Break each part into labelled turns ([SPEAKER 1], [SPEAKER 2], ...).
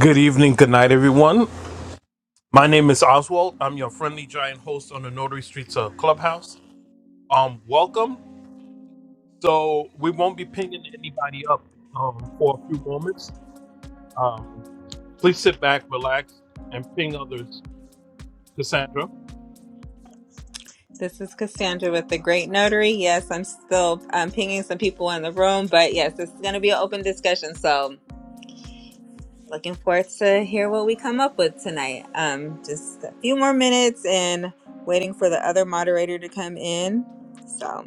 [SPEAKER 1] Good evening, good night, everyone. My name is Oswald. I'm your friendly giant host on the Notary Streets uh, Clubhouse. Um, welcome. So we won't be pinging anybody up um, for a few moments. Um, please sit back, relax, and ping others. Cassandra.
[SPEAKER 2] This is Cassandra with the Great Notary. Yes, I'm still um, pinging some people in the room, but yes, this is going to be an open discussion. So, looking forward to hear what we come up with tonight. Um, just a few more minutes and waiting for the other moderator to come in. So,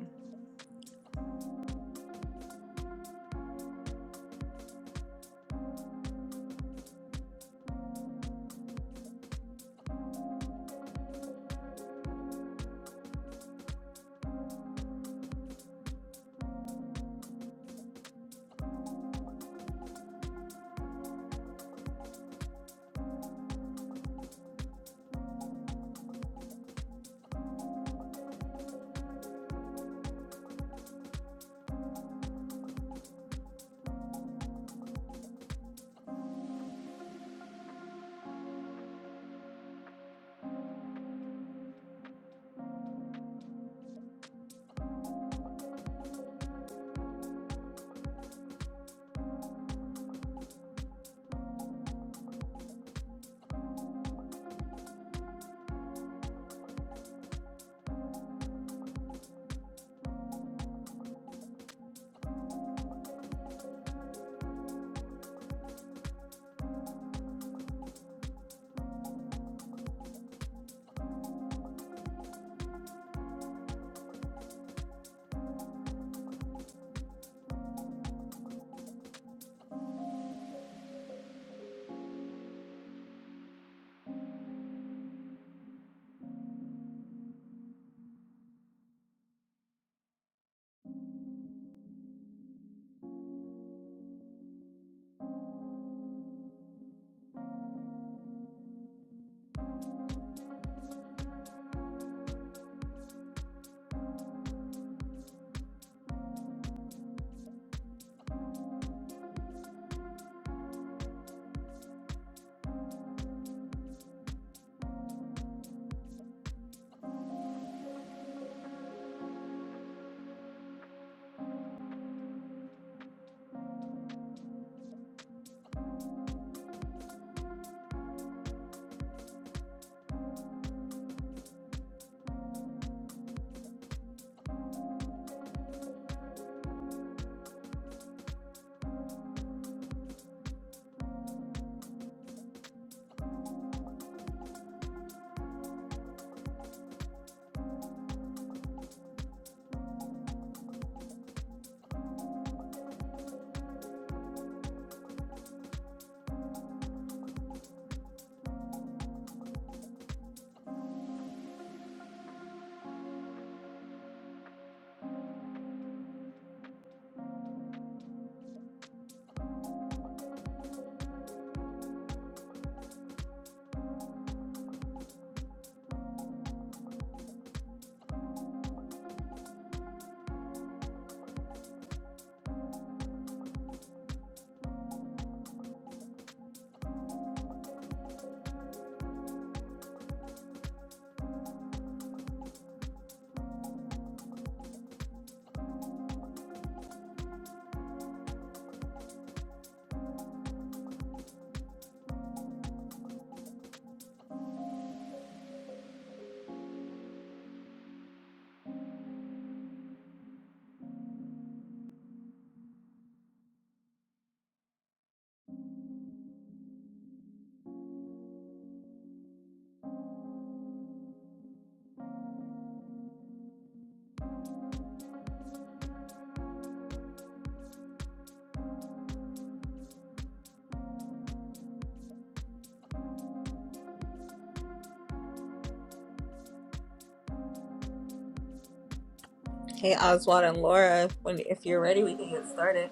[SPEAKER 2] hey, Oswald and Laura, when if you're ready, we can get started.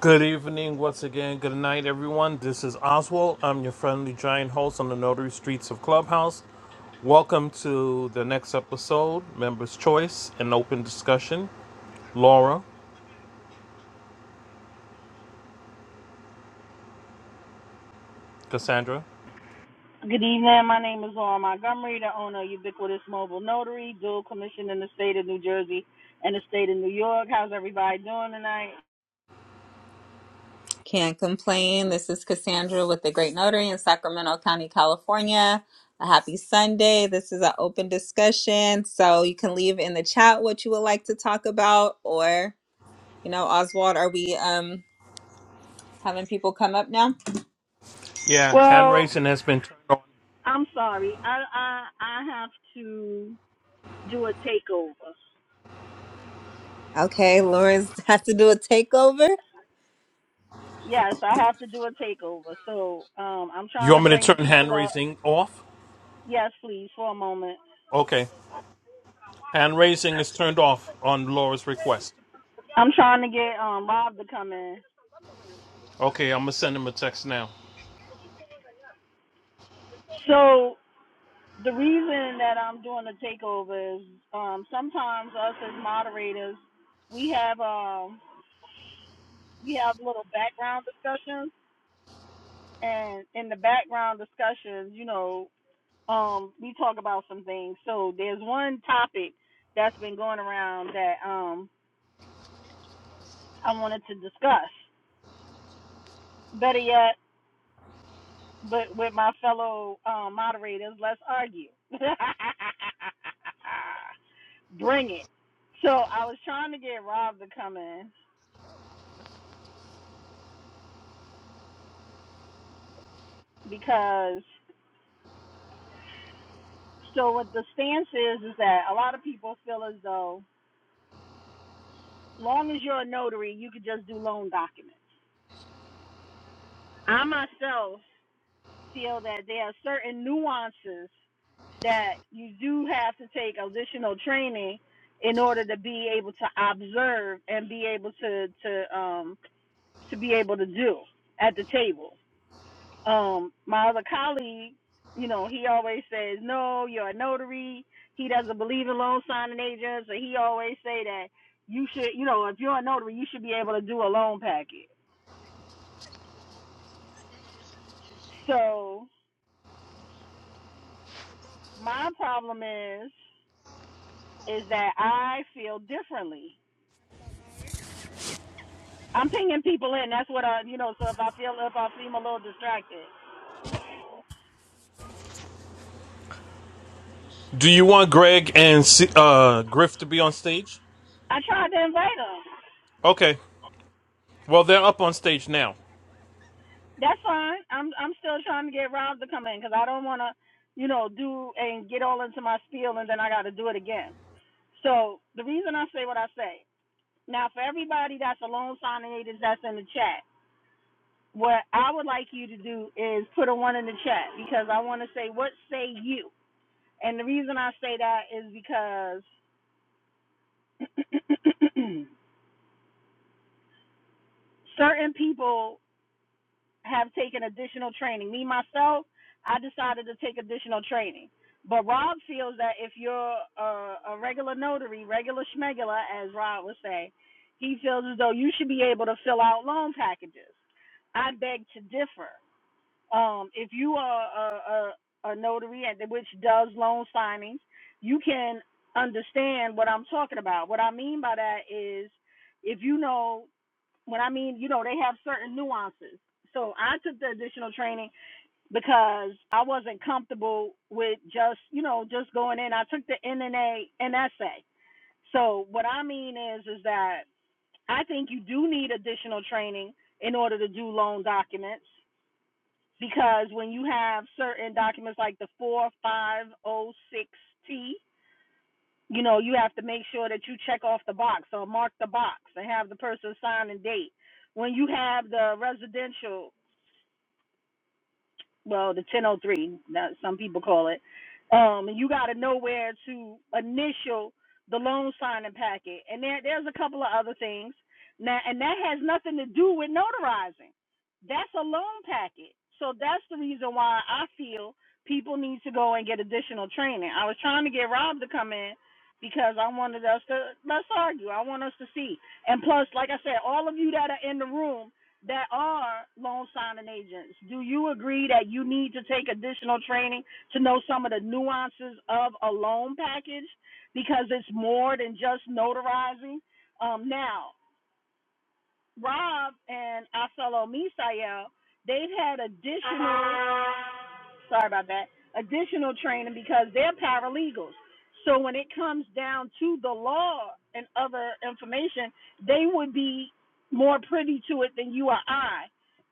[SPEAKER 1] Good evening, once again. Good night, everyone. This is Oswald. I'm your friendly giant host on the Notary Streets of Clubhouse. Welcome to the next episode, Members' Choice and Open Discussion. Laura, Cassandra.
[SPEAKER 3] Good evening. My name is Laura Montgomery, the owner of Ubiquitous Mobile Notary, dual commission in the state of New Jersey and the state of New York. How's everybody doing tonight?
[SPEAKER 2] Can't complain. This is Cassandra with the Great Notary in Sacramento County, California. A happy Sunday. This is an open discussion. So you can leave in the chat what you would like to talk about or, you know, Oswald, are we um having people come up now?
[SPEAKER 1] Yeah, hand
[SPEAKER 3] Well,
[SPEAKER 1] raising has been turned on.
[SPEAKER 3] I'm sorry. I I, I have to do a takeover.
[SPEAKER 2] Okay, Laura's has to do a takeover.
[SPEAKER 3] Yes, I have to do a takeover. So um, I'm
[SPEAKER 1] You
[SPEAKER 3] trying to
[SPEAKER 1] want me to
[SPEAKER 3] bring the
[SPEAKER 1] turn
[SPEAKER 3] people
[SPEAKER 1] hand
[SPEAKER 3] up.
[SPEAKER 1] raising off?
[SPEAKER 3] Yes, please, for a moment.
[SPEAKER 1] Okay. Hand raising is turned off on Laura's request.
[SPEAKER 3] I'm trying to get um, Rob to come in.
[SPEAKER 1] Okay, I'm gonna send him a text now.
[SPEAKER 3] So The reason that I'm doing the takeover is um, sometimes us as moderators, we have um, we have little background discussions, and in the background discussions, you know, um, we talk about some things. So there's one topic that's been going around that um, I wanted to discuss. Better yet, but with my fellow um, moderators, let's argue. Bring it. So I was trying to get Rob to come in, because so what the stance is is that a lot of people feel as though long as you're a notary you could just do loan documents i myself feel that there are certain nuances that you do have to take additional training in order to be able to observe and be able to to um to be able to do at the table um my other colleague you know he always says no you're a notary he doesn't believe in loan signing agents and he always say that you should you know if you're a notary you should be able to do a loan packet so my problem is is that i feel differently i'm pinging people in that's what i you know so if i feel if i seem a little distracted
[SPEAKER 1] Do you want Greg and C- uh, Griff to be on stage?
[SPEAKER 3] i tried to invite invite 'em.
[SPEAKER 1] Okay. Well, they're up on stage now.
[SPEAKER 3] That's fine. I'm I'm still trying to get Rob to come in because I don't want to, you know, do and get all into my spiel and then I got to do it again. So the reason I say what I say now for everybody that's a loan signing agent that's in the chat, what I would like you to do is put a one in the chat because I want to say what say you. And the reason I say that is because certain people have taken additional training. Me myself, I decided to take additional training. But Rob feels that if you're a, a regular notary, regular schmegula, as Rob would say, he feels as though you should be able to fill out loan packages. I beg to differ. Um, if you are a, a, a notary at which does loan signings, you can understand what I'm talking about. What I mean by that is if you know when I mean, you know, they have certain nuances. So I took the additional training because I wasn't comfortable with just, you know, just going in. I took the NNA and essay. So what I mean is, is that I think you do need additional training in order to do loan documents because when you have certain documents like the 4506T, you know, you have to make sure that you check off the box or mark the box and have the person sign and date. When you have the residential well, the 1003, that some people call it. Um, and you got to know where to initial the loan signing packet. And there, there's a couple of other things. Now, and that has nothing to do with notarizing. That's a loan packet. So that's the reason why I feel people need to go and get additional training. I was trying to get Rob to come in because I wanted us to let's argue. I want us to see. And plus, like I said, all of you that are in the room that are loan signing agents. Do you agree that you need to take additional training to know some of the nuances of a loan package because it's more than just notarizing? Um, now, Rob and Aselo Misael, they've had additional sorry about that, additional training because they're paralegals. So when it comes down to the law and other information, they would be more privy to it than you or I,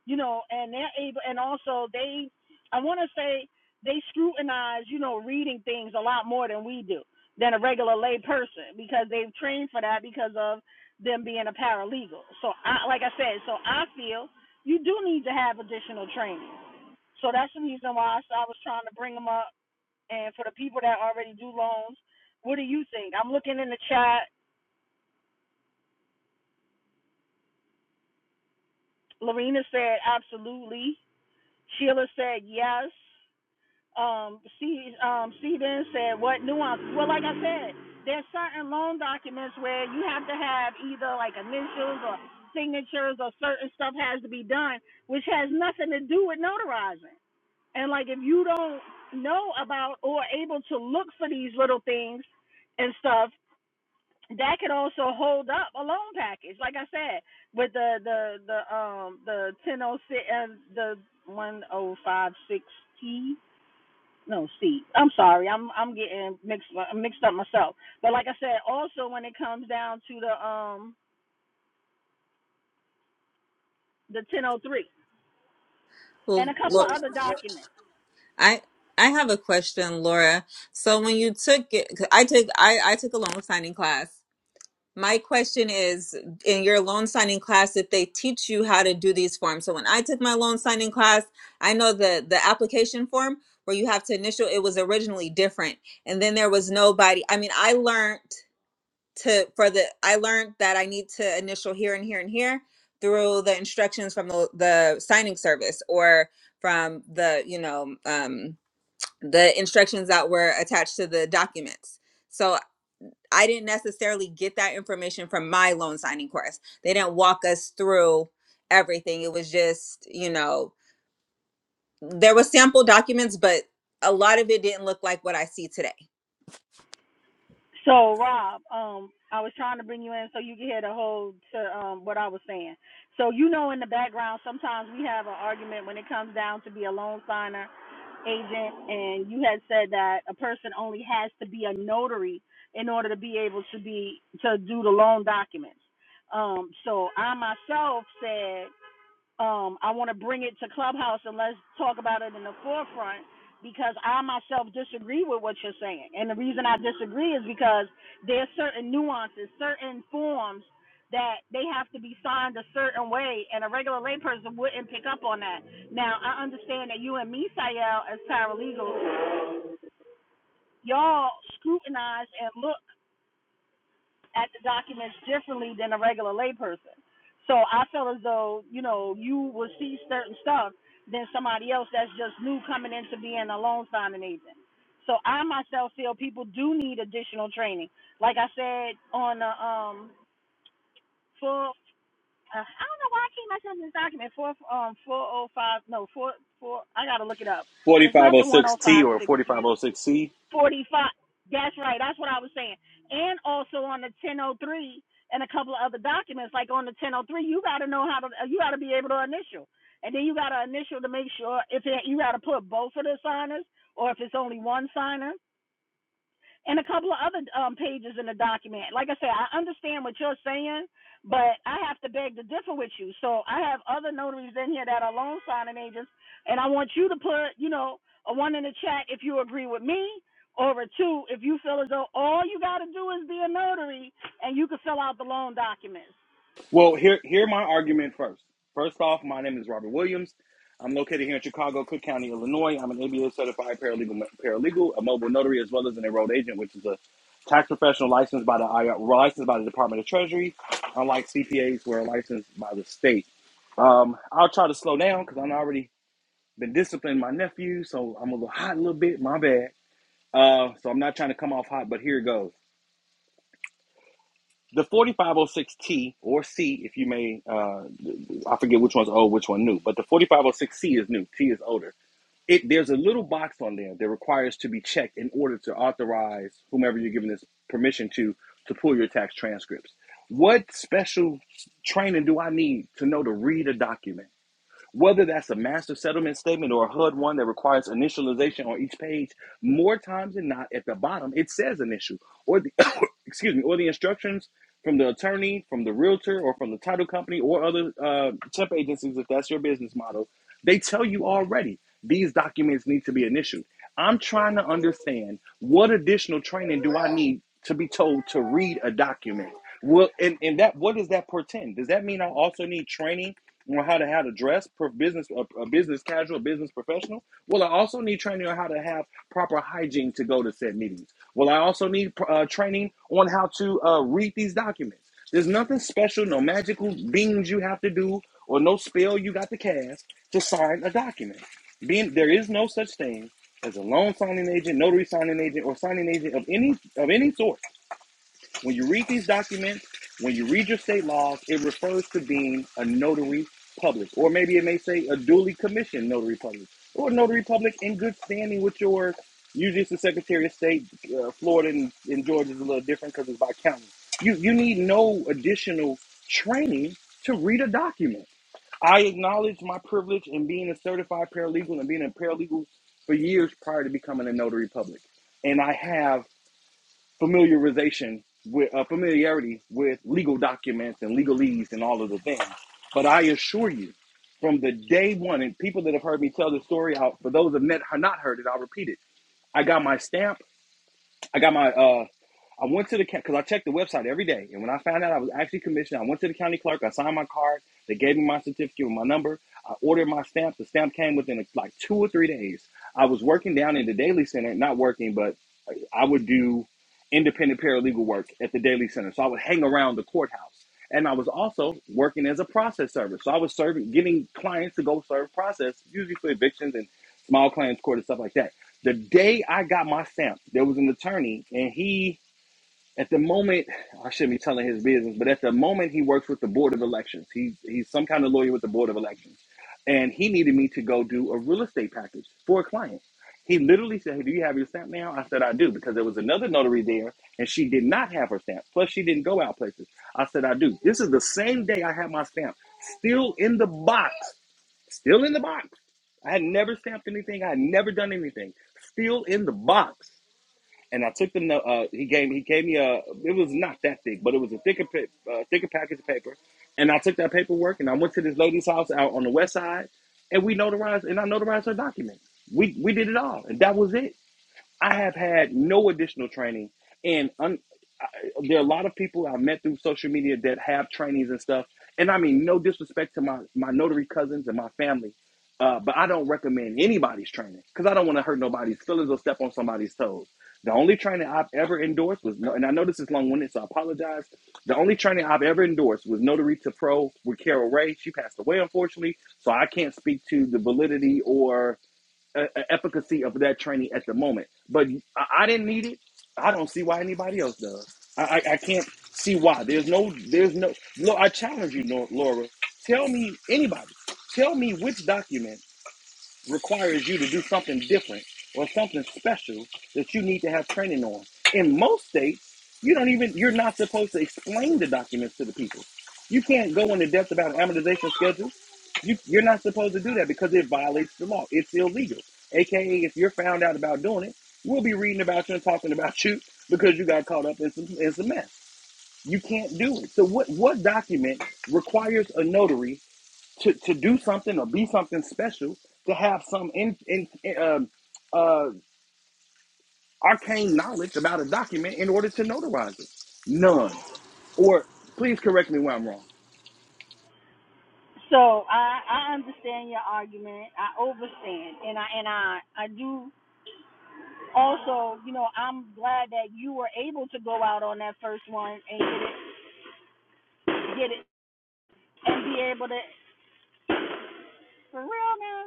[SPEAKER 3] you know, and they're able, and also they, I want to say they scrutinize, you know, reading things a lot more than we do, than a regular lay person because they've trained for that because of them being a paralegal. So I, like I said, so I feel you do need to have additional training. So that's the reason why I s- I was trying to bring them up. And for the people that already do loans, what do you think? I'm looking in the chat. Lorena said absolutely. Sheila said yes. Um, C um C then said what nuance? Well, like I said, there's certain loan documents where you have to have either like initials or signatures or certain stuff has to be done, which has nothing to do with notarizing. And like if you don't know about or able to look for these little things and stuff, that could also hold up a loan package. Like I said, with the the the um the ten oh six and the one oh five six T. No, C. I'm sorry. I'm I'm getting mixed mixed up myself. But like I said, also when it comes down to the um the 1003 and
[SPEAKER 2] Well,
[SPEAKER 3] a couple
[SPEAKER 2] Laura,
[SPEAKER 3] of other documents.
[SPEAKER 2] I I have a question, Laura. So when you took it, 'cause I took I I took a loan signing class My question is in your loan signing class, if they teach you how to do these forms. So when I took my loan signing class, I know the the application form where you have to initial it was originally different. And then there was nobody. I mean, I learned to for the I learned that I need to initial here and here and here through the instructions from the, the signing service or from the, you know, um the instructions that were attached to the documents. So. I didn't necessarily get that information from my loan signing course. They didn't walk us through everything. It was just, you know, there was sample documents, but a lot of it didn't look like what I see today.
[SPEAKER 3] So Rob, um, I was trying to bring you in so you could hear the whole to um what I was saying. So you know, in the background, sometimes we have an argument when it comes down to be a loan signer agent, and you had said that a person only has to be a notary in order to be able to be to do the loan documents. Um, so I myself said um, I want to bring it to Clubhouse and let's talk about it in the forefront because I myself disagree with what you're saying. And the reason I disagree is because there's certain nuances, certain forms that they have to be signed a certain way, and a regular layperson wouldn't pick up on that. Now, I understand that you and me, Sayel, as paralegals, y'all scrutinize and look at the documents differently than a regular layperson. So I feel as though, you know, you will see certain stuff than somebody else that's just new coming into being a loan signing agent. So I myself feel people do need additional training. Like I said on the um full uh, I don't know why I keep myself in this document. Four um four oh five no four four I gotta look it up. It's not the one oh
[SPEAKER 4] 4506T
[SPEAKER 3] five
[SPEAKER 4] or
[SPEAKER 3] sixty
[SPEAKER 4] 4506C.
[SPEAKER 3] 45. That's right. That's what I was saying. And also on the 1003 and a couple of other documents, like on the 1003, you got to know how to, you got to be able to initial. And then you got to initial to make sure if it, you got to put both of the signers or if it's only one signer and a couple of other um, pages in the document. Like I said, I understand what you're saying, but I have to beg to differ with you. So I have other notaries in here that are loan signing agents, and I want you to put, you know, a one in the chat if you agree with me, or a two if you feel as though all you got to do is be a notary and you can fill out the loan documents.
[SPEAKER 4] Well, here here my argument first. First off, my name is Robert Williams. I'm located here in Chicago, Cook County, Illinois. I'm an ABA certified paralegal, paralegal, a mobile notary, as well as an enrolled agent, which is a tax professional licensed by the IR, licensed by the Department of Treasury. Unlike CPAs, we're licensed by the state. Um, I'll try to slow down because I've already been disciplining my nephew, so I'm a little hot a little bit. My bad. Uh, so I'm not trying to come off hot, but here it goes. The 4506T or C, if you may, uh, I forget which one's old, which one new, but the 4506C is new. T is older. It there's a little box on there that requires to be checked in order to authorize whomever you're giving this permission to to pull your tax transcripts. What special training do I need to know to read a document? Whether that's a master settlement statement or a HUD one that requires initialization on each page, more times than not, at the bottom it says initial, or the excuse me, or the instructions from the attorney, from the realtor, or from the title company, or other uh, temp agencies if that's your business model. They tell you already these documents need to be initialed. I'm trying to understand what additional training do I need to be told to read a document? Well, and, and that what does that portend? Does that mean I also need training on how to how to dress for business a, a business casual, business professional? Well, I also need training on how to have proper hygiene to go to said meetings. Well, I also need uh, training on how to uh, read these documents. There's nothing special, no magical beans you have to do, or no spell you got to cast to sign a document. Being there is no such thing as a loan signing agent, notary signing agent, or signing agent of any of any sort. When you read these documents, when you read your state laws, it refers to being a notary public, or maybe it may say a duly commissioned notary public, or a notary public in good standing with your. Usually, it's the Secretary of State. Uh, Florida and, and Georgia is a little different because it's by county. You you need no additional training to read a document. I acknowledge my privilege in being a certified paralegal and being a paralegal for years prior to becoming a notary public, and I have familiarization with uh, familiarity with legal documents and legalese and all of the things. But I assure you, from the day one, and people that have heard me tell the story out, for those that have not heard it, I'll repeat it. I got my stamp. I got my. Uh, I went to the because I checked the website every day, and when I found out I was actually commissioned, I went to the county clerk. I signed my card. They gave me my certificate with my number. I ordered my stamp. The stamp came within like two or three days. I was working down in the daily center, not working, but I would do independent paralegal work at the Daily Center. So I would hang around the courthouse. And I was also working as a process server. So I was serving, getting clients to go serve process, usually for evictions and small claims court and stuff like that. The day I got my stamp, there was an attorney and he at the moment, I shouldn't be telling his business, but at the moment, he works with the Board of Elections. He's he's some kind of lawyer with the Board of Elections, and he needed me to go do a real estate package for a client. He literally said, "Hey, do you have your stamp now?" I said, "I do," because there was another notary there, and she did not have her stamp. Plus, she didn't go out places. I said, "I do." This is the same day I had my stamp, still in the box, still in the box. I had never stamped anything. I had never done anything. Still in the box and I took the note. Uh, he gave he gave me a. It was not that thick, but it was a thicker pa- uh, thicker package of paper. And I took that paperwork and I went to this lady's house out on the west side, and we notarized and I notarized her documents. We we did it all, and that was it. I have had no additional training, and un- I, there are a lot of people I've met through social media that have trainings and stuff. And I mean, no disrespect to my my notary cousins and my family, uh, but I don't recommend anybody's training because I don't want to hurt nobody's feelings or step on somebody's toes. The only training I've ever endorsed was, no- and I know this is long winded, so I apologize. The only training I've ever endorsed was Notary to Pro with Carol Ray. She passed away, unfortunately, so I can't speak to the validity or uh, uh, efficacy of that training at the moment. But I, I didn't need it. I don't see why anybody else does. I, I, I can't see why. There's no, there's no, no, I challenge you, Nor- Laura. Tell me, anybody, tell me which document requires you to do something different or something special that you need to have training on. In most states, you don't even you're not supposed to explain the documents to the people. You can't go into depth about an amortization schedule. You, you're not supposed to do that because it violates the law. It's illegal. AKA, if you're found out about doing it, we'll be reading about you and talking about you because you got caught up in some in some mess. You can't do it. So what what document requires a notary to, to do something or be something special, to have some in, in, uh, uh, arcane knowledge about a document in order to notarize it. None. Or please correct me when I'm wrong.
[SPEAKER 3] So I, I understand your argument. I overstand, and I and I I do also, you know, I'm glad that you were able to go out on that first one and get it, get it, and be able to, for real now,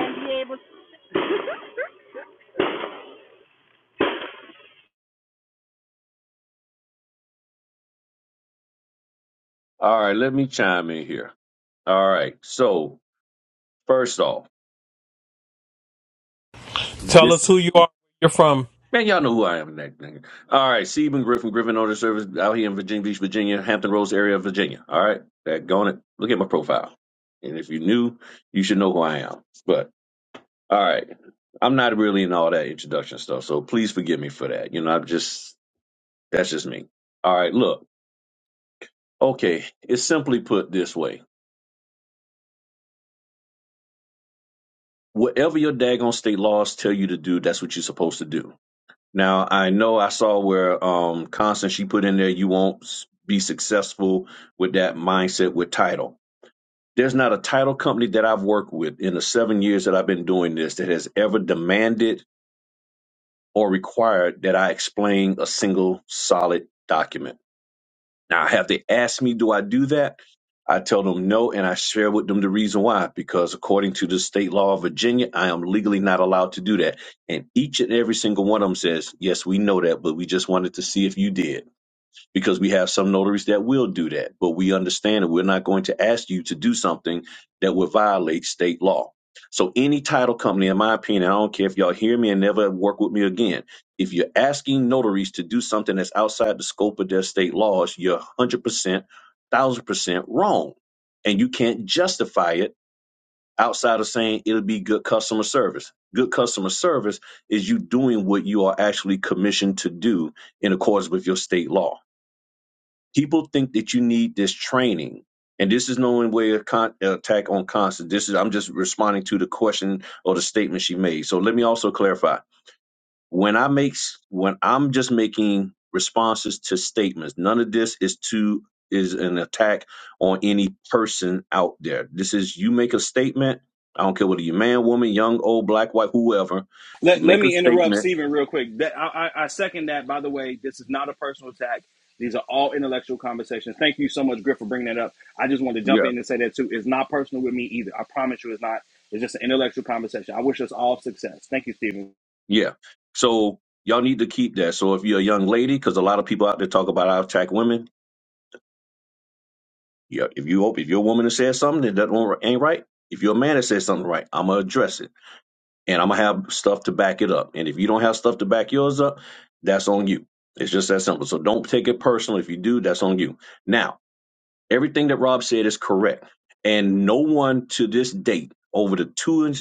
[SPEAKER 3] and be able.
[SPEAKER 5] All right, let me chime in here. All right, so first off,
[SPEAKER 1] Tell
[SPEAKER 5] this
[SPEAKER 1] us who you are, where you're from.
[SPEAKER 5] man, y'all know who I am, that nigga. All right, Stephen Griffin, Griffin Auto Service, out here in Virginia Beach, Virginia, Hampton Roads area of Virginia. All right, that going it. Look at my profile, and if you knew, you should know who I am. But all right, I'm not really in all that introduction stuff, so please forgive me for that. You know, I'm just that's just me. All right, look, okay, it's simply put this way: whatever your daggone state laws tell you to do, that's what you're supposed to do Now I know I saw where um Constance she put in there you won't s- be successful with that mindset with title. There's not a title company that I've worked with in the seven years that I've been doing this that has ever demanded or required that I explain a single solid document. Now, have they asked me, do I do that? I tell them no, and I share with them the reason why. Because according to the state law of Virginia, I am legally not allowed to do that. And each and every single one of them says, yes, we know that, but we just wanted to see if you did because we have some notaries that will do that, but we understand that we're not going to ask you to do something that would violate state law. So, any title company, in my opinion, I don't care if y'all hear me and never work with me again. If you're asking notaries to do something that's outside the scope of their state laws, you're 100%, 1000% wrong. And you can't justify it outside of saying it'll be good customer service. Good customer service is you doing what you are actually commissioned to do in accordance with your state law people think that you need this training and this is no way a con- uh, attack on Constance. this is i'm just responding to the question or the statement she made so let me also clarify when i make s- when i'm just making responses to statements none of this is to is an attack on any person out there this is you make a statement i don't care whether you're man woman young old black white whoever you
[SPEAKER 4] Let, let
[SPEAKER 5] make a
[SPEAKER 4] me interrupt
[SPEAKER 5] statement
[SPEAKER 4] Stephen real quick. That, I, I, I second that. By the way, this is not a personal attack. These are all intellectual conversations. Thank you so much, Griff, for bringing that up. I just wanted to jump in and say that too. It's not personal with me either. I promise you, it's not. It's just an intellectual conversation. I wish us all success. Thank you, Stephen.
[SPEAKER 5] Yeah. So y'all need to keep that. So if you're a young lady, because a lot of people out there talk about I attack women. Yeah. If you if you're a woman that says something that that not ain't right, if you're a man that says something right, I'm gonna address it, and I'm gonna have stuff to back it up. And if you don't have stuff to back yours up, that's on you. It's just that simple. So don't take it personal. If you do, that's on you. Now. Everything that Rob said is correct. And no one to this date, over the two and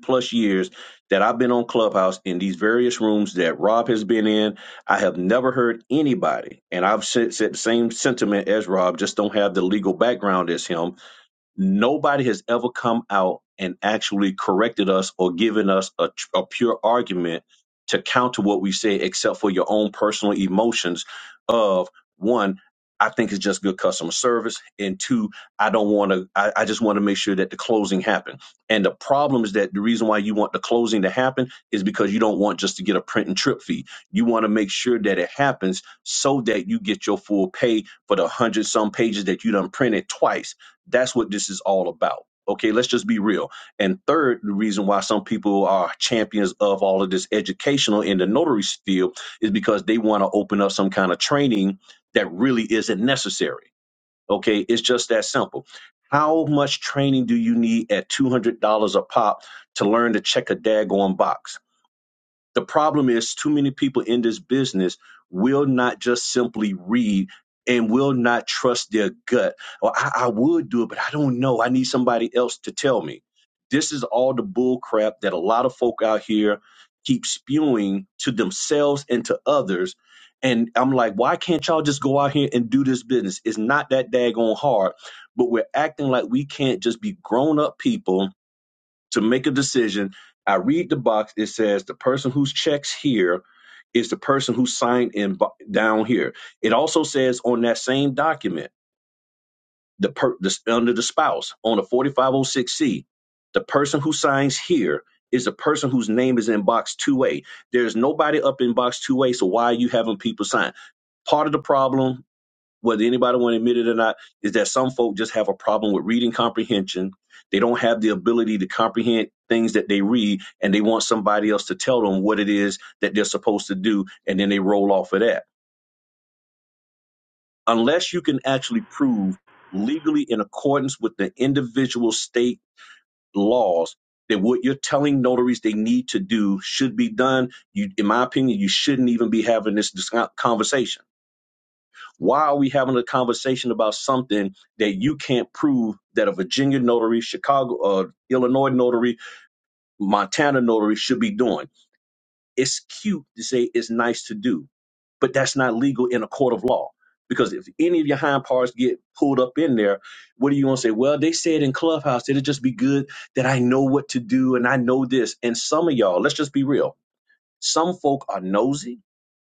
[SPEAKER 5] plus years that I've been on Clubhouse in these various rooms that Rob has been in, I have never heard anybody, and I've said, said the same sentiment as Rob, just don't have the legal background as him Nobody has ever come out and actually corrected us or given us a, tr- a pure argument to counter what we say, except for your own personal emotions of one, I think it's just good customer service, and two, I don't want to. I, I just want to make sure that the closing happen. And the problem is that the reason why you want the closing to happen is because you don't want just to get a print and trip fee. You want to make sure that it happens so that you get your full pay for the hundred some pages that you done printed twice that's what this is all about. Okay, let's just be real. And third, the reason why some people are champions of all of this educational in the notary field is because they want to open up some kind of training that really isn't necessary. Okay, it's just that simple. How much training do you need at $200 a pop to learn to check a daggone box? The problem is too many people in this business will not just simply read and will not trust their gut. Well, I, I would do it, but I don't know. I need somebody else to tell me. This is all the bull crap that a lot of folk out here keep spewing to themselves and to others. And I'm like, why can't y'all just go out here and do this business? It's not that daggone hard, but we're acting like we can't just be grown up people to make a decision. I read the box. It says the person whose checks here is the person who signed in bo- down here. It also says on that same document, the, per, the under the spouse on a 4506C, the person who signs here is the person whose name is in box 2A. There's nobody up in box 2A, so why are you having people sign? Part of the problem whether anybody want to admit it or not, is that some folk just have a problem with reading comprehension. They don't have the ability to comprehend things that they read, and they want somebody else to tell them what it is that they're supposed to do, and then they roll off of that. Unless you can actually prove legally in accordance with the individual state laws that what you're telling notaries they need to do should be done, you, in my opinion, you shouldn't even be having this dis- conversation Why are we having a conversation about something that you can't prove that a Virginia notary, Chicago, uh, Illinois notary, Montana notary should be doing? It's cute to say it's nice to do, but that's not legal in a court of law. Because if any of your hind parts get pulled up in there, what are you going to say? Well, they said in Clubhouse, it'll just be good that I know what to do and I know this. And some of y'all, let's just be real some folk are nosy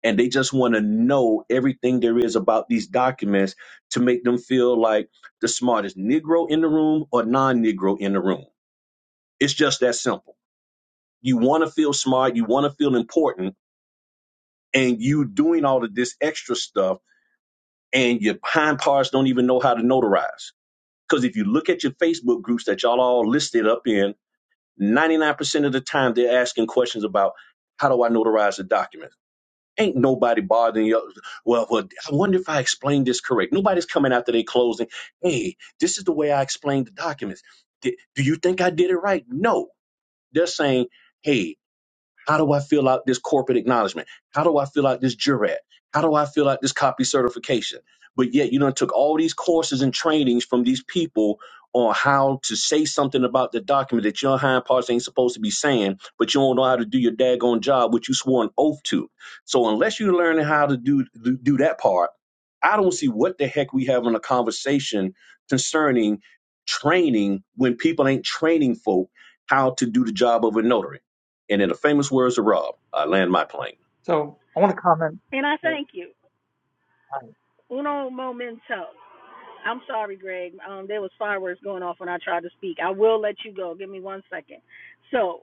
[SPEAKER 5] and they just want to know everything there is about these documents to make them feel like the smartest Negro in the room or non Negro in the room. It's just that simple. You want to feel smart, you want to feel important, and you doing all of this extra stuff, and your hind parts don't even know how to notarize. Because if you look at your Facebook groups that y'all all listed up in, 99% of the time they're asking questions about how do I notarize a document? Ain't nobody bothering you. Well, well, I wonder if I explained this correct. Nobody's coming after they closing. Hey, this is the way I explained the documents. Di- do you think I did it right? No. They're saying, hey, how do I fill out this corporate acknowledgement? How do I fill out this jurat? How do I fill out this copy certification? But yet, you know, took all these courses and trainings from these people on how to say something about the document that your hind parts ain't supposed to be saying, but you don't know how to do your daggone job, which you swore an oath to. So unless you're learning how to do do, do that part, I don't see what the heck we having a conversation concerning training when people ain't training folk how to do the job of a notary. And in the famous words of Rob, I land my plane.
[SPEAKER 6] So I want to comment.
[SPEAKER 3] to, and I
[SPEAKER 6] uh,
[SPEAKER 3] thank you. Uno momento. I'm sorry, Greg. Um, there was fireworks going off when I tried to speak. I will let you go. Give me one second. So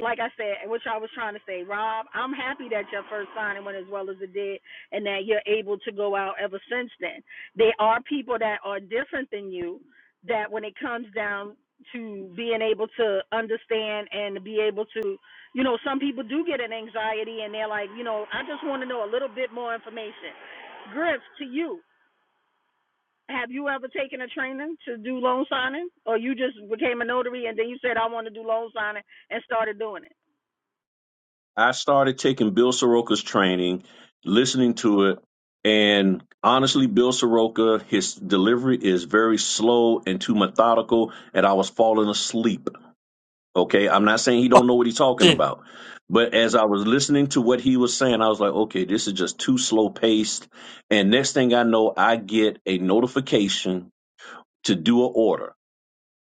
[SPEAKER 3] like I said, which I was trying to say, Rob, I'm happy that your first signing went as well as it did and that you're able to go out ever since then. There are people that are different than you that when it comes down to being able to understand and be able to, you know, some people do get an anxiety and they're like, you know, I just want to know a little bit more information. Griff, to you, have you ever taken a training to do loan signing or you just became a notary and then you said, I want to do loan signing and started doing it?
[SPEAKER 5] I started taking Bill Soroka's training, listening to it, and honestly, Bill Soroka, his delivery is very slow and too methodical, and I was falling asleep. Okay, I'm not saying he don't know what he's talking
[SPEAKER 1] Shit.
[SPEAKER 5] about, but as I was listening to what he was saying, I was like, okay, this is just too slow paced. And next thing I know, I get a notification to do an order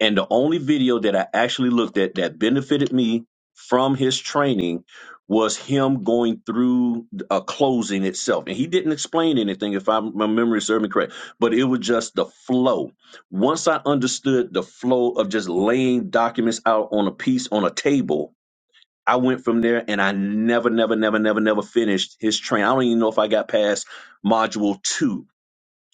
[SPEAKER 5] And the only video that I actually looked at that benefited me from his training was him going through a closing itself. And he didn't explain anything, if I, my memory serves me correct, but it was just the flow. Once I understood the flow of just laying documents out on a piece on a table, I went from there and I never, never, never, never, never finished his train. I don't even know if I got past module two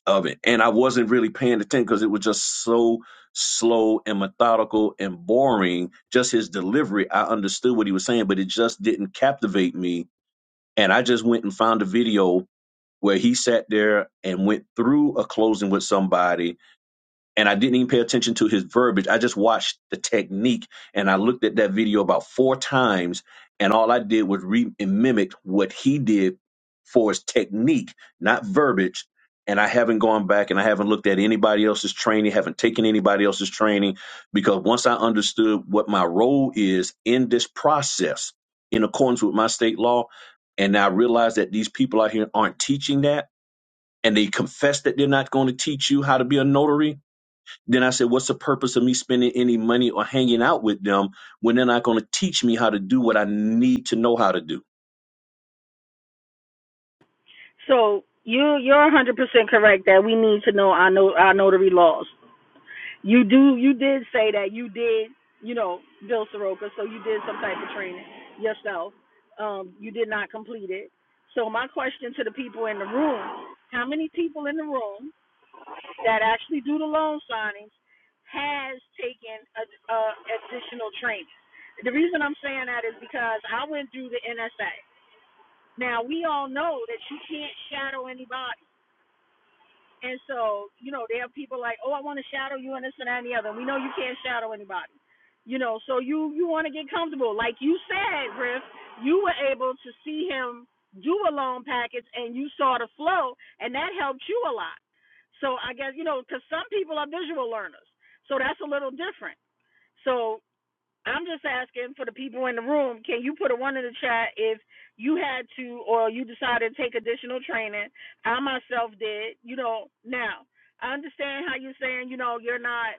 [SPEAKER 5] of it. And I wasn't really paying attention because it was just so slow and methodical and boring. Just his delivery, I understood what he was saying, but it just didn't captivate me. And I just went and found a video where he sat there and went through a closing with somebody and I didn't even pay attention to his verbiage. I just watched the technique and I looked at that video about four times and all I did was re and mimic what he did for his technique, not verbiage. And I haven't gone back and I haven't looked at anybody else's training, haven't taken anybody else's training because once I understood what my role is in this process in accordance with my state law, and I realized that these people out here aren't teaching that and they confess that they're not going to teach you how to be a notary then I said, What's the purpose of me spending any money or hanging out with them when they're not going to teach me how to do what I need to know how to do?
[SPEAKER 3] So you you're 100 percent correct that we need to know our no, our notary laws. You do you did say that you did you know Bill Soroka, so you did some type of training yourself. Um, you did not complete it. So my question to the people in the room: How many people in the room that actually do the loan signings has taken a, a additional training? The reason I'm saying that is because I went through the NSA. Now we all know that you can't shadow anybody And so, you know, there are people like, oh, I want to shadow you and this and that and the other. We know you can't shadow anybody. You know, so you you want to get comfortable, like you said, Griff. You were able to see him do a loan package, and you saw the flow, and that helped you a lot. So I guess you know, because some people are visual learners, so that's a little different. So I'm just asking for the people in the room. Can you put a one in the chat if you had to or you decided to take additional training? I myself did. You know, now I understand how you're saying. You know, you're not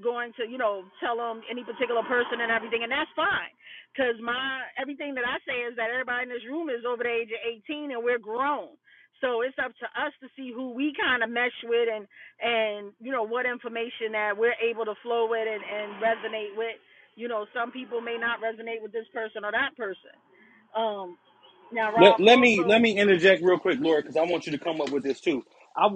[SPEAKER 3] going to you know tell them any particular person and everything, and that's fine, because my everything that I say is that everybody in this room is over the age of 18 and we're grown. So it's up to us to see who we kind of mesh with and and you know what information that we're able to flow with and, and resonate with. You know, some people may not resonate with this person or that person. Um, now,
[SPEAKER 4] Let,
[SPEAKER 3] Rob,
[SPEAKER 4] let me let
[SPEAKER 3] also,
[SPEAKER 4] me interject real quick, Laura, because I want you to come up with this too. I,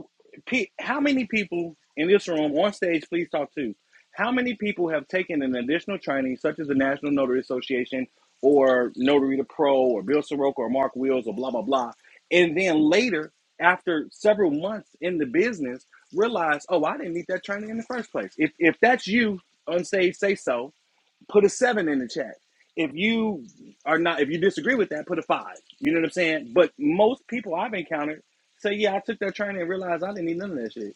[SPEAKER 4] P, how many people in this room on stage? Please talk to. How many people have taken an additional training, such as the National Notary Association or Notary to Pro or Bill Soroka or Mark Wheels or blah blah blah, and then later, after several months in the business, realize, oh, I didn't need that training in the first place. If if that's you on stage, say so put a seven in the chat. If you are not, if you disagree with that, put a five. You know what I'm saying? But most people I've encountered say, yeah, I took that training and realized I didn't need none of that shit.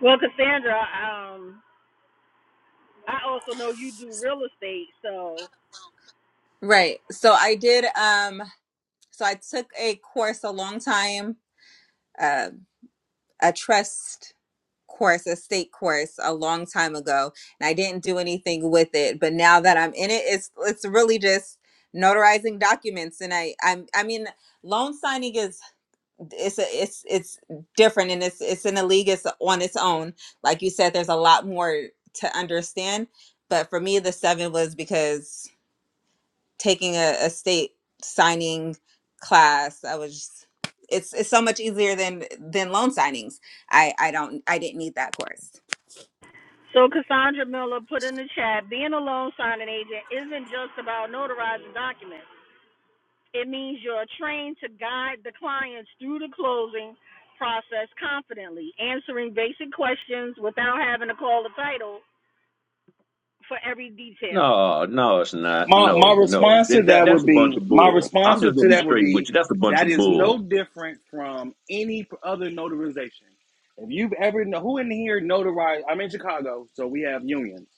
[SPEAKER 3] well, Cassandra, um, I also know you do real estate, so
[SPEAKER 2] Right. So I did um so I took a course a long time, uh, a trust course, a state course a long time ago, and I didn't do anything with it. But now that I'm in it, it's it's really just notarizing documents, and I I'm I mean loan signing is it's a, it's it's different, and it's it's in a league it's on its own. Like you said, there's a lot more to understand. But for me, the seven was because taking a, a state signing class, I was. it's, it's so much easier than than loan signings. I I don't I didn't need that course.
[SPEAKER 3] So Cassandra Miller put in the chat, being a loan signing agent isn't just about notarizing documents. It means you're trained to guide the clients through the closing process confidently, answering basic questions without having to call the title for every detail.
[SPEAKER 5] No, no, it's not.
[SPEAKER 4] My my
[SPEAKER 5] No, no.
[SPEAKER 4] response
[SPEAKER 5] That,
[SPEAKER 4] to
[SPEAKER 5] that
[SPEAKER 4] that
[SPEAKER 5] that's
[SPEAKER 4] would
[SPEAKER 5] a bunch
[SPEAKER 4] be,
[SPEAKER 5] of
[SPEAKER 4] my
[SPEAKER 5] bull.
[SPEAKER 4] response
[SPEAKER 5] I'm
[SPEAKER 4] to
[SPEAKER 5] just gonna be
[SPEAKER 4] that would
[SPEAKER 5] straight with
[SPEAKER 4] be,
[SPEAKER 5] you. That's a bunch
[SPEAKER 4] that
[SPEAKER 5] of
[SPEAKER 4] is no
[SPEAKER 5] bull.
[SPEAKER 4] different from any other notarization. If you've ever, who in here notarized, I'm in Chicago, so we have unions.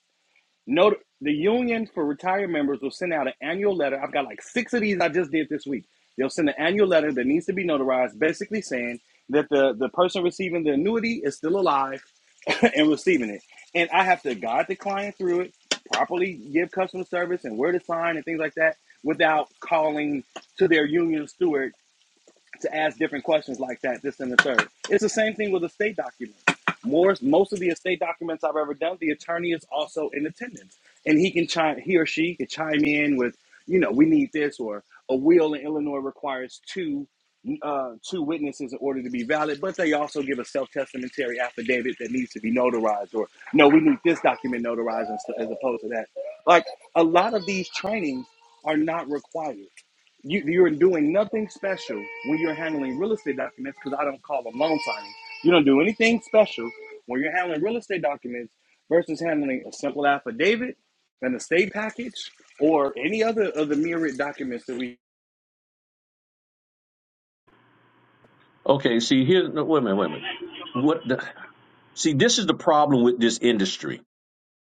[SPEAKER 4] Note the union for retired members will send out an annual letter. I've got like six of these I just did this week. They'll send an annual letter that needs to be notarized, basically saying that the, the person receiving the annuity is still alive and receiving it. And I have to guide the client through it, properly give customer service and where to sign and things like that without calling to their union steward to ask different questions like that, this and the third. It's the same thing with estate documents. More, most of the estate documents I've ever done, the attorney is also in attendance, and he can chime, he or she can chime in with, you know, we need this, or a will in Illinois requires two, uh, two witnesses in order to be valid, but they also give a self testamentary affidavit that needs to be notarized, or no, we need this document notarized as as opposed to that. Like a lot of these trainings are not required you, you're doing nothing special when you're handling real estate documents because I don't call them loan signings. You don't do anything special when you're handling real estate documents versus handling a simple affidavit, an estate package, or any other of the myriad documents that we.
[SPEAKER 5] Okay, see here no, wait a minute, wait a minute. What the see, this is the problem with this industry.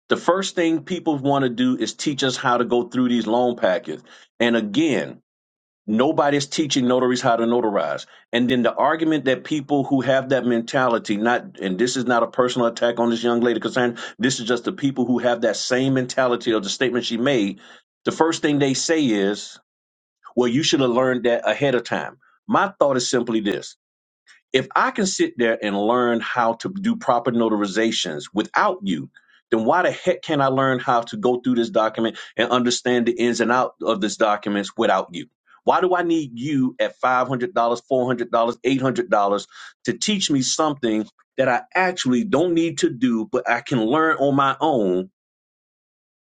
[SPEAKER 5] The first thing people want to do is teach us how to go through these loan packets. And again, Nobody's teaching notaries how to notarize. And then the argument that people who have that mentality, not and this is not a personal attack on this young lady, Cassandra, this is just the people who have that same mentality of the statement she made. The first thing they say is, well, you should have learned that ahead of time. My thought is simply this if I can sit there and learn how to do proper notarizations without you, then why the heck can't I learn how to go through this document and understand the ins and out of this documents without you? Why do I need you at $500, $400, $800 to teach me something that I actually don't need to do, but I can learn on my own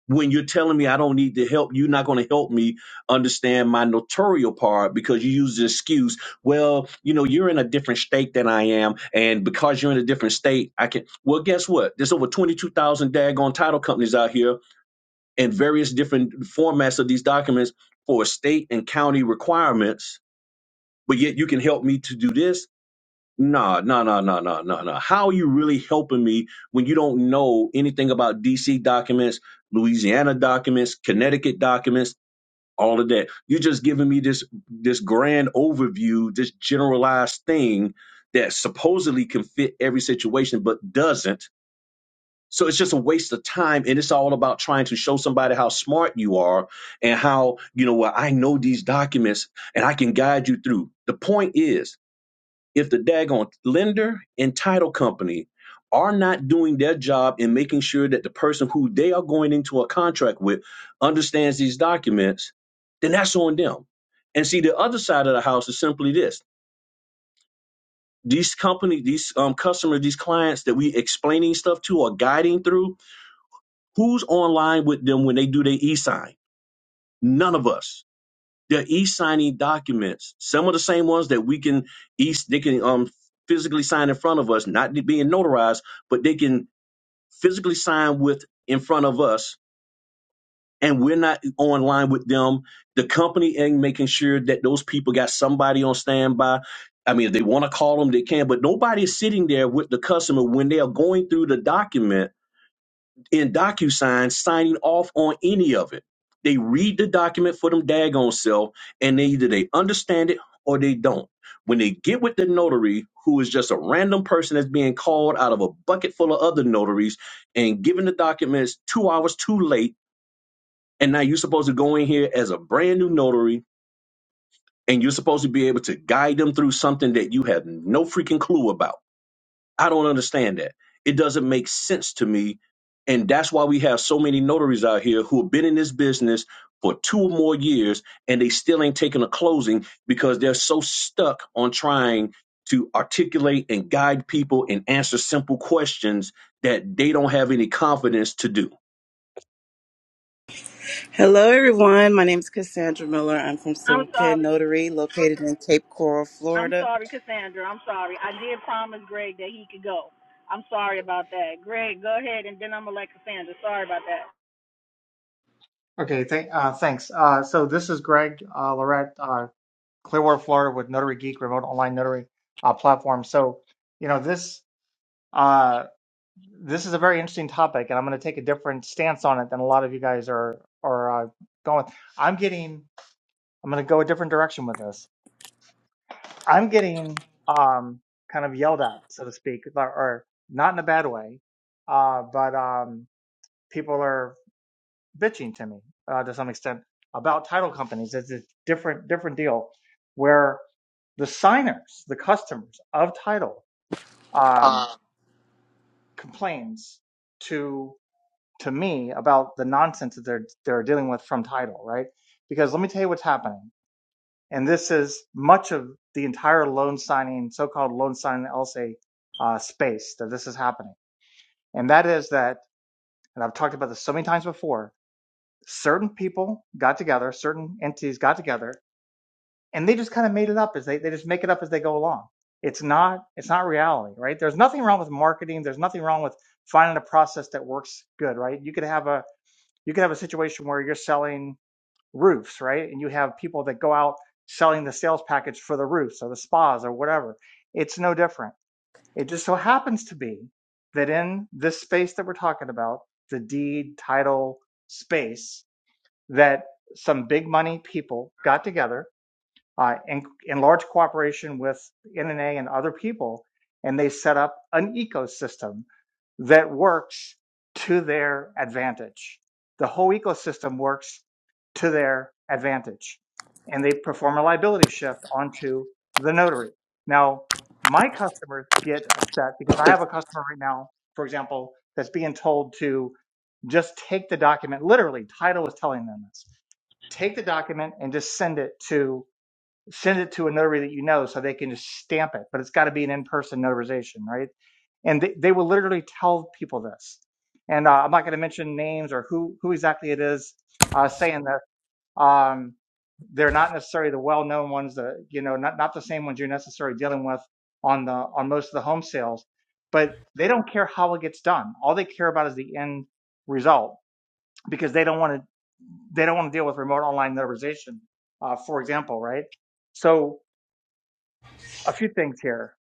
[SPEAKER 5] when you're telling me I don't need the help, you're not going to help me understand my notorial part because you use the excuse, well, you know, you're in a different state than I am. And because you're in a different state, I can. Well, guess what? There's over 22,000 daggone title companies out here in various different formats of these documents for state and county requirements. But yet you can help me to do this no, no, no, no, no, no, no. How are you really helping me when you don't know anything about DC documents, Louisiana documents, Connecticut documents, all of that? You're just giving me this this grand overview, this generalized thing that supposedly can fit every situation but doesn't. So it's just a waste of time and it's all about trying to show somebody how smart you are and how, you know, well, I know these documents and I can guide you through. The point is if the daggone lender and title company are not doing their job in making sure that the person who they are going into a contract with understands these documents, then that's on them. And see, the other side of the house is simply this: these company, these um, customers, these clients that we explaining stuff to or guiding through, who's online with them when they do their e-sign? None of us. They're e-signing documents, some of the same ones that we can e they can um physically sign in front of us, not being notarized, but they can physically sign with in front of us, and we're not online with them. The company and making sure that those people got somebody on standby. I mean, if they want to call them, they can, but nobody's sitting there with the customer when they are going through the document in DocuSign signing off on any of it. They read the document for them daggone self, and they either they understand it or they don't. When they get with the notary, who is just a random person that's being called out of a bucket full of other notaries and given the documents two hours too late, and now you're supposed to go in here as a brand new notary and you're supposed to be able to guide them through something that you have no freaking clue about I don't understand that. It doesn't make sense to me. And that's why we have so many notaries out here who have been in this business for two or more years and they still ain't taking a closing because they're so stuck on trying to articulate and guide people and answer simple questions that they don't have any confidence to do.
[SPEAKER 7] Hello, everyone. My name is Cassandra Miller. I'm from
[SPEAKER 3] I'm
[SPEAKER 7] Silver Pen
[SPEAKER 3] sorry.
[SPEAKER 7] Notary, located in Cape Coral,
[SPEAKER 3] I'm
[SPEAKER 7] Florida.
[SPEAKER 3] sorry, Cassandra. I'm sorry. I did promise Greg that he could go. I'm sorry about that. Greg, go ahead and then I'm gonna let Cassandra. Sorry about that.
[SPEAKER 6] Okay, th- uh, thanks. Uh, so this is Greg uh, Lorette, uh, Clearwater, Florida, with Notary Geek, remote online notary uh, platform. So, you know, this uh, this is a very interesting topic, and I'm going to take a different stance on it than a lot of you guys are are uh, going. I'm getting. I'm going to go a different direction with this. I'm getting um, kind of yelled at, so to speak, or, or not in a bad way, uh, but um, people are. bitching to me uh, to some extent about title companies. It's a different different deal where the signers, the customers of title, um,
[SPEAKER 7] Uh,
[SPEAKER 6] complains to to me about the nonsense that they're they're dealing with from title, right? Because let me tell you what's happening, and this is much of the entire loan signing, so-called loan signing LSA uh, space that this is happening, and that is that, and I've talked about this so many times before certain people got together, certain entities got together, and they just kind of made it up as they, they just make it up as they go along. It's not it's not reality, right? There's nothing wrong with marketing. There's nothing wrong with finding a process that works good, right? You could have a you could have a situation where you're selling roofs, right? And you have people that go out selling the sales package for the roofs or the spas or whatever. It's no different. It just so happens to be that in this space that we're talking about, the deed title space, that some big money people got together uh, in, in large cooperation with NNA and other people, and they set up an ecosystem that works to their advantage. The whole ecosystem works to their advantage. And they perform a liability shift onto the notary. Now, my customers get upset because I have a customer right now, for example, that's being told to just take the document literally. Title is telling them this take the document and just send it to send it to a notary that you know so they can just stamp it but it's got to be an in-person notarization right and they, they will literally tell people this and uh, i'm not going to mention names or who who exactly it is uh, saying that um, they're not necessarily the well-known ones that you know not, not the same ones you're necessarily dealing with on the on most of the home sales but they don't care how it gets done all they care about is the end result because they don't want to they don't want to deal with remote online notarization, uh, for example, right? So a few things here.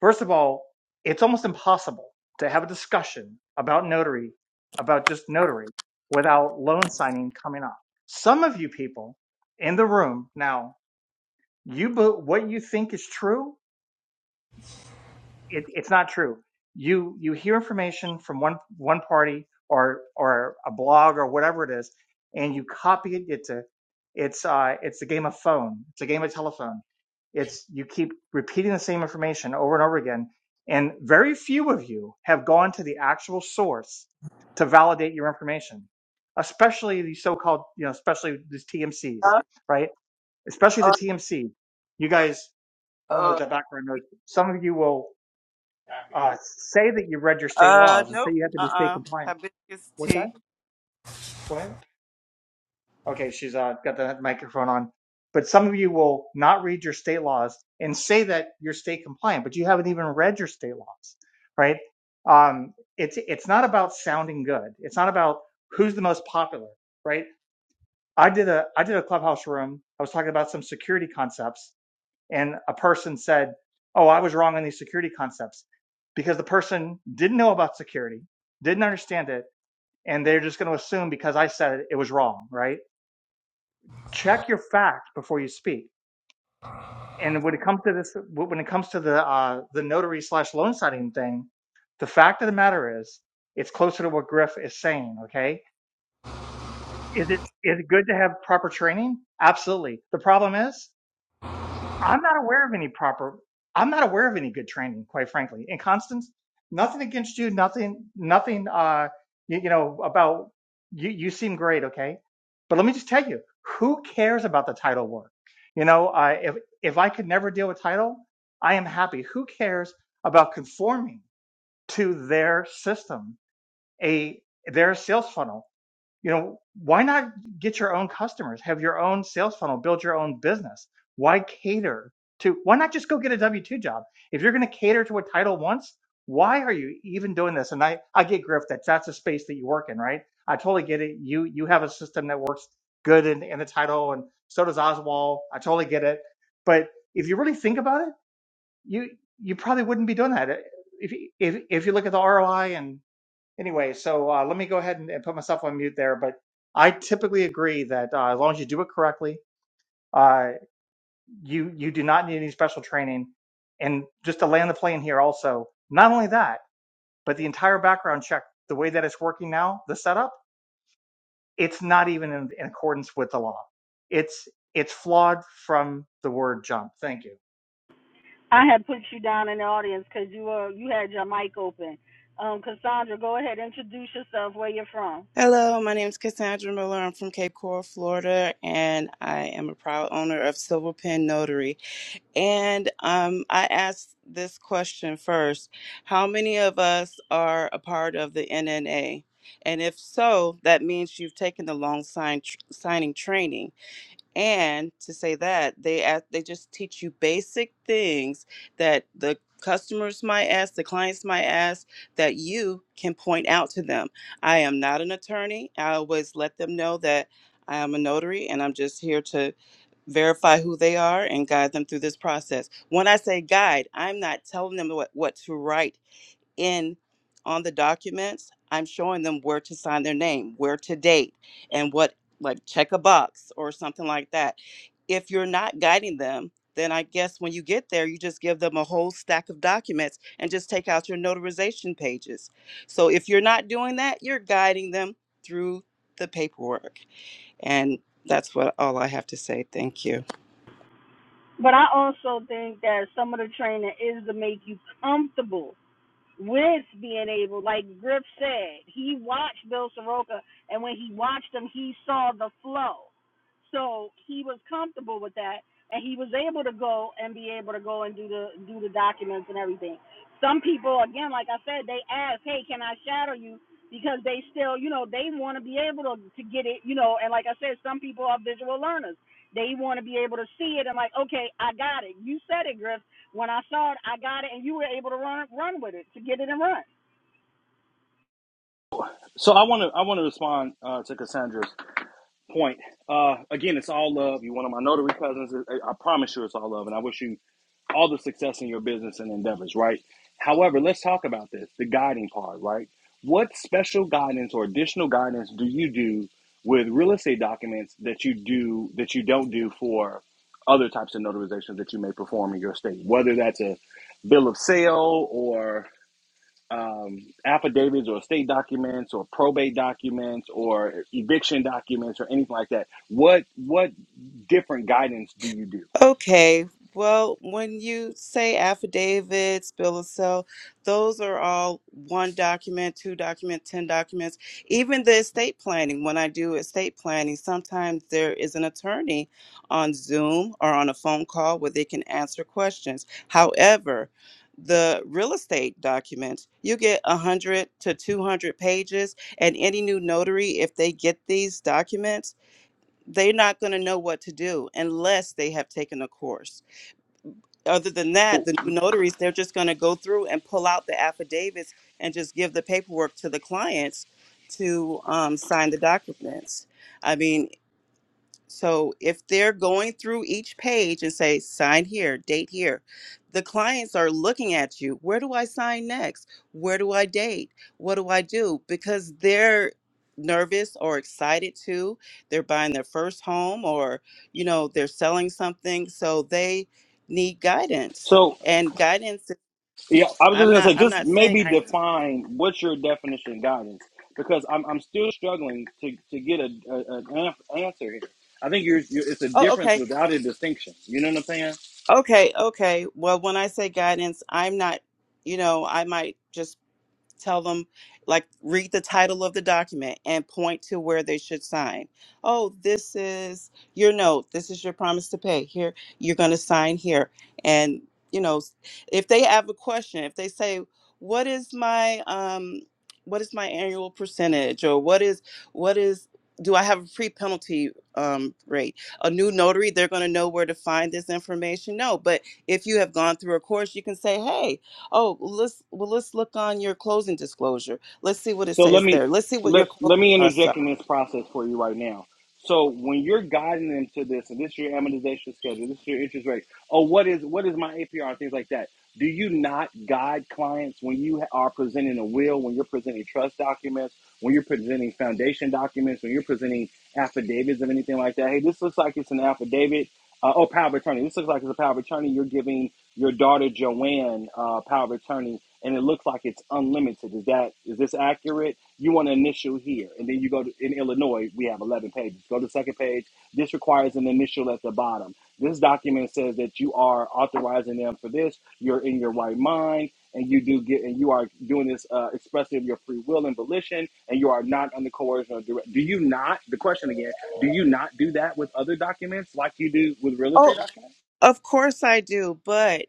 [SPEAKER 6] First of all, it's almost impossible to have a discussion about notary, about just notary, without loan signing coming up. Some of you people in the room now, you be, what you think is true it, it's not true. You you hear information from one one party or or a blog or whatever it is, and you copy it. It's a it's uh it's a game of phone. It's a game of telephone. It's you keep repeating the same information over and over again, and very few of you have gone to the actual source to validate your information, especially the so-called you know especially these TMCs,
[SPEAKER 7] uh,
[SPEAKER 6] right? Especially the TMC. You guys, I don't know if
[SPEAKER 7] uh,
[SPEAKER 6] that background. Some of you will uh, say that you read your state
[SPEAKER 7] uh
[SPEAKER 6] laws and say
[SPEAKER 7] nope.
[SPEAKER 6] you have to
[SPEAKER 7] Uh,
[SPEAKER 6] be state
[SPEAKER 7] uh
[SPEAKER 6] compliant.
[SPEAKER 7] Hibiscus
[SPEAKER 6] What that?
[SPEAKER 7] tea.
[SPEAKER 6] What? Okay, she's uh, got the microphone on. But some of you will not read your state laws and say that you're state compliant, but you haven't even read your state laws, right? Um, it's it's not about sounding good. It's not about who's the most popular, right? I did a I did a clubhouse room. I was talking about some security concepts, and a person said, Oh, I was wrong on these security concepts because the person didn't know about security, didn't understand it, and they're just going to assume because I said it, it was wrong, right? Check your facts before you speak. And when it comes to this, when it comes to the uh, the notary slash loan signing thing, the fact of the matter is, it's closer to what Griff is saying. Okay, is it is it good to have proper training? Absolutely. The problem is, I'm not aware of any proper. I'm not aware of any good training, quite frankly. And Constance, nothing against you. Nothing. Nothing. Uh, you, you know about you. You seem great, okay. But let me just tell you, who cares about the title work? You know, uh, if if I could never deal with title, I am happy. Who cares about conforming to their system, a their sales funnel? you know why not get your own customers have your own sales funnel build your own business why cater to why not just go get a w2 job if you're going to cater to what title wants why are you even doing this and i i get griff that that's a space that you work in right i totally get it you you have a system that works good in, in the title and so does oswald i totally get it but if you really think about it you you probably wouldn't be doing that if you- if, if you look at the roi and anyway, so uh, let me go ahead and, and put myself on mute there. But I typically agree that uh, as long as you do it correctly, uh, you you do not need any special training. And just to land the plane here, also, not only that, but the entire background check, the way that it's working now, the setup, it's not even in, in accordance with the law. It's it's flawed from the word jump. Thank you.
[SPEAKER 3] I had put you down in the audience because you were you had your mic open. Um, Cassandra, go ahead, introduce yourself, where you're from.
[SPEAKER 7] Hello, my name is Cassandra Miller. I'm from Cape Coral, Florida, and I am a proud owner of Silver Pen Notary. And um, I asked this question first: How many of us are a part of the NNA? And if so, that means you've taken the long sign tr- signing training. And to say that, they ask, they just teach you basic things that the customers might ask, the clients might ask, that you can point out to them. I am not an attorney. I always let them know that I am a notary and I'm just here to verify who they are and guide them through this process. When I say guide, I'm not telling them what, what to write in on the documents, I'm showing them where to sign their name, where to date, and what, like check a box or something like that. If you're not guiding them, then I guess when you get there, you just give them a whole stack of documents and just take out your notarization pages. So if you're not doing that, you're guiding them through the paperwork. And that's what all I have to say. Thank you.
[SPEAKER 3] But I also think that some of the training is to make you comfortable with being able, like Griff said, he watched Bill Soroka, and when he watched him, he saw the flow. So he was comfortable with that, and he was able to go and be able to go and do the do the documents and everything. Some people, again, like I said, they ask, "Hey, can I shadow you?" Because they still, you know, they want to be able to to get it, you know. And like I said, some people are visual learners. They want to be able to see it and like, okay, I got it. You said it, Griff. When I saw it, I got it, and you were able to run run with it to get it and run.
[SPEAKER 4] So I want to I want to respond uh, to Cassandra point. Uh, again, it's all love. You're one of my notary cousins. I I promise you, it's all love, and I wish you all the success in your business and endeavors. Right. However, let's talk about this the guiding part. Right. What special guidance or additional guidance do you do with real estate documents that you do that you don't do for other types of notarizations that you may perform in your state? Whether that's a bill of sale or um, affidavits or state documents or probate documents or eviction documents or anything like that? What what different guidance do you do?
[SPEAKER 7] Okay, well, when you say affidavits, bill of sale, those are all one document, two document, ten documents. Even the estate planning, when I do estate planning, sometimes there is an attorney on Zoom or on a phone call where they can answer questions. However, the real estate documents, you get 100 to 200 pages, and any new notary, if they get these documents, they're not going to know what to do unless they have taken a course. Other than that,
[SPEAKER 4] Oh,
[SPEAKER 7] the new notaries, they're just going to go through and pull out the affidavits and just give the paperwork to the clients to um, sign the documents. I mean, so if they're going through each page and say, sign here, date here, the clients are looking at you. Where do I sign next? Where do I date? What do I do? Because they're nervous or excited too. They're buying their first home or, you know, they're selling something. So they need guidance.
[SPEAKER 4] So
[SPEAKER 7] And guidance,
[SPEAKER 4] yeah, I was just
[SPEAKER 7] I'm
[SPEAKER 4] gonna
[SPEAKER 7] not,
[SPEAKER 4] say,
[SPEAKER 7] I'm
[SPEAKER 4] just
[SPEAKER 7] not saying
[SPEAKER 4] maybe
[SPEAKER 7] I'm,
[SPEAKER 4] define what's your definition of guidance because I'm I'm still struggling to to get a, a an an answer here. I think you're, you're it's a
[SPEAKER 7] oh,
[SPEAKER 4] difference
[SPEAKER 7] okay.
[SPEAKER 4] without a distinction. You know what I'm saying?
[SPEAKER 7] Okay. Okay. Well, when I say guidance, I'm not you know, I might just tell them like read the title of the document and point to where they should sign oh this is your note this is your promise to pay here you're going to sign here and you know if they have a question if they say what is my um what is my annual percentage or what is what is do i have a free penalty um, rate a new notary they're going to know where to find this information no but if you have gone through a course you can say hey Oh, well, let's well let's look on your closing disclosure. Let's see what it
[SPEAKER 4] So let
[SPEAKER 7] says
[SPEAKER 4] me
[SPEAKER 7] there. Let's see what
[SPEAKER 4] let
[SPEAKER 7] your closing
[SPEAKER 4] let me
[SPEAKER 7] costs
[SPEAKER 4] interject
[SPEAKER 7] are.
[SPEAKER 4] in this process for you right now. So when you're guiding them to this, and this is your amortization schedule, this is your interest rate. Oh, what is what is my APR and things like that? Do you not guide clients when you are presenting a will, when you're presenting trust documents, when you're presenting foundation documents, when you're presenting affidavits of anything like that? Hey, this looks like it's an affidavit. Uh, oh, power of attorney. This looks like it's a power of attorney. You're giving your daughter Joanne uh, power of attorney and it looks like it's unlimited. Is that is this accurate? You want an initial here, and then you go to in Illinois. We have eleven pages. Go to the second page. This requires an initial at the bottom. This document says that you are authorizing them for this. You're in your right mind, and you do get and you are doing this uh, expressive of your free will and volition, and you are not under coercion or direct. Do you not? The question again: Do you not do that with other documents like you do with real estate documents?
[SPEAKER 7] Of course I do, but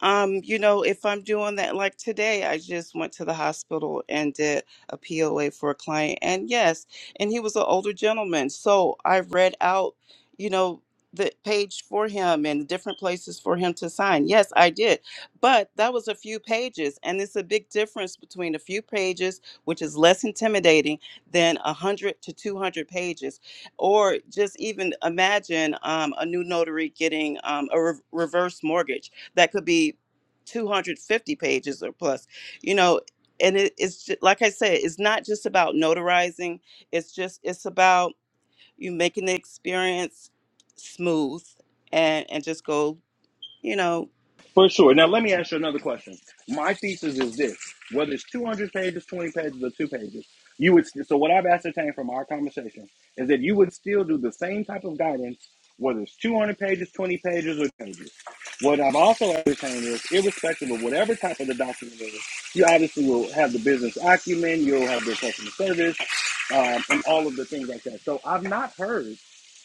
[SPEAKER 7] Um, you know, if I'm doing that, like today, I just went to the hospital and did a POA for a client. And yes, and he was an older gentleman. So I read out, you know, the page for him and different places for him to sign. Yes, I did. But that was a few pages. And it's a big difference between a few pages, which is less intimidating than 100 to 200 pages. Or just even imagine um, a new notary getting um, a re- reverse mortgage that could be 250 pages or plus you know and it, it's ju- like i said it's not just about notarizing it's just it's about you making the experience smooth and and just go you know
[SPEAKER 4] For sure. Now, let me ask you another question. My thesis is this: whether it's two hundred pages, twenty pages, or two pages, you would. So, what I've ascertained from our conversation is that you would still do the same type of guidance, whether it's two hundred pages, twenty pages, or pages. What I've also ascertained is, irrespective of whatever type of the document it is, you obviously will have the business acumen, you'll have the customer service, um, and all of the things like that. So, I've not heard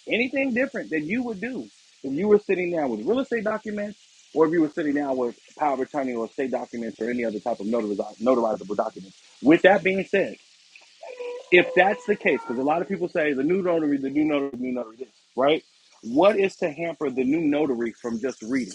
[SPEAKER 4] anything different that you would do if you were sitting down with real estate documents or if you were sitting down with power of attorney or state documents or any other type of notariz- notarizable documents. With that being said, if that's the case, because a lot of people say the new notary, the new notary, the new notary this, right? What is to hamper the new notary from just reading?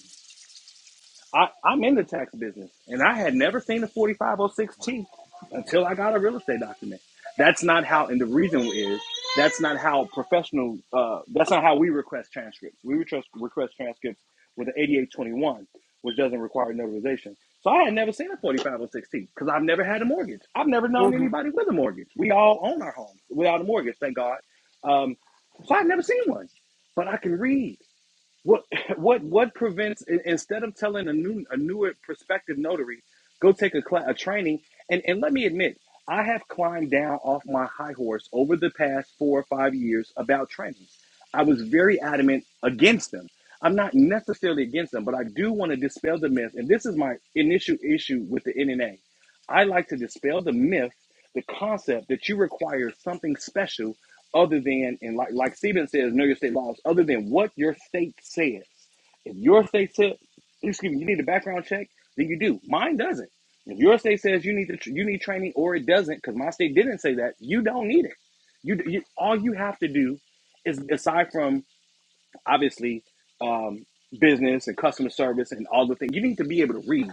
[SPEAKER 4] I, I'm in the tax business, and I had never seen a 45016 until I got a real estate document. That's not how, and the reason is that's not how professional. Uh, that's not how we request transcripts. We request request transcripts with an 8821, which doesn't require notarization. So I had never seen a 45016 because I've never had a mortgage. I've never known anybody with a mortgage. We all own our homes without a mortgage, thank God. Um, so I've never seen one, but I can read. What what what prevents in- instead of telling a new a newer prospective notary, go take a class, a training and and let me admit, I have climbed down off my high horse over the past four or five years about trainings. I was very adamant against them. I'm not necessarily against them, but I do want to dispel the myth, and this is my initial issue with the NNA. I like to dispel the myth, the concept that you require something special other than and like like Stephen says, know your state laws, other than what your state says. If your state says, excuse me, you need a background check, then you do. Mine doesn't. If your state says you need to, you need training or it doesn't, because my state didn't say that, you don't need it. You, you all you have to do is aside from obviously um, business and customer service and all the things. You need to be able to read,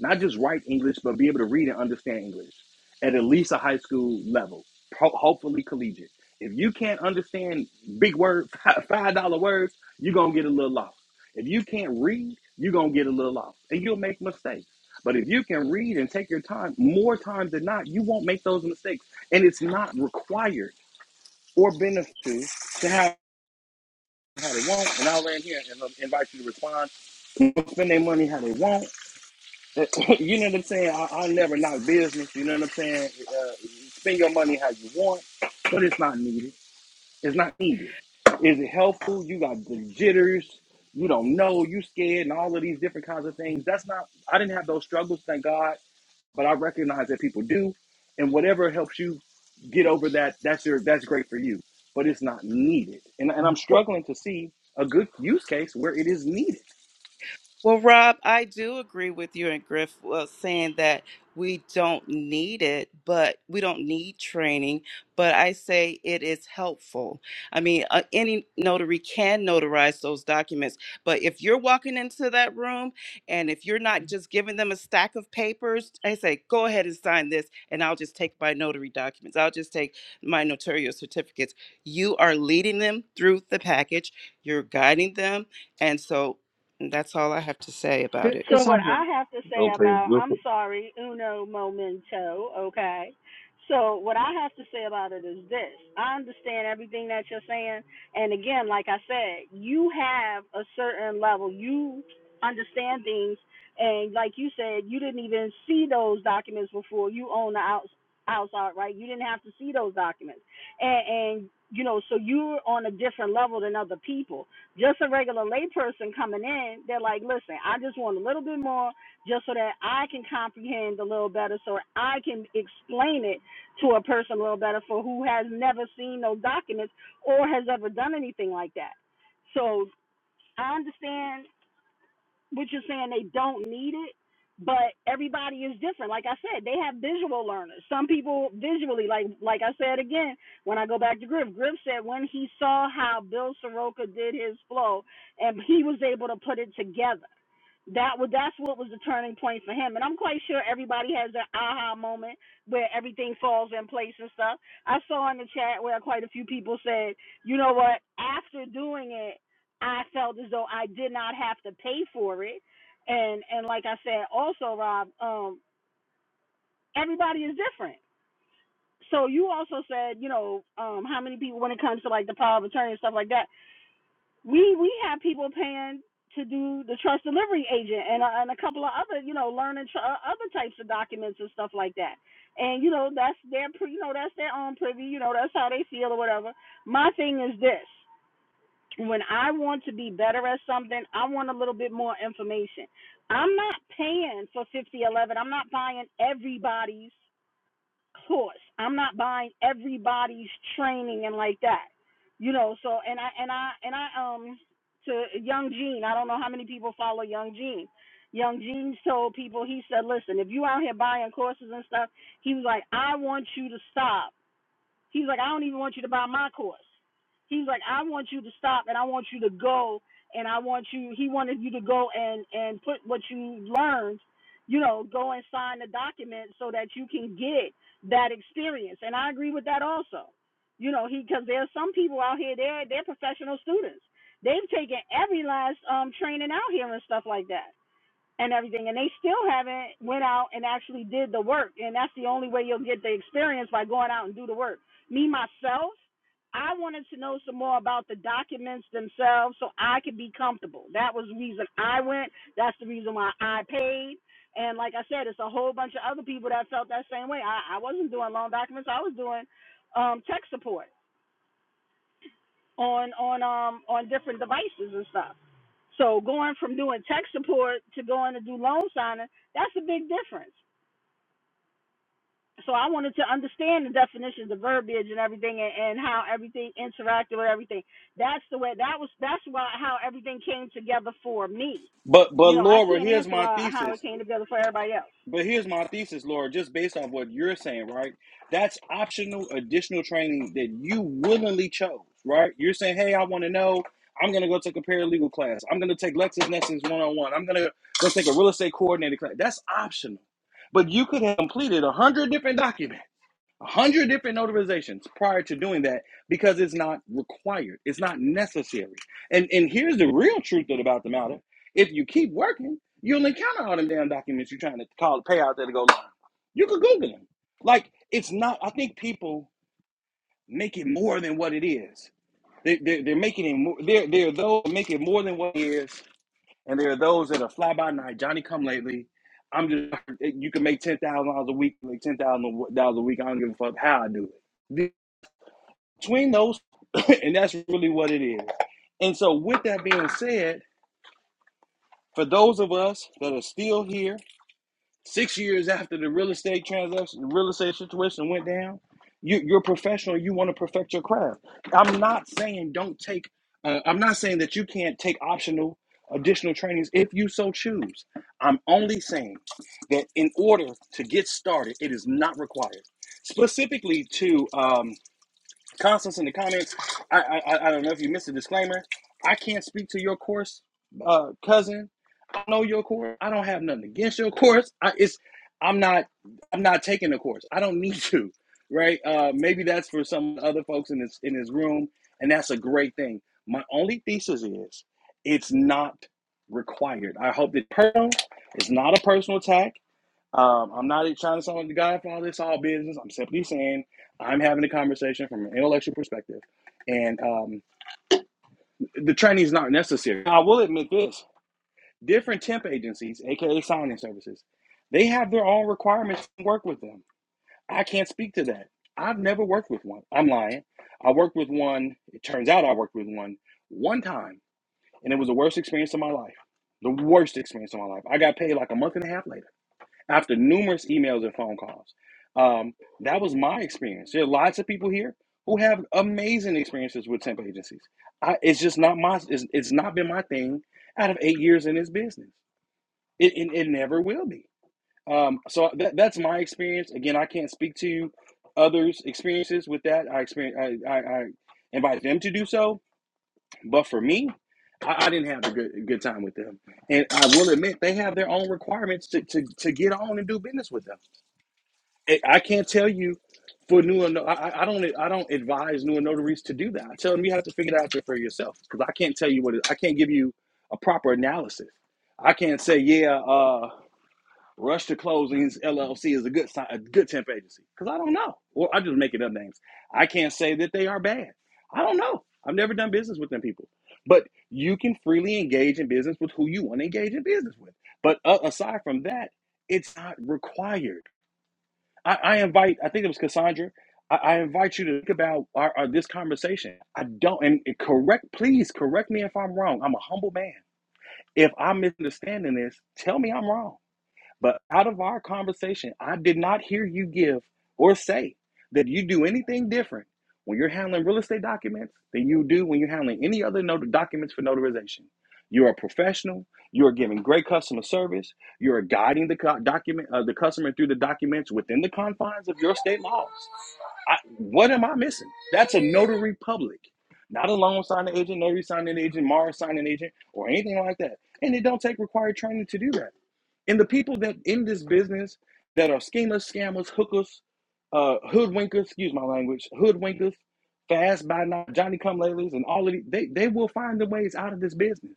[SPEAKER 4] not just write English, but be able to read and understand English at at least a high school level, ho- hopefully collegiate. If you can't understand big word, five dollar words, you're gonna get a little lost. If you can't read, you're gonna get a little lost, and you'll make mistakes. But if you can read and take your time, more times than not, you won't make those mistakes. And it's not required or beneficial to have how they want, and I'll land here and uh, invite you to respond. Spend their money how they want. you know what I'm saying? I, I'll never knock business. You know what I'm saying? Uh, spend your money how you want, but it's not needed. It's not needed. Is it helpful? You got the jitters. You don't know. You scared, and all of these different kinds of things. That's not. I didn't have those struggles. Thank God but I recognize that people do, and whatever helps you get over that, that's your that's great for you. But it's not needed, and and I'm struggling to see a good use case where it is needed.
[SPEAKER 7] Well, Rob, I do agree with you and Griff uh, saying that we don't need it, but we don't need training. But I say it is helpful. I mean, uh, any notary can notarize those documents, but if you're walking into that room and if you're not just giving them a stack of papers, I say, go ahead and sign this, and I'll just take my notary documents. I'll just take my notarial certificates. You are leading them through the package, you're guiding them. And so that's all I have to say about
[SPEAKER 6] Ca-
[SPEAKER 7] it.
[SPEAKER 3] So what
[SPEAKER 6] Cassandra.
[SPEAKER 3] I have to say
[SPEAKER 5] Okay,
[SPEAKER 3] about
[SPEAKER 5] real
[SPEAKER 3] I'm
[SPEAKER 5] quick.
[SPEAKER 3] sorry, uno momento, okay? So what I have to say about it is this. I understand everything that you're saying and again, like I said, you have a certain level. You understand things and like you said, you didn't even see those documents before you own the outs outside, right? You didn't have to see those documents. And and you know, so you're on a different level than other people just a regular layperson coming in, they're like, listen, I just want a little bit more just so that I can comprehend a little better, so I can explain it to a person a little better for who has never seen those documents or has ever done anything like that. So I understand which is saying they don't need it, but everybody is different. Like I said, they have visual learners. Some people visually, like like I said again, when I go back to Griff, Griff said when he saw how Bill Soroka did his flow and he was able to put it together that was that's what was the turning point for him and i'm quite sure everybody has their aha moment where everything falls in place and stuff i saw in the chat where quite a few people said you know what after doing it i felt as though i did not have to pay for it and and like i said also rob um everybody is different so you also said you know um how many people when it comes to like the power of attorney and stuff like that we we have people paying to do the trust delivery agent and a, and a couple of other you know learning tr- uh, other types of documents and stuff like that and you know that's their you know that's their own privy you know that's how they feel or whatever my thing is this when i want to be better at something i want a little bit more information i'm not paying for 5011 i'm not buying everybody's course. I'm not buying everybody's training and like that. You know, so and I and I and I um to Young Gene, I don't know how many people follow Young Gene. Young Gene told people, he said, Listen, if you out here buying courses and stuff, he was like, I want you to stop He's like, I don't even want you to buy my course. He's like, I want you to stop and I want you to go and I want you he wanted you to go and and put what you learned, you know, go and sign the document so that you can get that experience. And I agree with that also. You know, he because there are some people out here they're they're professional students. They've taken every last um training out here and stuff like that and everything and they still haven't went out and actually did the work and that's the only way you'll get the experience by going out and do the work me myself i wanted to know some more about the documents themselves so i could be comfortable that was the reason i went that's the reason why i paid and like i said it's a whole bunch of other people that felt that same way i, I wasn't doing loan documents i was doing um, tech support on on um on different devices and stuff. So going from doing tech support to going to do loan signing, that's a big difference. So I wanted to understand the definitions, the verbiage, and everything, and, and how everything interacted with everything. That's the way. That was that's why how everything came together for me.
[SPEAKER 4] But but
[SPEAKER 3] You know, I
[SPEAKER 4] Laura,
[SPEAKER 3] can't
[SPEAKER 4] here's
[SPEAKER 3] answer
[SPEAKER 4] my
[SPEAKER 3] why, how it
[SPEAKER 4] thesis.
[SPEAKER 3] came together for everybody else.
[SPEAKER 4] But here's my thesis, Laura. just based off what you're saying, right? That's optional additional training that you willingly chose, right? You're saying, hey, I want to know. I'm going to go take a paralegal class. I'm going to take LexisNexis one on one. I'm going to go take a real estate coordinator class. That's optional. But you could have completed a 100 different documents a hundred different notarizations prior to doing that because it's not required. It's not necessary. And and here's the real truth about the matter. If you keep working, you'll encounter all them damn documents you're trying to call pay out there to go live. You could Google them. Like it's not I think people make it more than what it is. They, they're, they're making it more they're, they're those who make it more than what it is and there are those that are fly by night, Johnny come lately. I'm just you can make ten thousand dollars a week, make ten thousand dollars a week. I don't give a fuck how I do it. Between those, and that's really what it is. And so, with that being said, for those of us that are still here Six years after the real estate transaction, the real estate situation went down, you, you're professional. You want to perfect your craft. I'm not saying don't take. Uh, I'm not saying that you can't take optional additional trainings if you so choose. I'm only saying that in order to get started, it is not required. Specifically to um, Constance in the comments, I, I I I don't know if you missed the disclaimer. I can't speak to your course, uh, cousin know your course. I don't have nothing against your course. I, it's I'm not I'm not taking the course. I don't need to, right? Uh, maybe that's for some other folks in this in this room, and that's a great thing. My only thesis is it's not required. I hope that personal is not a personal attack. Um, I'm not trying to sound like the Godfather. It's all this, all business. I'm simply saying I'm having a conversation from an intellectual perspective, and um, the training is not necessary. I will admit this. Different temp agencies, aka signing services, they have their own requirements to work with them. I can't speak to that. I've never worked with one. I'm lying. I worked with one. It turns out I worked with one one time, and it was the worst experience of my life. The worst experience of my life. I got paid like a month and a half later after numerous emails and phone calls. Um, that was my experience. There are lots of people here who have amazing experiences with temp agencies. I, it's just not my. It's, it's not been my thing out of eight years in this business. It, it, it never will be. Um, so that, that's my experience. Again, I can't speak to others' experiences with that. I experience. I, I, I invite them to do so, but for me, I, I didn't have a good good time with them. And I will admit they have their own requirements to, to, to get on and do business with them. I I can't tell you for new. and- no, I, I don't. I don't advise new notaries to do that. I tell them you have to figure it out for yourself because I can't tell you what. It, I can't give you a proper analysis. I can't say yeah. Uh, Rush to Closings LLC is a good si- a good temp agency because I don't know. Or I'm just making up names. I can't say that they are bad. I don't know. I've never done business with them people. But you can freely engage in business with who you want to engage in business with. But uh, aside from that, it's not required. I, I invite. I think it was Cassandra. I, I invite you to think about our, our this conversation. I don't. And correct, please correct me if I'm wrong. I'm a humble man. If I'm misunderstanding this, tell me I'm wrong but out of our conversation, I did not hear you give or say that you do anything different when you're handling real estate documents than you do when you're handling any other not- documents for notarization. You are professional. You are giving great customer service. You are guiding the co- document uh, the customer through the documents within the confines of your state laws. I, what am I missing? That's a notary public, not a loan signing agent, notary signing agent, Mars signing agent, or anything like that. And it don't take required training to do that. And the people that in this business that are schemers, scammers, hookers, uh, hoodwinkers, excuse my language, hoodwinkers, fast by night, Johnny come latelys, and all of these, they, they will find the ways out of this business.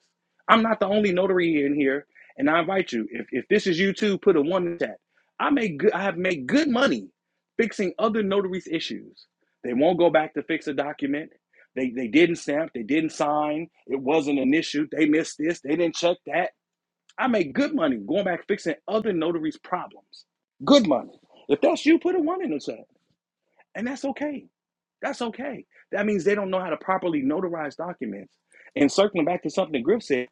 [SPEAKER 4] I'm not the only notary in here, and I invite you, if, if this is you too, put a one in that. I make good I have made good money fixing other notaries' issues. They won't go back to fix a document. They, they didn't stamp, they didn't sign, it wasn't an issue, they missed this, they didn't check that I make good money going back fixing other notaries' problems. Good money. If that's you, put a one in the chat. And that's okay. That's okay. That means they don't know how to properly notarize documents. And circling back to something Griff said,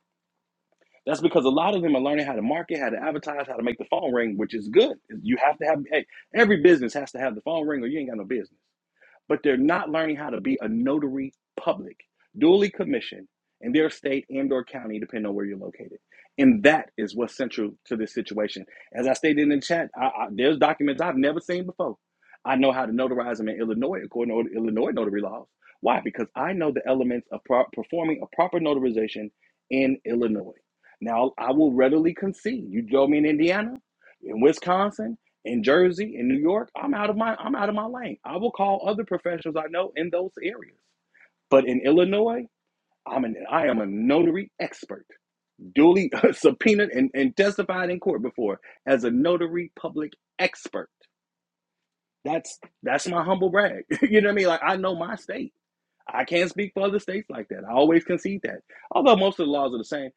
[SPEAKER 4] that's because a lot of them are learning how to market, how to advertise, how to make the phone ring, which is good. You have to have, hey, every business has to have the phone ring or you ain't got no business but they're not learning how to be a notary public, duly commissioned in their state and or county, depending on where you're located. And that is what's central to this situation. As I stated in the chat, I, I, there's documents I've never seen before. I know how to notarize them in Illinois according to Illinois notary laws. Why? Because I know the elements of pro- performing a proper notarization in Illinois. Now, I will readily concede. You drove me in Indiana, in Wisconsin in Jersey, in New York, I'm out of my I'm out of my lane. I will call other professionals I know in those areas. But in Illinois, I'm an I am a notary expert, duly subpoenaed and, and testified in court before as a notary public expert. That's that's my humble brag. you know what I mean? Like I know my state. I can't speak for other states like that. I always concede that. Although most of the laws are the same.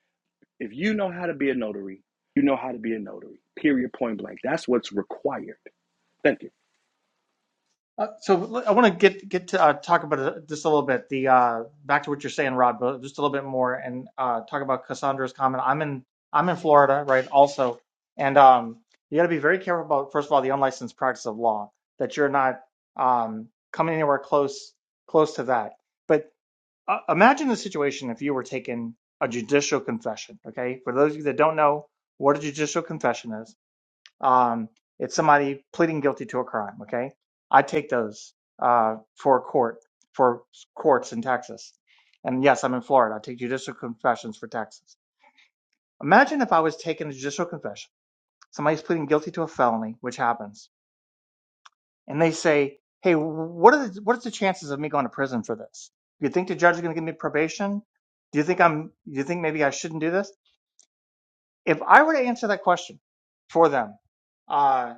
[SPEAKER 4] If you know how to be a notary, you know how to be a notary. Period point blank. That's what's required. Thank you.
[SPEAKER 6] Uh, so I want to get get to uh, talk about it just a little bit. The uh, back to what you're saying, Rod, but just a little bit more, and uh, talk about Cassandra's comment. I'm in I'm in Florida, right? Also, and um, you got to be very careful about first of all the unlicensed practice of law that you're not um, coming anywhere close close to that. But uh, imagine the situation if you were taking a judicial confession. Okay, for those of you that don't know what a judicial confession is, um, it's somebody pleading guilty to a crime. Okay, I take those uh, for court for courts in Texas, and yes, I'm in Florida. I take judicial confessions for Texas. Imagine if I was taking a judicial confession. Somebody's pleading guilty to a felony, which happens, and they say, "Hey, what are the, what's the chances of me going to prison for this? Do you think the judge is going to give me probation? Do you think I'm? Do you think maybe I shouldn't do this?" If I were to answer that question for them, uh,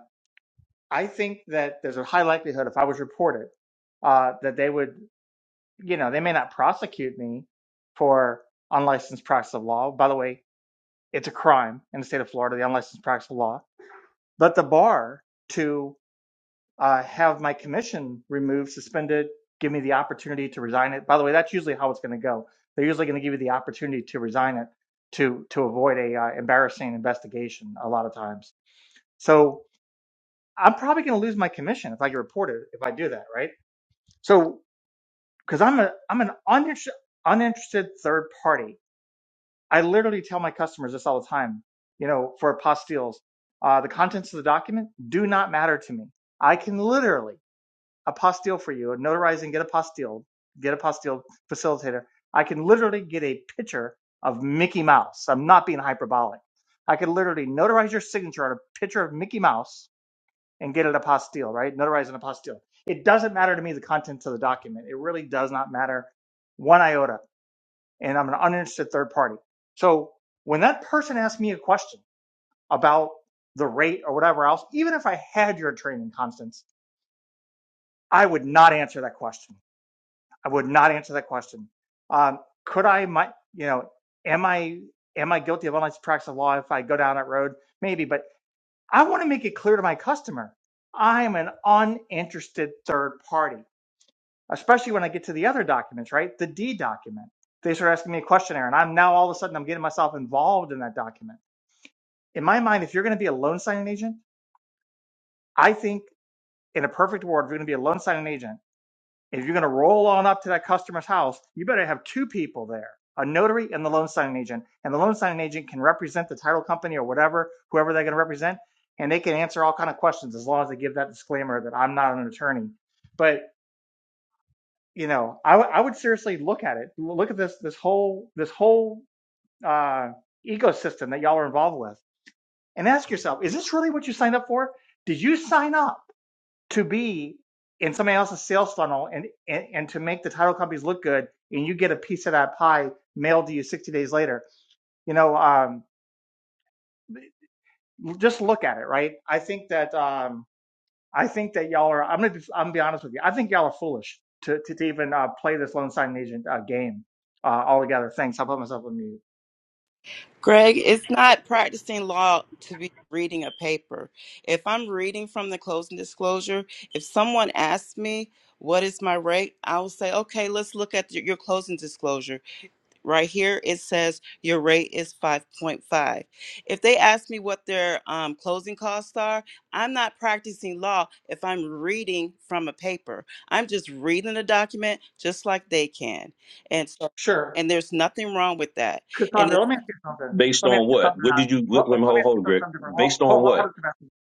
[SPEAKER 6] I think that there's a high likelihood if I was reported uh, that they would, you know, they may not prosecute me for unlicensed practice of law. By the way, it's a crime in the state of Florida, the unlicensed practice of law. But the bar to uh, have my commission removed, suspended, give me the opportunity to resign it. By the way, that's usually how it's going to go. They're usually going to give you the opportunity to resign it to to avoid a uh, embarrassing investigation a lot of times. So I'm probably going to lose my commission if I get reported if I do that, right? So, because I'm a I'm an uninter- uninterested third party, I literally tell my customers this all the time. You know, for apostilles, uh, the contents of the document do not matter to me. I can literally apostille for you, notarize and get apostilled, get apostilled facilitator. I can literally get a picture of Mickey Mouse. I'm not being hyperbolic. I could literally notarize your signature on a picture of Mickey Mouse and get it apostille, right? Notarize an apostille. It doesn't matter to me the contents of the document. It really does not matter one iota. And I'm an uninterested third party. So when that person asks me a question about the rate or whatever else, even if I had your training, Constance, I would not answer that question. I would not answer that question. Um, could I, my, you know, am I am I guilty of unlicensed practice of law if I go down that road? Maybe, but I want to make it clear to my customer I'm an uninterested third party, especially when I get to the other documents, right? The D document. They start asking me a questionnaire, and I'm now all of a sudden I'm getting myself involved in that document. In my mind, if you're going to be a loan signing agent, I think in a perfect world, if you're going to be a loan signing agent, If you're going to roll on up to that customer's house, you better have two people there, a notary and the loan signing agent. And the loan signing agent can represent the title company or whatever, whoever they're going to represent, and they can answer all kind of questions as long as they give that disclaimer that I'm not an attorney. But you know, I would would seriously look at it. Look at this this whole this whole uh, ecosystem that y'all are involved with, and ask yourself: Is this really what you signed up for? Did you sign up? to be in somebody else's sales funnel and, and and to make the title companies look good and you get a piece of that pie mailed to you 60 days later you know um just look at it right i think that um i think that y'all are i'm gonna be i'm gonna be honest with you i think y'all are foolish to to, to even uh, play this loan signing agent uh, game uh all together thanks i'll put myself on mute
[SPEAKER 7] Greg, it's not practicing law to be reading a paper. If I'm reading from the closing disclosure, if someone asks me, what is my rate? I'll say, okay, let's look at your your closing disclosure. Right here it says your rate is 5.5. If they ask me what their um, closing costs are, I'm not practicing law if I'm reading from a paper. I'm just reading a document just like they can. And so
[SPEAKER 6] Sure.
[SPEAKER 7] and there's nothing wrong with that. And
[SPEAKER 6] cassandra
[SPEAKER 7] if
[SPEAKER 6] let me ask you something
[SPEAKER 5] based
[SPEAKER 6] let me ask
[SPEAKER 5] on
[SPEAKER 6] you
[SPEAKER 5] what?
[SPEAKER 6] something
[SPEAKER 5] What
[SPEAKER 6] else.
[SPEAKER 5] did you?
[SPEAKER 6] let,
[SPEAKER 5] Wait,
[SPEAKER 6] let
[SPEAKER 5] wait,
[SPEAKER 6] me
[SPEAKER 5] hold,
[SPEAKER 6] ask
[SPEAKER 5] hold,
[SPEAKER 6] you
[SPEAKER 5] Greg.
[SPEAKER 6] something different hold,
[SPEAKER 5] Based on
[SPEAKER 6] hold, hold on
[SPEAKER 5] what?
[SPEAKER 6] a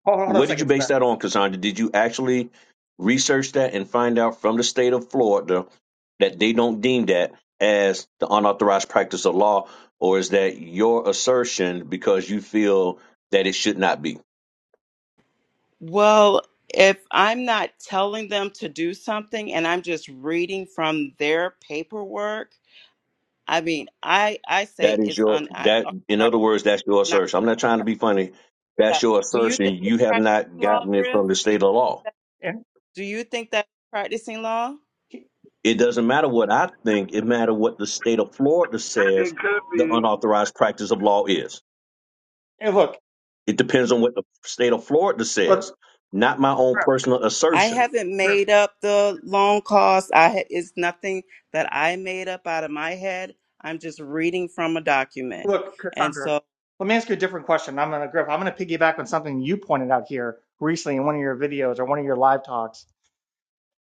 [SPEAKER 6] hold, hold on a
[SPEAKER 5] What did you
[SPEAKER 6] second
[SPEAKER 5] base that
[SPEAKER 6] sebastian
[SPEAKER 5] on, Cassandra? Did you actually research that and find out from the state of Florida that they don't deem that as the unauthorized practice of law, or is that your assertion because you feel that it should not be?
[SPEAKER 7] well, if I'm not telling them to do something and I'm just reading from their paperwork, I mean, I I say
[SPEAKER 5] That is
[SPEAKER 7] it's
[SPEAKER 5] your
[SPEAKER 7] un I,
[SPEAKER 5] that in other words, that's your
[SPEAKER 7] not.
[SPEAKER 5] assertion. I'm not trying to be funny.
[SPEAKER 7] Yeah.
[SPEAKER 5] That's your
[SPEAKER 7] Do you think
[SPEAKER 5] assertion.
[SPEAKER 7] it's
[SPEAKER 5] You have
[SPEAKER 7] practicing
[SPEAKER 5] not
[SPEAKER 7] law,
[SPEAKER 5] gotten it
[SPEAKER 7] Griff?
[SPEAKER 5] from the
[SPEAKER 7] Do you,
[SPEAKER 5] state of law.
[SPEAKER 7] do you think that's practicing law?
[SPEAKER 6] and,
[SPEAKER 5] It doesn't matter what I think, it matters what the state of Florida
[SPEAKER 8] It
[SPEAKER 5] says
[SPEAKER 8] could
[SPEAKER 5] the
[SPEAKER 8] be.
[SPEAKER 5] unauthorized practice of law is.
[SPEAKER 6] and look
[SPEAKER 5] It depends on what the state of Florida
[SPEAKER 6] but
[SPEAKER 5] says, not my own personal
[SPEAKER 7] I
[SPEAKER 5] assertion.
[SPEAKER 7] haven't made up the loan cost. I ha- it's nothing that I made up out of my head. I'm just reading from a document,
[SPEAKER 6] Look,
[SPEAKER 7] and
[SPEAKER 6] Cassandra,
[SPEAKER 7] so
[SPEAKER 6] let me ask you a different question. I'm gonna Griff, I'm gonna piggyback on something you pointed out here recently in one of your videos or one of your live talks.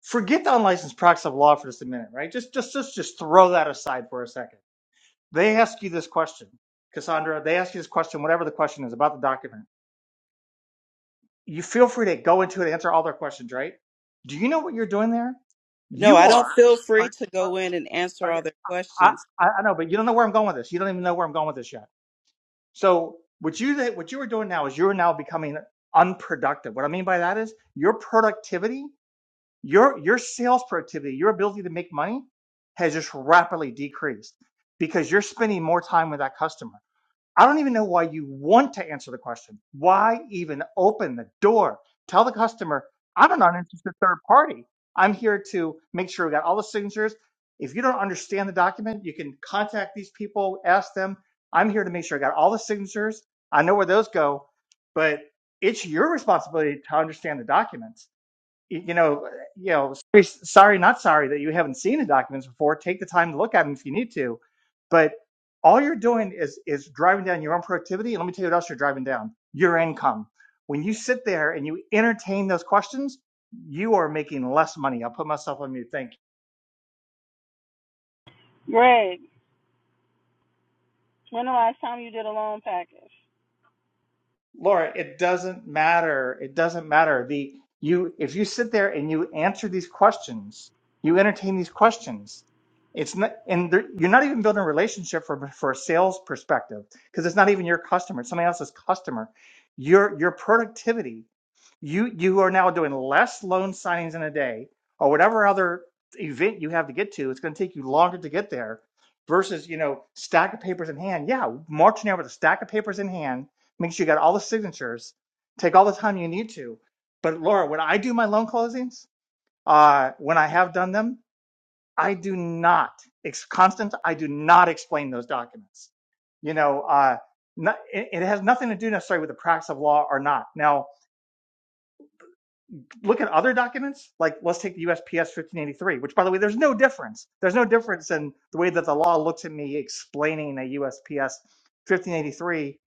[SPEAKER 6] Forget the unlicensed practice of law for just a minute, right? Just just just just throw that aside for a second. They ask you this question, Cassandra, they ask you this question, whatever the question is about the document. You feel free to go into it, answer all their questions, right? Do you know what you're doing there?
[SPEAKER 7] no,
[SPEAKER 6] You
[SPEAKER 7] I don't
[SPEAKER 6] are,
[SPEAKER 7] feel free
[SPEAKER 6] are,
[SPEAKER 7] to go in and answer
[SPEAKER 6] are okay,
[SPEAKER 7] all their
[SPEAKER 6] I,
[SPEAKER 7] questions.
[SPEAKER 6] I I know, but you don't know where I'm going with this. You don't even know where I'm going with this yet So what you what you are doing now is you're now becoming unproductive. What I mean by that is your productivity, your your sales productivity, your ability to make money has just rapidly decreased because you're spending more time with that customer. I don't even know why you want to answer the question. Why even open the door? Tell the customer, I'm an uninterested third party. I'm here to make sure we got all the signatures. If you don't understand the document, you can contact these people, ask them. I'm here to make sure I got all the signatures. I know where those go, but it's your responsibility to understand the document you know, you know, sorry, sorry, not sorry that you haven't seen the documents before. Take the time to look at them if you need to, but all you're doing is is driving down your own productivity. And let me tell you what else you're driving down: your income. When you sit there and you entertain those questions, you are making less money. I'll put myself on mute. Thank you.
[SPEAKER 3] Greg, when the last time you did a loan package?
[SPEAKER 6] Laura, it doesn't matter. It doesn't matter. The you if you sit there and you answer these questions, you entertain these questions. It's not, and there- you're not even building a relationship from for a sales perspective because it's not even your customer. It's somebody else's customer. Your your productivity. You you are now doing less loan signings in a day or whatever other event you have to get to. It's going to take you longer to get there versus you know stack of papers in hand. Yeah, marching out with a stack of papers in hand Make sure you got all the signatures. Take all the time you need to. But Laura, when I do my loan closings, uh, when I have done them, I do not, It's constant. I do not explain those documents. You know, uh, not, it, it has nothing to do necessarily with the practice of law or not. Now, look at other documents, like let's take the USPS 1583, which, by the way, there's no difference. There's no difference in the way that the law looks at me explaining a USPS 1583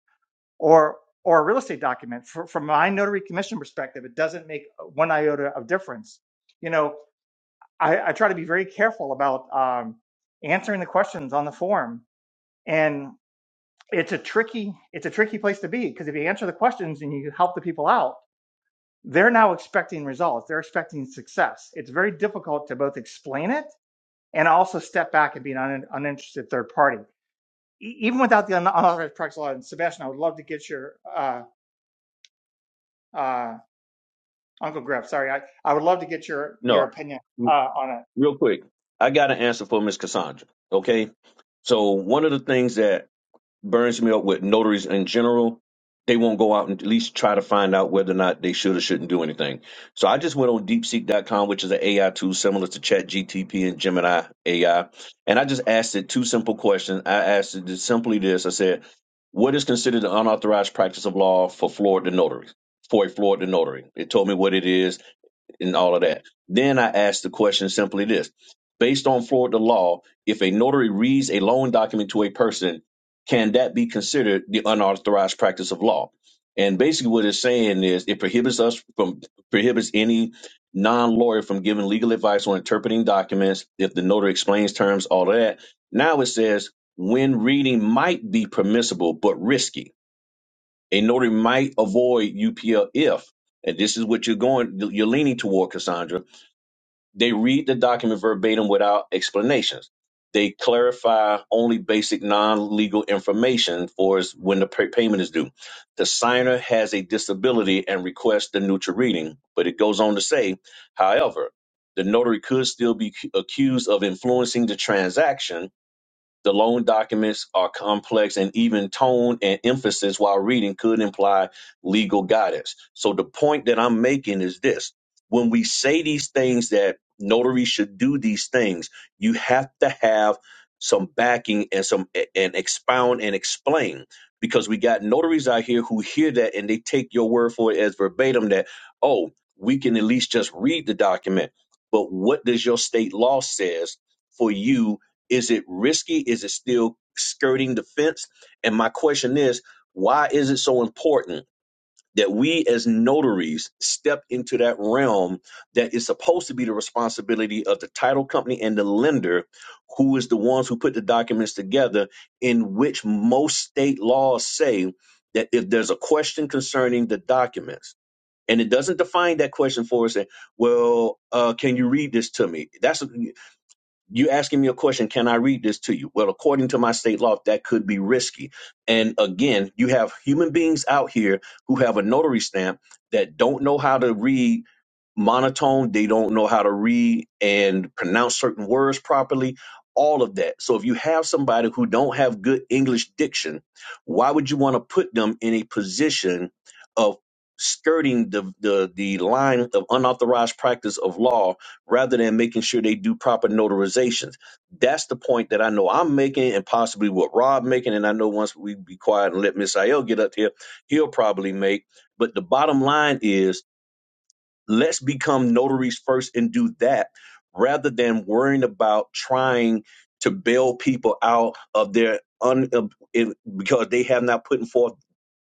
[SPEAKER 6] or or a real estate document. For, from my notary commission perspective, it doesn't make one iota of difference. You know, I, I try to be very careful about um, answering the questions on the form, and it's a tricky it's a tricky place to be because if you answer the questions and you help the people out, they're now expecting results. They're expecting success. It's very difficult to both explain it and also step back and be an un, uninterested third party. E- even without the un- unauthorized practice law, and Sebastian, I would love to get your uh, uh, Uncle Griff, sorry, I, I would love to get your your
[SPEAKER 5] No,
[SPEAKER 6] opinion uh, on it.
[SPEAKER 5] real quick, I got an answer for Miss Cassandra. Okay, so one of the things that burns me up with notaries in general. They won't go out and at least try to find out whether or not they should or shouldn't do anything. So I just went on deepseek.com, which is an AI tool similar to ChatGTP and Gemini AI. And I just asked it two simple questions. I asked it just simply this I said, What is considered an unauthorized practice of law for Florida notaries? For a Florida notary, it told me what it is and all of that. Then I asked the question simply this based on Florida law, if a notary reads a loan document to a person, can that be considered the unauthorized practice of law? And basically what it's saying is it prohibits us from prohibits any non-lawyer from giving legal advice on interpreting documents if the notary explains terms, all of that. Now it says when reading might be permissible but risky. A notary might avoid UPL if, and this is what you're going you're leaning toward, Cassandra they read the document verbatim without explanations. They clarify only basic non legal information for us when the pay- payment is due. The signer has a disability and requests the neutral reading, but it goes on to say, however, the notary could still be cu- accused of influencing the transaction the loan documents are complex and even tone and emphasis while reading could imply legal guidance. So the point that I'm making is this. When we say these things that notaries should do these things, you have to have some backing and some and expound and explain because we got notaries out here who hear that and they take your word for it as verbatim that oh, we can at least just read the document. But what does your state law says for you is it risky? Is it still skirting the fence? And my question is, why is it so important that we as notaries step into that realm that is supposed to be the responsibility of the title company and the lender, who is the ones who put the documents together, in which most state laws say that if there's a question concerning the documents, and it doesn't define that question for us, and, well, uh, can you read this to me? That's you asking me a question can i read this to you well according to my state law that could be risky and again you have human beings out here who have a notary stamp that don't know how to read monotone they don't know how to read and pronounce certain words properly all of that so if you have somebody who don't have good english diction why would you want to put them in a position of skirting the the, the line of unauthorized practice of law rather than making sure they do proper notarizations. That's the point that I know I'm making and possibly what Rob making. And I know once we be quiet and let Miss Ayel get up here, he'll probably make. But the bottom line is let's become notaries first and do that rather than worrying about trying to bail people out of their un, of- in- because they have not put forth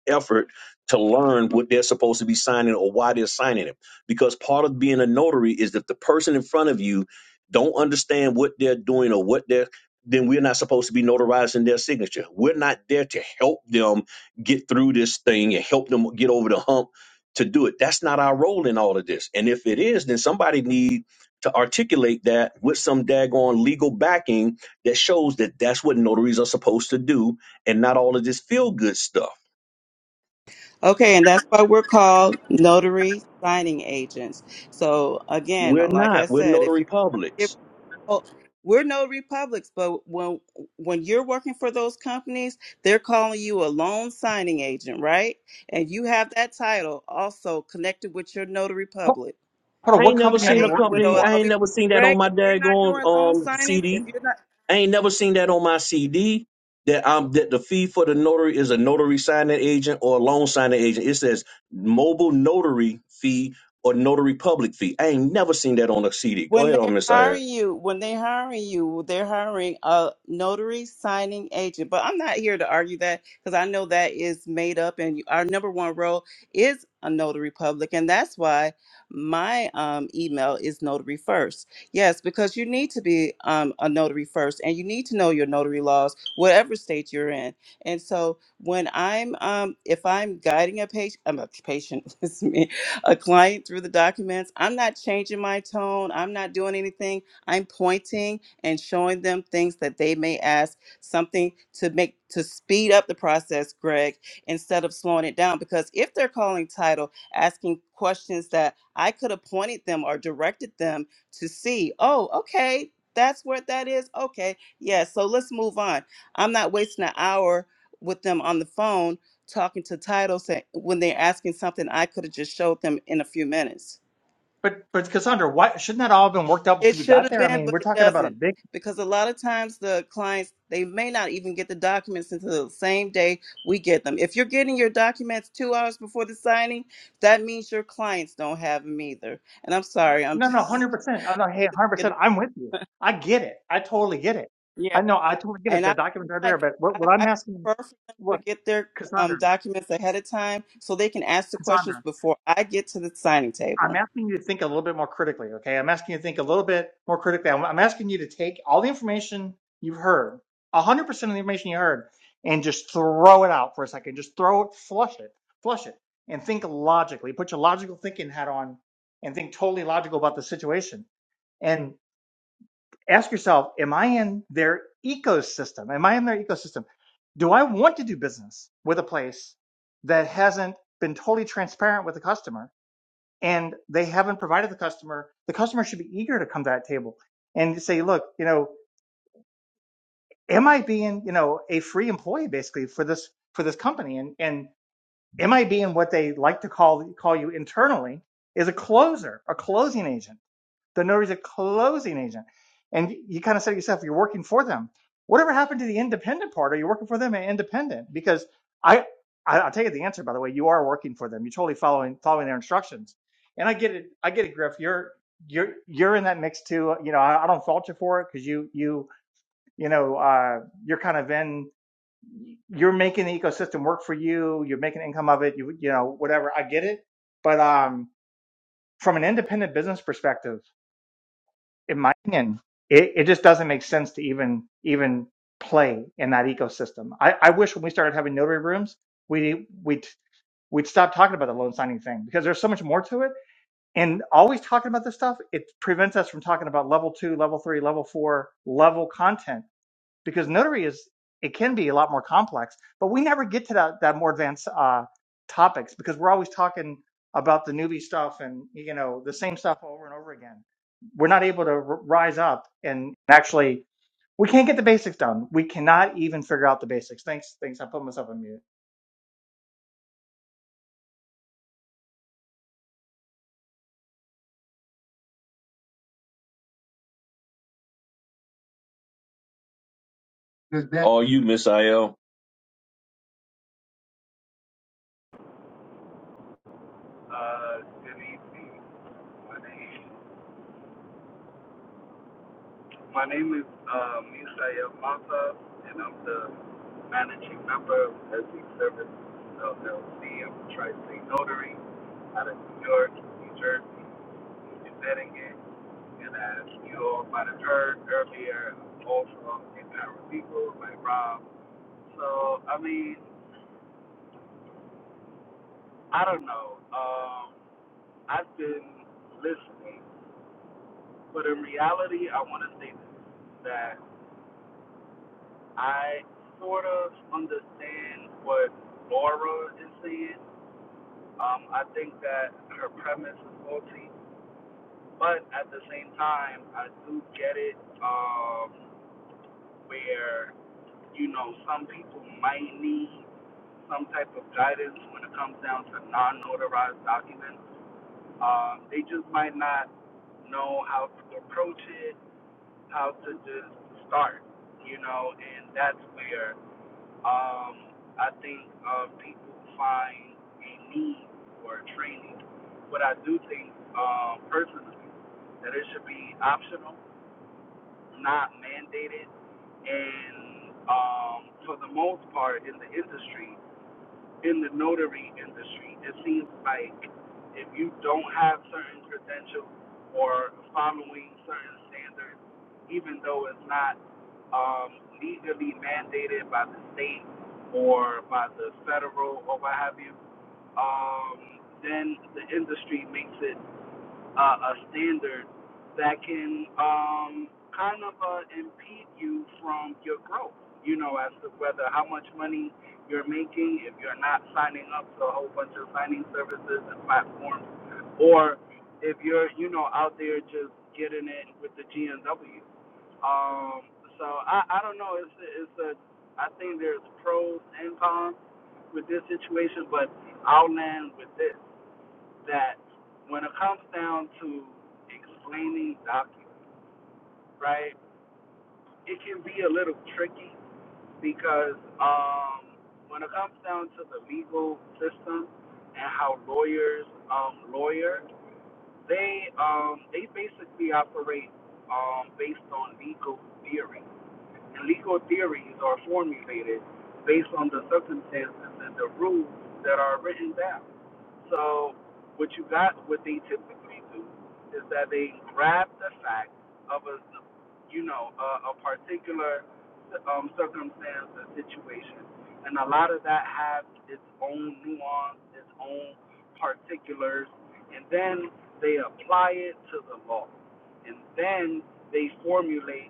[SPEAKER 5] effort to learn what they're supposed to be signing or why they're signing it. Because part of being a notary is that the person in front of you don't understand what they're doing or what they're then we're not supposed to be notarizing their signature. We're not there to help them get through this thing and help them get over the hump to do it. That's not our role in all of this. And if it is, then somebody need to articulate that with some daggone legal backing that shows that that's what notaries are supposed to do and not all of this feel good stuff
[SPEAKER 7] Okay, and that's why we're called notary signing agents. So again,
[SPEAKER 5] We're
[SPEAKER 7] like I
[SPEAKER 5] not. We're
[SPEAKER 7] said, if
[SPEAKER 5] notary
[SPEAKER 7] you
[SPEAKER 5] publics.
[SPEAKER 7] well, we're no republics, but when when you're working for those companies, they're calling you a loan signing agent, right? And you have that title also connected with your notary
[SPEAKER 6] Ho-
[SPEAKER 7] public,
[SPEAKER 6] Hold on,
[SPEAKER 5] I
[SPEAKER 6] what
[SPEAKER 5] ain't never
[SPEAKER 6] company are
[SPEAKER 5] seen
[SPEAKER 6] you
[SPEAKER 5] a
[SPEAKER 7] right? With
[SPEAKER 6] working
[SPEAKER 7] all
[SPEAKER 5] company.
[SPEAKER 6] for?
[SPEAKER 5] I
[SPEAKER 7] all
[SPEAKER 5] ain't
[SPEAKER 7] these
[SPEAKER 5] never seen that on
[SPEAKER 7] Greg,
[SPEAKER 5] my
[SPEAKER 7] if you're not
[SPEAKER 5] daggone
[SPEAKER 7] doing loan
[SPEAKER 5] um
[SPEAKER 7] signings, if
[SPEAKER 5] CD.
[SPEAKER 7] you're not
[SPEAKER 5] I ain't never seen that on my CD. That um that the fee for the notary is a notary signing agent or a loan signing agent. It says mobile notary fee or notary public fee. I ain't never seen that on a CD. Go
[SPEAKER 7] When
[SPEAKER 5] ahead
[SPEAKER 7] they're
[SPEAKER 5] on Miss IL.
[SPEAKER 7] hiring you, when they're hiring you, they're hiring a notary signing agent. But I'm not here to argue that because I know that is made up, and you- our number one role is a notary public, and that's why my um, email is notary first. Yes, because you need to be um, a notary first, and you need to know your notary laws, whatever state you're in. And so, when I'm, um, if I'm guiding a patient, I'm a patient. It's me a client through the documents. I'm not changing my tone. I'm not doing anything. I'm pointing and showing them things that they may ask, something to make to speed up the process, Greg, instead of slowing it down. Because if they're calling title, asking questions that I could have pointed them or directed them to see, oh, okay, that's what that is. Okay, yeah, so let's move on. I'm not wasting an hour with them on the phone talking to title saying when they're asking something I could have just showed them in a few minutes.
[SPEAKER 6] But but Cassandra, why shouldn't that all have been worked out before
[SPEAKER 7] It
[SPEAKER 6] you
[SPEAKER 7] should
[SPEAKER 6] got
[SPEAKER 7] have
[SPEAKER 6] there? I
[SPEAKER 7] been,
[SPEAKER 6] mean,
[SPEAKER 7] but
[SPEAKER 6] we're
[SPEAKER 7] it
[SPEAKER 6] talking about a
[SPEAKER 7] doesn't.
[SPEAKER 6] big
[SPEAKER 7] Because a lot of times the clients they may not even get the documents until the same day we get them. If you're getting your documents two hours before the signing, that means your clients don't have them either. And I'm sorry, I'm
[SPEAKER 6] no no
[SPEAKER 7] just
[SPEAKER 6] hundred percent. I know, hey, hundred
[SPEAKER 7] you
[SPEAKER 6] percent.
[SPEAKER 7] know
[SPEAKER 6] I'm with you. I get it. I totally get it. I
[SPEAKER 7] yeah.
[SPEAKER 6] know. I totally get it.
[SPEAKER 7] And
[SPEAKER 6] The
[SPEAKER 7] I
[SPEAKER 6] documents are there,
[SPEAKER 7] like
[SPEAKER 6] but what
[SPEAKER 7] I,
[SPEAKER 6] what I'm
[SPEAKER 7] I
[SPEAKER 6] asking,
[SPEAKER 7] prefer for them to
[SPEAKER 6] what
[SPEAKER 7] get their
[SPEAKER 6] Cassandra,
[SPEAKER 7] um, documents ahead of time so they can ask the
[SPEAKER 6] Cassandra.
[SPEAKER 7] questions before I get to the signing
[SPEAKER 6] I'm
[SPEAKER 7] table.
[SPEAKER 6] asking you to think a little bit more critically, okay? I'm asking you to think a little bit more critically. I'm, I'm asking you to take all the information you've heard, 100% of the information you heard, and just throw it out for a second. Just throw it, flush it, flush it, and think logically. Put your logical thinking hat on and think totally logical about the situation. And ask yourself, am I in their ecosystem? Am I in their ecosystem? Do I want to do business with a place that hasn't been totally transparent with the customer? and they haven't provided the customer, the customer should be eager to come to that table and say, look, you know, am I being, you know, a free employee basically for this for this company? And and am I being what they like to call call you internally is a closer, a closing agent the notary's a closing agent. And you, you kind of said to yourself, you're working for them. Whatever happened to the independent part? Are you working for them and independent? Because I, I I'll tell you the answer, by the way, you are working for them. You're totally following following their instructions. And I get it, I get it, Griff. You're you're you're in that mix too. You know, I, I don't fault you for it because you you you know uh you're kind of in you're making the ecosystem work for you, you're making income of it, you you know, whatever. I get it. But um from an independent business perspective in my opinion, it, it just doesn't make sense to even even play in that ecosystem. I, I wish when we started having notary rooms, we we'd we'd stop talking about the loan signing thing because there's so much more to it. And always talking about this stuff, it prevents us from talking about level two, level three, level four, level content because notary is it can be a lot more complex but we never get to that that more advanced uh topics because we're always talking about the newbie stuff and you know the same stuff over and over again we're not able to r- rise up and actually we can't get the basics done we cannot even figure out the basics thanks thanks i put myself on mute
[SPEAKER 5] Does that Or you Miss IL.
[SPEAKER 8] Uh, good evening. My name, my name is uh, Misael Mata, and I'm the managing member of Essex Service LLC. am a tri-state notary out of New York, New Jersey, and Connecticut. And as you all might have heard earlier, I'm also a paralegal like Rob. So, I mean, I don't know. Um, I've been listening But in reality, I want to say this, that I sort of understand what Laura is saying. Um, I think that her premise is faulty, but at the same time, I do get it um, where, you know, some people might need some type of guidance when it comes down to non-notarized documents. Um, they just might not know how to approach it how to just start, you know, and that's where um, I think um, people find a need for training. But I do think um, personally that it should be optional, not mandated, and um, for the most part in the industry, in the notary industry, it seems like if you don't have certain credentials or following certain standards, even though it's not um, legally mandated by the state or by the federal or what have you, um, then the industry makes it uh, a standard that can um, kind of uh, impede you from your growth. You know, as to whether how much money you're making, if you're not signing up to a whole bunch of signing services and platforms, or if you're, you know, out there just getting it with the GNW. Um, so I, I don't know. It's a, it's a I think there's pros and cons with this situation, but I'll land with this that when it comes down to explaining documents, right, it can be a little tricky because um, when it comes down to the legal system and how lawyers um, lawyer, they um, they basically operate um, based on legal theory, and legal theories are formulated based on the circumstances and the rules that are written down. So what you got, what they typically do is that they grab the fact of a, you know, a, a particular um, circumstance or situation, and a lot of that has its own nuance, its own particulars, and then they apply it to the law, and then they formulate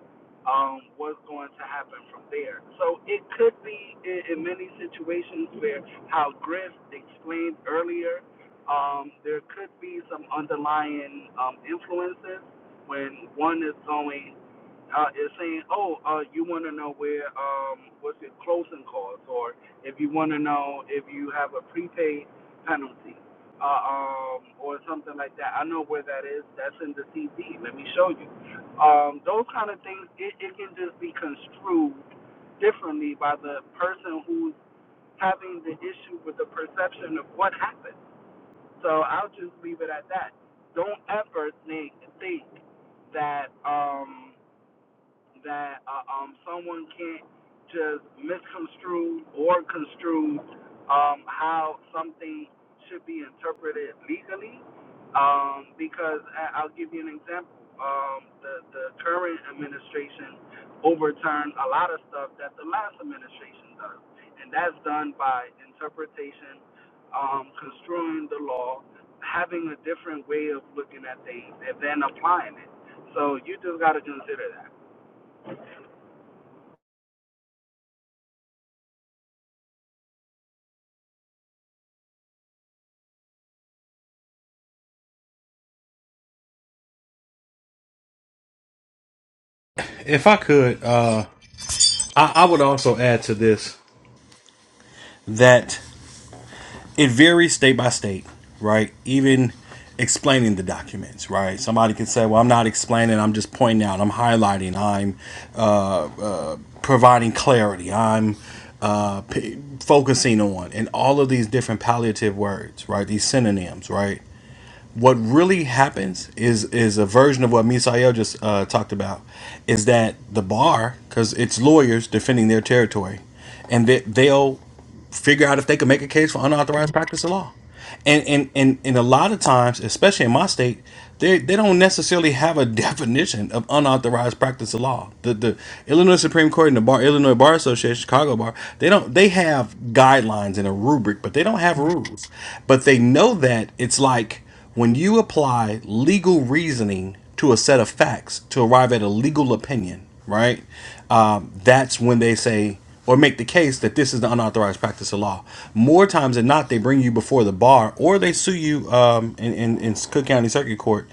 [SPEAKER 8] um, what's going to happen from there. So it could be in, in many situations where how Griff explained earlier, um, there could be some underlying um, influences when one is going uh, is saying, oh, uh, you want to know where um, what's your closing costs, or if you want to know if you have a prepaid penalty. Uh, um, or something like that. I know where that is. That's in the CD. Let me show you um, those kind of things, it, it can just be construed differently by the person who's having the issue with the perception of what happened. So I'll just leave it at that. Don't ever think, think that um, that uh, um, someone can't just misconstrue or construe um, how something should be interpreted legally. Um, because I- I'll give you an example. Um, the, the current administration overturned a lot of stuff that the last administration does, and that's done by interpretation, um, construing the law, having a different way of looking at things, and then applying it. So you just got to consider that.
[SPEAKER 4] If I could, uh, I, I would also add to this that it varies state by state, right? Even explaining the documents, right? Somebody can say, well, I'm not explaining, I'm just pointing out, I'm highlighting, I'm uh, uh, providing clarity, I'm uh, p- focusing on, and all of these different palliative words, right? These synonyms, right? what really happens is is a version of what Misael just uh, talked about is that the bar because it's lawyers defending their territory and they, they'll figure out if they can make a case for unauthorized practice of law and and and, and a lot of times especially in my state they, they don't necessarily have a definition of unauthorized practice of law. The the Illinois Supreme Court and the Bar Illinois Bar Association, Chicago Bar, they don't they have guidelines and a rubric, but they don't have rules. But they know that it's like when you apply legal reasoning to a set of facts to arrive at a legal opinion, right? Um, that's when they say or make the case that this is the unauthorized practice of law. More times than not, they bring you before the bar or they sue you um, in, in, in Cook County Circuit Court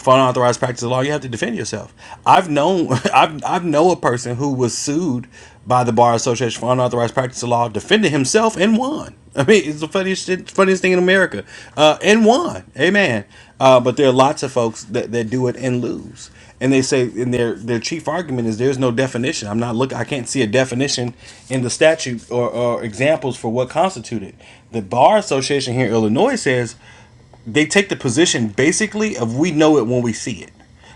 [SPEAKER 4] for unauthorized practice of law, you have to defend yourself. I've known I've I've know a person who was sued by the bar association for unauthorized practice of law, defended himself and won. I mean, it's the funniest shit, funniest thing in America, uh, and won. Amen. Uh, but there are lots of folks that, that do it and lose, and they say, and their their chief argument is there's no definition. I'm not look. I can't see a definition in the statute or, or examples for what constituted. The bar association here in Illinois says they take the position basically of we know it when we see it.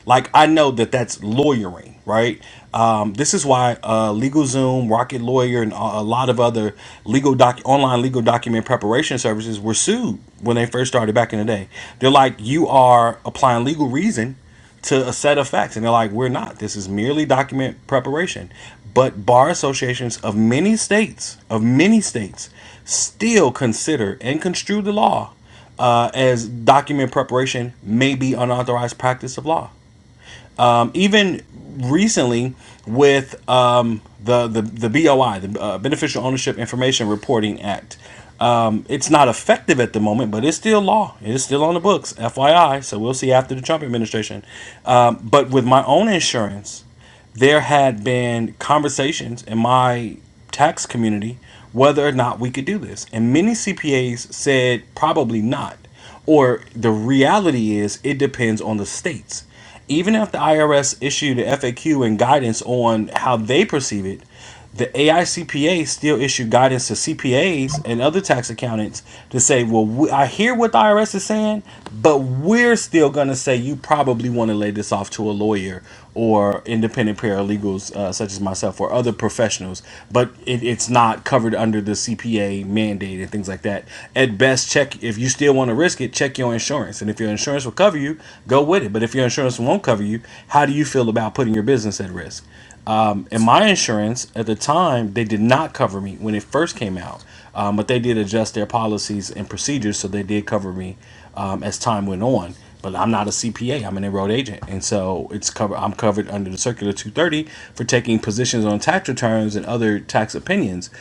[SPEAKER 4] Like I know that that's lawyering, right? Um, this is why uh, LegalZoom, Rocket Lawyer, and a a lot of other legal doc online legal document preparation services were sued when they first started back in the day. They're like, you are applying legal reason to a set of facts, and they're like, we're not. This is merely document preparation. But bar associations of many states, of many states, still consider and construe the law uh, as document preparation may be unauthorized practice of law. Um, even recently, with um, the, the the BOI, the uh, Beneficial Ownership Information Reporting Act, um, it's not effective at the moment, but it's still law. It is still on the books, FYI. So we'll see after the Trump administration. Um, but with my own insurance, there had been conversations in my tax community whether or not we could do this. And many CPAs said probably not. Or the reality is, it depends on the states. Even if the IRS issued an FAQ and guidance on how they perceive it, the AICPA still issued guidance to CPAs and other tax accountants to say, well, we, I hear what the IRS is saying, but we're still going to say you probably want to lay this off to a lawyer or independent paralegals uh, such as myself or other professionals, but it, it's not covered under the CPA mandate and things like like that. At best, check if you still want to risk it, check your insurance. And if your insurance will cover you, go with it. But if your insurance won't cover you, how do you feel about putting your business at risk? Um, and my insurance at the time, they did not cover me when it first came out, um, but they did adjust their policies and procedures, so they did cover me um, as time went on. But I'm not a CPA; I'm an enrolled agent, and so it's cover. I'm covered under the Circular 230 for taking positions on tax returns and other tax opinions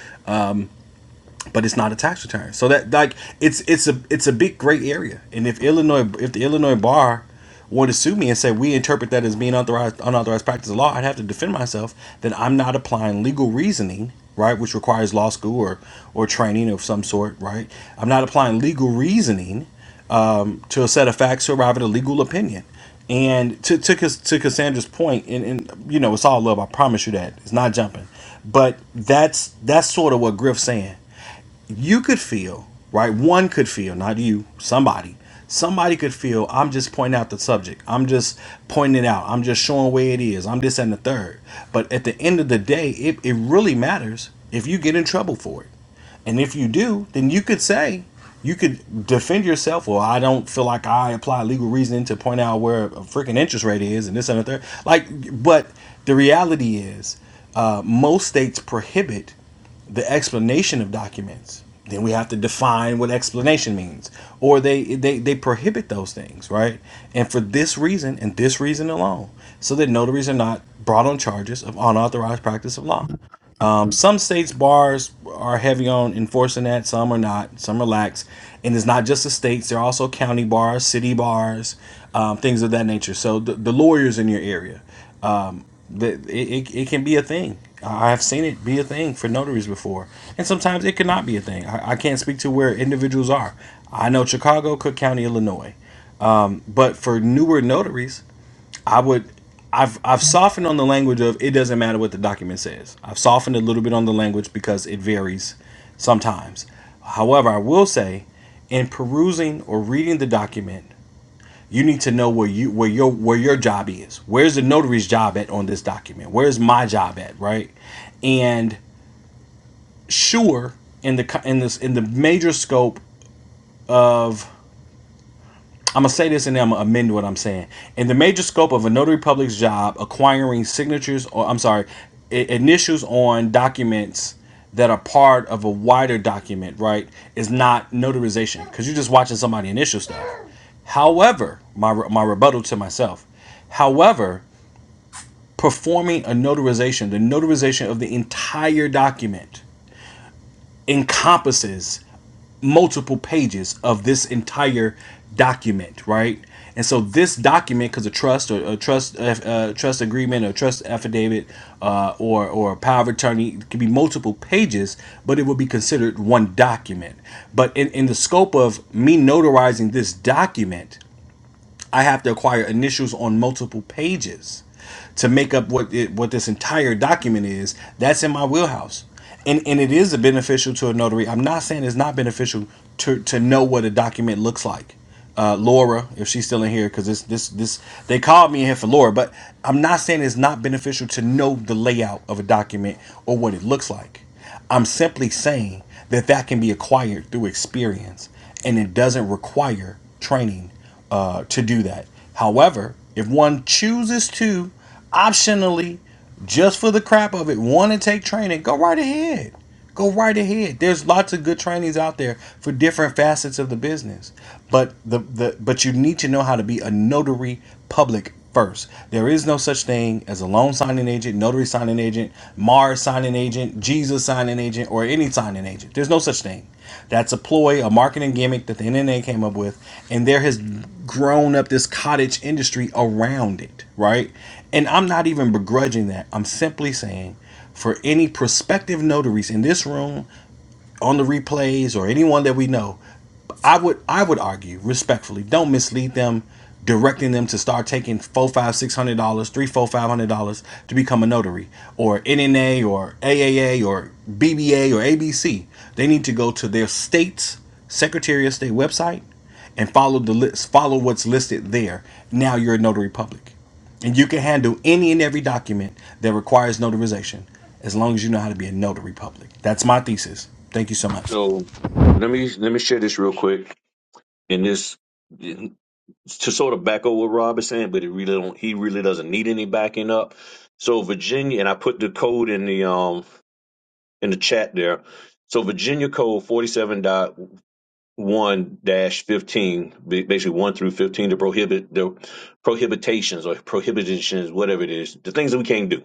[SPEAKER 4] but it's not a tax return. So that like it's it's a it's a big gray area. And if Illinois if the Illinois bar were to sue me and say we interpret that as being unauthorized unauthorized practice of law, I'd have to defend myself that I'm not applying legal reasoning, right, which requires law school or or training of some sort, right? I'm not applying legal reasoning to a set of facts to arrive at a legal opinion. And to to, to Cassandra's point, and, and you know, it's all love. I promise you that it's not jumping, but that's that's sort of what Griff's saying you could feel, right? One could feel, not you, somebody. Somebody could feel, I'm just pointing out the subject. I'm just pointing it out. I'm just showing where it is. I'm this and the third. But at the end of the day, it, it really matters if you get in trouble for it. And if you do, then you could say, you could defend yourself. Well, I don't feel like I apply legal reasoning to point out where a freaking interest rate is and this and the third. Like, but the reality is, uh, most states prohibit the explanation of documents then we have to define what explanation means or they they, they prohibit those things right and for this reason and this reason alone so that notaries are not brought on charges of unauthorized practice of law um, some states bars are heavy on enforcing that some are not some are lax and it's not just the states there are also county bars city bars um, things of that nature so the, the lawyers in your area the, it, it, it can be a thing. I- have seen it be a thing for notaries before. And sometimes it cannot be a thing. I, I can't speak to where individuals are. I know Chicago, Cook County, Illinois. But for newer notaries, I would I've I've softened on the language of it doesn't matter what the document says. I've softened a little bit on the language because it varies sometimes. However, I will say in perusing or reading the document, you need to know where you where your where your job is. Where's the notary's job at on this document? Where's my job at, right? And sure, in the in this in the major scope of I'm gonna say this and then I'm gonna amend what I'm saying. In the major scope of a notary public's job, acquiring signatures or I'm sorry, initials on documents that are part of a wider document, right, is not notarization because you're just watching somebody initial stuff. However, my my rebuttal to myself. However, performing a notarization, the notarization of the entire document encompasses multiple pages of this entire document, right? And so this document, because a trust or a trust uh, uh, trust agreement or trust affidavit uh, or or a power of attorney it could be multiple pages, but it would be considered one document. But in, in the scope of me notarizing this document, I have to acquire initials on multiple pages to make up what it, what this entire document is. That's in my wheelhouse, and and it is beneficial to a notary. I'm not saying it's not beneficial to to know what a document looks like. Uh, Laura, if she's still in here, because this this this they called me in here for Laura, but I'm not saying it's not beneficial to know the layout of a document or what it looks like. I'm simply saying that that can be acquired through experience, and it doesn't require training uh, to do that. However, if one chooses to optionally, just for the crap of it, want to take training, go right ahead. Go right ahead. There's lots of good trainees out there for different facets of the business. But the, the but you need to know how to be a notary public first. There is no such thing as a loan signing agent, notary signing agent, Mars signing agent, Jesus signing agent, or any signing agent. There's no such thing. That's a ploy, a marketing gimmick that the NNA came up with, and there has grown up this cottage industry around it, right? And I'm not even begrudging that. I'm simply saying for any prospective notaries in this room, on the replays, or anyone that we know, I would I would argue respectfully, don't mislead them, directing them to start taking four, five, six hundred dollars, three, four, five hundred dollars to become a notary, or NNA, or AAA, or BBA, or ABC. They need to go to their state's Secretary of State website and follow the list, follow what's listed there. Now you're a notary public. And you can handle any and every document that requires notarization as long as you know how to be a notary public. That's my thesis. Thank you so much.
[SPEAKER 5] So let me let me share this real quick. In this. to sort of back over what Rob is saying, but he really don't he really doesn't need any backing up. So Virginia and I put the code in the um in the chat there. So Virginia code forty seven dot one dash fifteen, ba- basically one through fifteen to prohibit the prohibitations or prohibitions, whatever it is, the things that we can't do.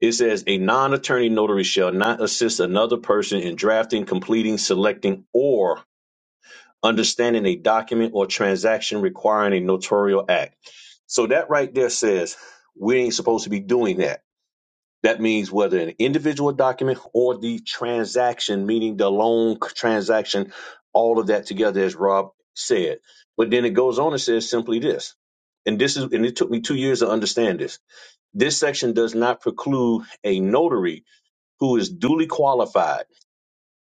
[SPEAKER 5] It says a non attorney notary shall not assist another person in drafting, completing, selecting, or understanding a document or transaction requiring a notarial act. So that right there says we ain't supposed to be doing that. That means whether an individual document or the transaction, meaning the loan c- transaction, all of that together, as Rob said. But then it goes on and says simply this, and this is, and it took me two years to understand this. This section does not preclude a notary who is duly qualified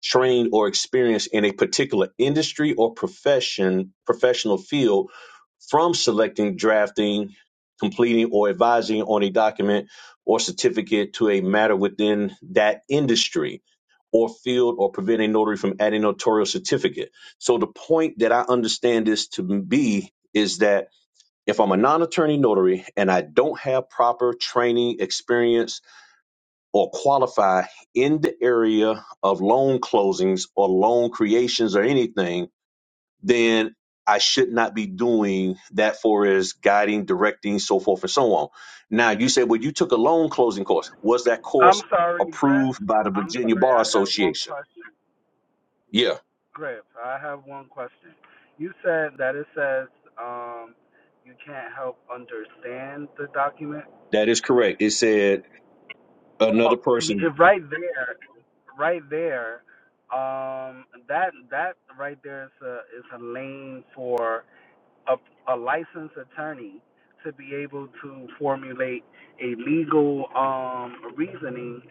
[SPEAKER 5] trained or experienced in a particular industry or profession professional field from selecting drafting completing or advising on a document or certificate to a matter within that industry or field or prevent a notary from adding a notarial certificate so the point that i understand this to be is that if i'm a non-attorney notary and i don't have proper training experience or qualify in the area of loan closings or loan creations or anything, then I should not be doing that for as guiding, directing, so forth and so on. Now you say, well, you took a loan closing course. Was that
[SPEAKER 8] I'm
[SPEAKER 5] course
[SPEAKER 8] sorry, Griff.
[SPEAKER 5] approved by the
[SPEAKER 8] I'm
[SPEAKER 5] Virginia
[SPEAKER 8] sorry.
[SPEAKER 5] Bar
[SPEAKER 8] I got one
[SPEAKER 5] Association?
[SPEAKER 8] question.
[SPEAKER 5] Yeah,
[SPEAKER 8] Griff, I have one question. You said that it says um, you can't help understand the document.
[SPEAKER 5] that is correct. It said
[SPEAKER 8] Oh,
[SPEAKER 5] another
[SPEAKER 8] y-
[SPEAKER 5] person
[SPEAKER 8] right there, right there. Um, that that right there is a is a lane for a a licensed attorney to be able to formulate a legal um reasoning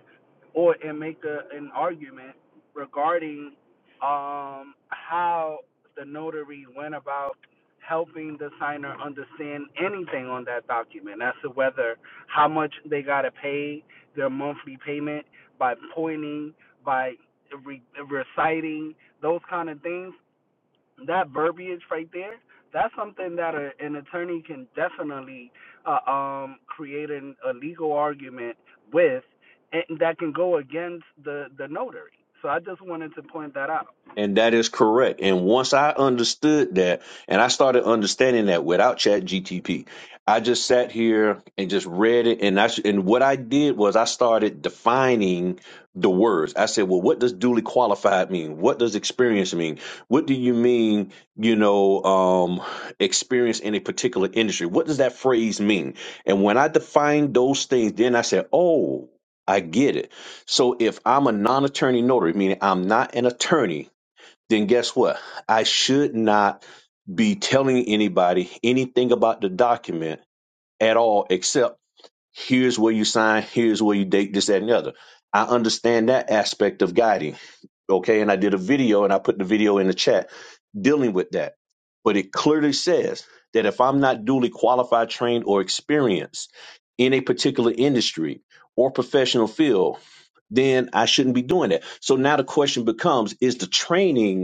[SPEAKER 8] or and make a, an argument regarding um, how the notary went about helping the signer understand anything on that document as to whether how much they got to pay their monthly payment by pointing by re- reciting those kind of things that verbiage right there that's something that a, an attorney can definitely uh, um, create an, a legal argument with and that can go against the, the notary so i just wanted to point that out
[SPEAKER 5] And that is correct. And once I understood that, and I started understanding that without Chat GTP, I just sat here and just read it. And I sh- and what I did was I started defining the words. I said, "Well, what does duly qualified mean? What does experience mean? What do you mean? You know, um, experience in a particular industry. What does that phrase mean?" And when I defined those things, then I said, "Oh." I get it. So if I'm a non-attorney notary, meaning I'm not an attorney, then guess what? I should not be telling anybody anything about the document at all, except here's where you sign, here's where you date, this, that, and the other. I understand that aspect of guiding. Okay. And I did a video and I put the video in the chat dealing with that. But it clearly says that if I'm not duly qualified, trained, or experienced in a particular industry or professional field, then I shouldn't be doing that. So now the question becomes is the training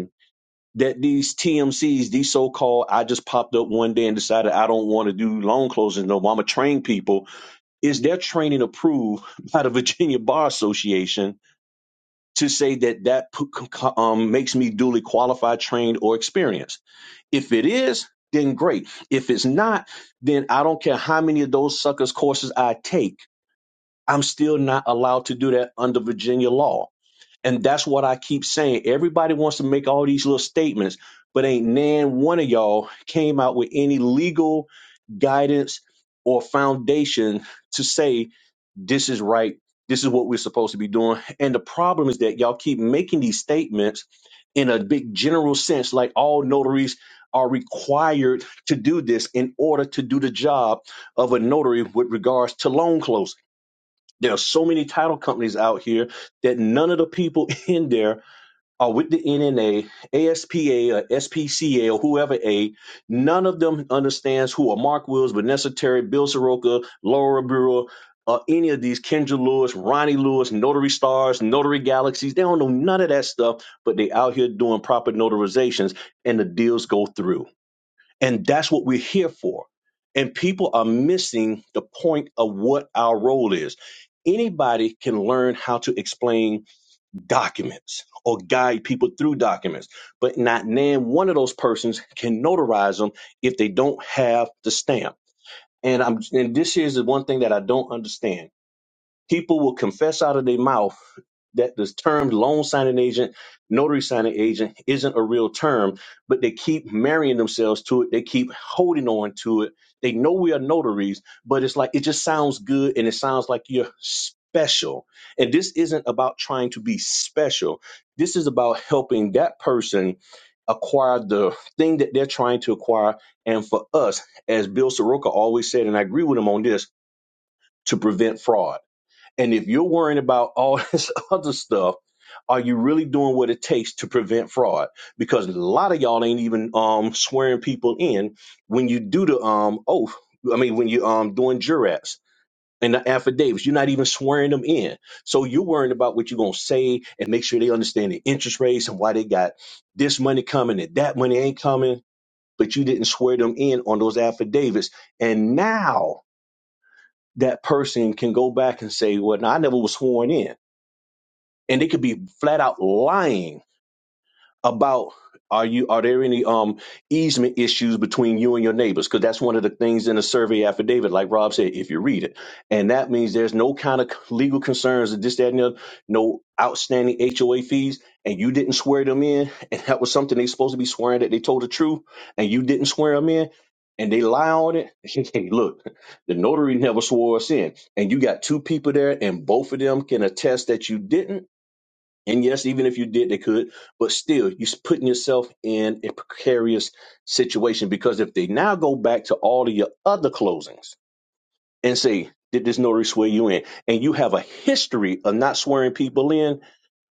[SPEAKER 5] that these TMCs, these so-called, I just popped up one day and decided I don't want to do loan closings no more. I'm gonna train people. Is their training approved by the Virginia Bar Association to say that that um, makes me duly qualified, trained, or experienced? If it is, then great. If it's not, then I don't care how many of those suckers courses I take. I'm still not allowed to do that under Virginia law. And that's what I keep saying. Everybody wants to make all these little statements, but ain't nan one of y'all came out with any legal guidance or foundation to say this is right, this is what we're supposed to be doing. And the problem is that y'all keep making these statements in a big general sense, like all notaries are required to do this in order to do the job of a notary with regards to loan closing. There are so many title companies out here that none of the people in there or with the NNA, ASPA, or SPCA, or whoever A, none of them understands who are Mark Wills, Vanessa Terry, Bill Soroka, Laura Bureau, or any of these Kendra Lewis, Ronnie Lewis, Notary Stars, Notary Galaxies. They don't know none of that stuff, but they out here doing proper notarizations and the deals go through. And that's what we're here for. And people are missing the point of what our role is. Anybody can learn how to explain documents or guide people through documents, but not name one of those persons can notarize them if they don't have the stamp. And I'm and this is the one thing that I don't understand People will confess out of their mouth that this term loan signing agent, notary signing agent isn't a real term, but they keep marrying themselves to it. They keep holding on to it. They know we are notaries, but it's like it just sounds good and it sounds like you're special. And this isn't about trying to be special. This is about helping that person acquire the thing that they're trying to acquire. And for us, as Bill Soroka always said, and I agree with him on this, to prevent fraud and if you're worrying about all this other stuff, are you really doing what it takes to prevent fraud? Because a lot of y'all ain't even um, swearing people in when you do the um, oath. I mean, when you um doing jurats and the affidavits, you're not even swearing them in. So you're worrying about what you're gonna say and make sure they understand the interest rates and why they got this money coming and that money ain't coming. But you didn't swear them in on those affidavits, and now that person can go back and say, "Well, no, I never was sworn in." and they could be flat out lying about are you are there any um easement issues between you and your neighbors because that's one of the things in the survey affidavit like rob said if you read it and that means there's no kind of legal concerns or this that and the other no outstanding hoa fees and you didn't swear them in and that was something they supposed to be swearing that they told the truth and you didn't swear them in and they lie on it hey look the notary never swore us in and you got two people there and both of them can attest that you didn't and yes, even if you did, they could, but still, you're putting yourself in a precarious situation because if they now go back to all of your other closings and say, did this notary swear you in? And you have a history of not swearing people in.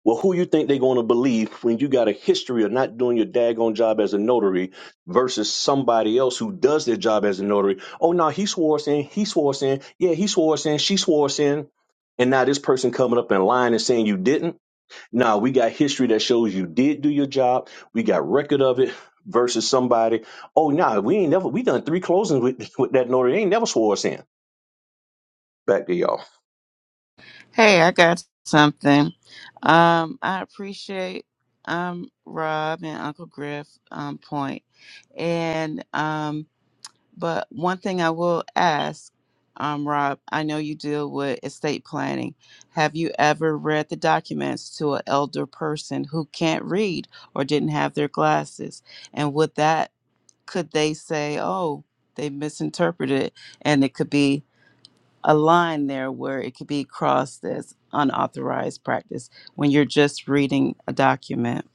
[SPEAKER 5] Well, who you think they're going to believe when you got a history of not doing your daggone job as a notary versus somebody else who does their job as a notary? Oh, no, he swore us in. He swore us in. Yeah, he swore us in. She swore us in. And now this person coming up in line and saying you didn't now we got history that shows you did do your job. We got record of it versus somebody. Oh, nah, we ain't never. We done three closings with, with that notary. They ain't never swore us in. Back to y'all.
[SPEAKER 7] Hey, I got something. Um, I appreciate um Rob and Uncle Griff um point. And um but one thing I will ask, um, Rob, I know you deal with estate planning. Have you ever read the documents to an elder person who can't read or didn't have their glasses? And would that could they say, Oh, they misinterpreted and it could be a line there where it could be crossed as unauthorized practice when you're just reading a document.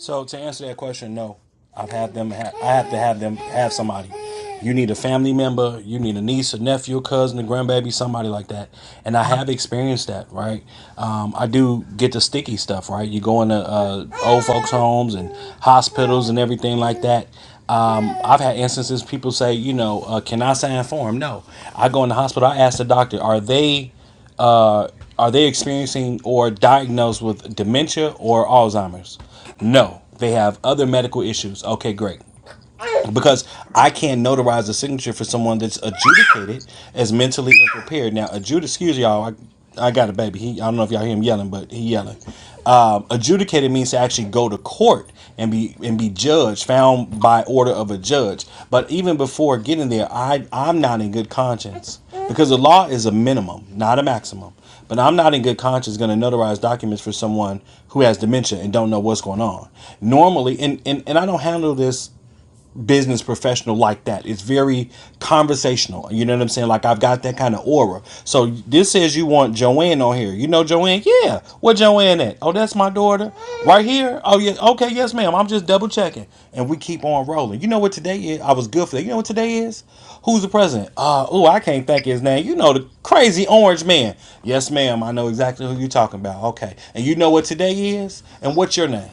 [SPEAKER 4] So to answer that question, no. I've had them. Ha- I have to have them have somebody. You need a family member. You need a niece, a nephew, a cousin, a grandbaby, somebody like that. And I have experienced that, right? Um, I do get the sticky stuff, right? You go into uh, old folks' homes and hospitals and everything like that. Um, I've had instances people say, you know, uh, can I sign for him? No. I go in the hospital. I ask the doctor, are they are they experiencing or diagnosed with dementia or Alzheimer's? No, they have other medical issues. Okay, great. Right. because I can't notarize a signature for someone that's adjudicated as mentally unprepared. Now, adjud excuse y'all, I, I got a baby. He, I don't know if y'all hear him yelling, but he yelling. Um, adjudicated means to actually go to court and be and be judged, found by order of a judge. But even before getting there, I I'm not in good conscience because the law is a minimum, not a maximum. But I'm not in good conscience going to notarize documents for someone who has dementia and don't know what's going on. Normally, and, and, and I don't handle this business professional like that. It's very conversational. You know what I'm saying? Like I've got that kind of aura. So this says you want Joanne on here. You know Joanne? Yeah. Where Joanne at? Oh, that's my daughter. Right here? Oh yeah. Okay, yes, ma'am. I'm just double checking. And we keep on rolling. You know what today is? I was good for that. You know what today is? Who's the president? Uh oh, I can't think of his name. You know the crazy orange man. Yes, ma'am. I know exactly who you're talking about. Okay. And you know what today is? And what's your name?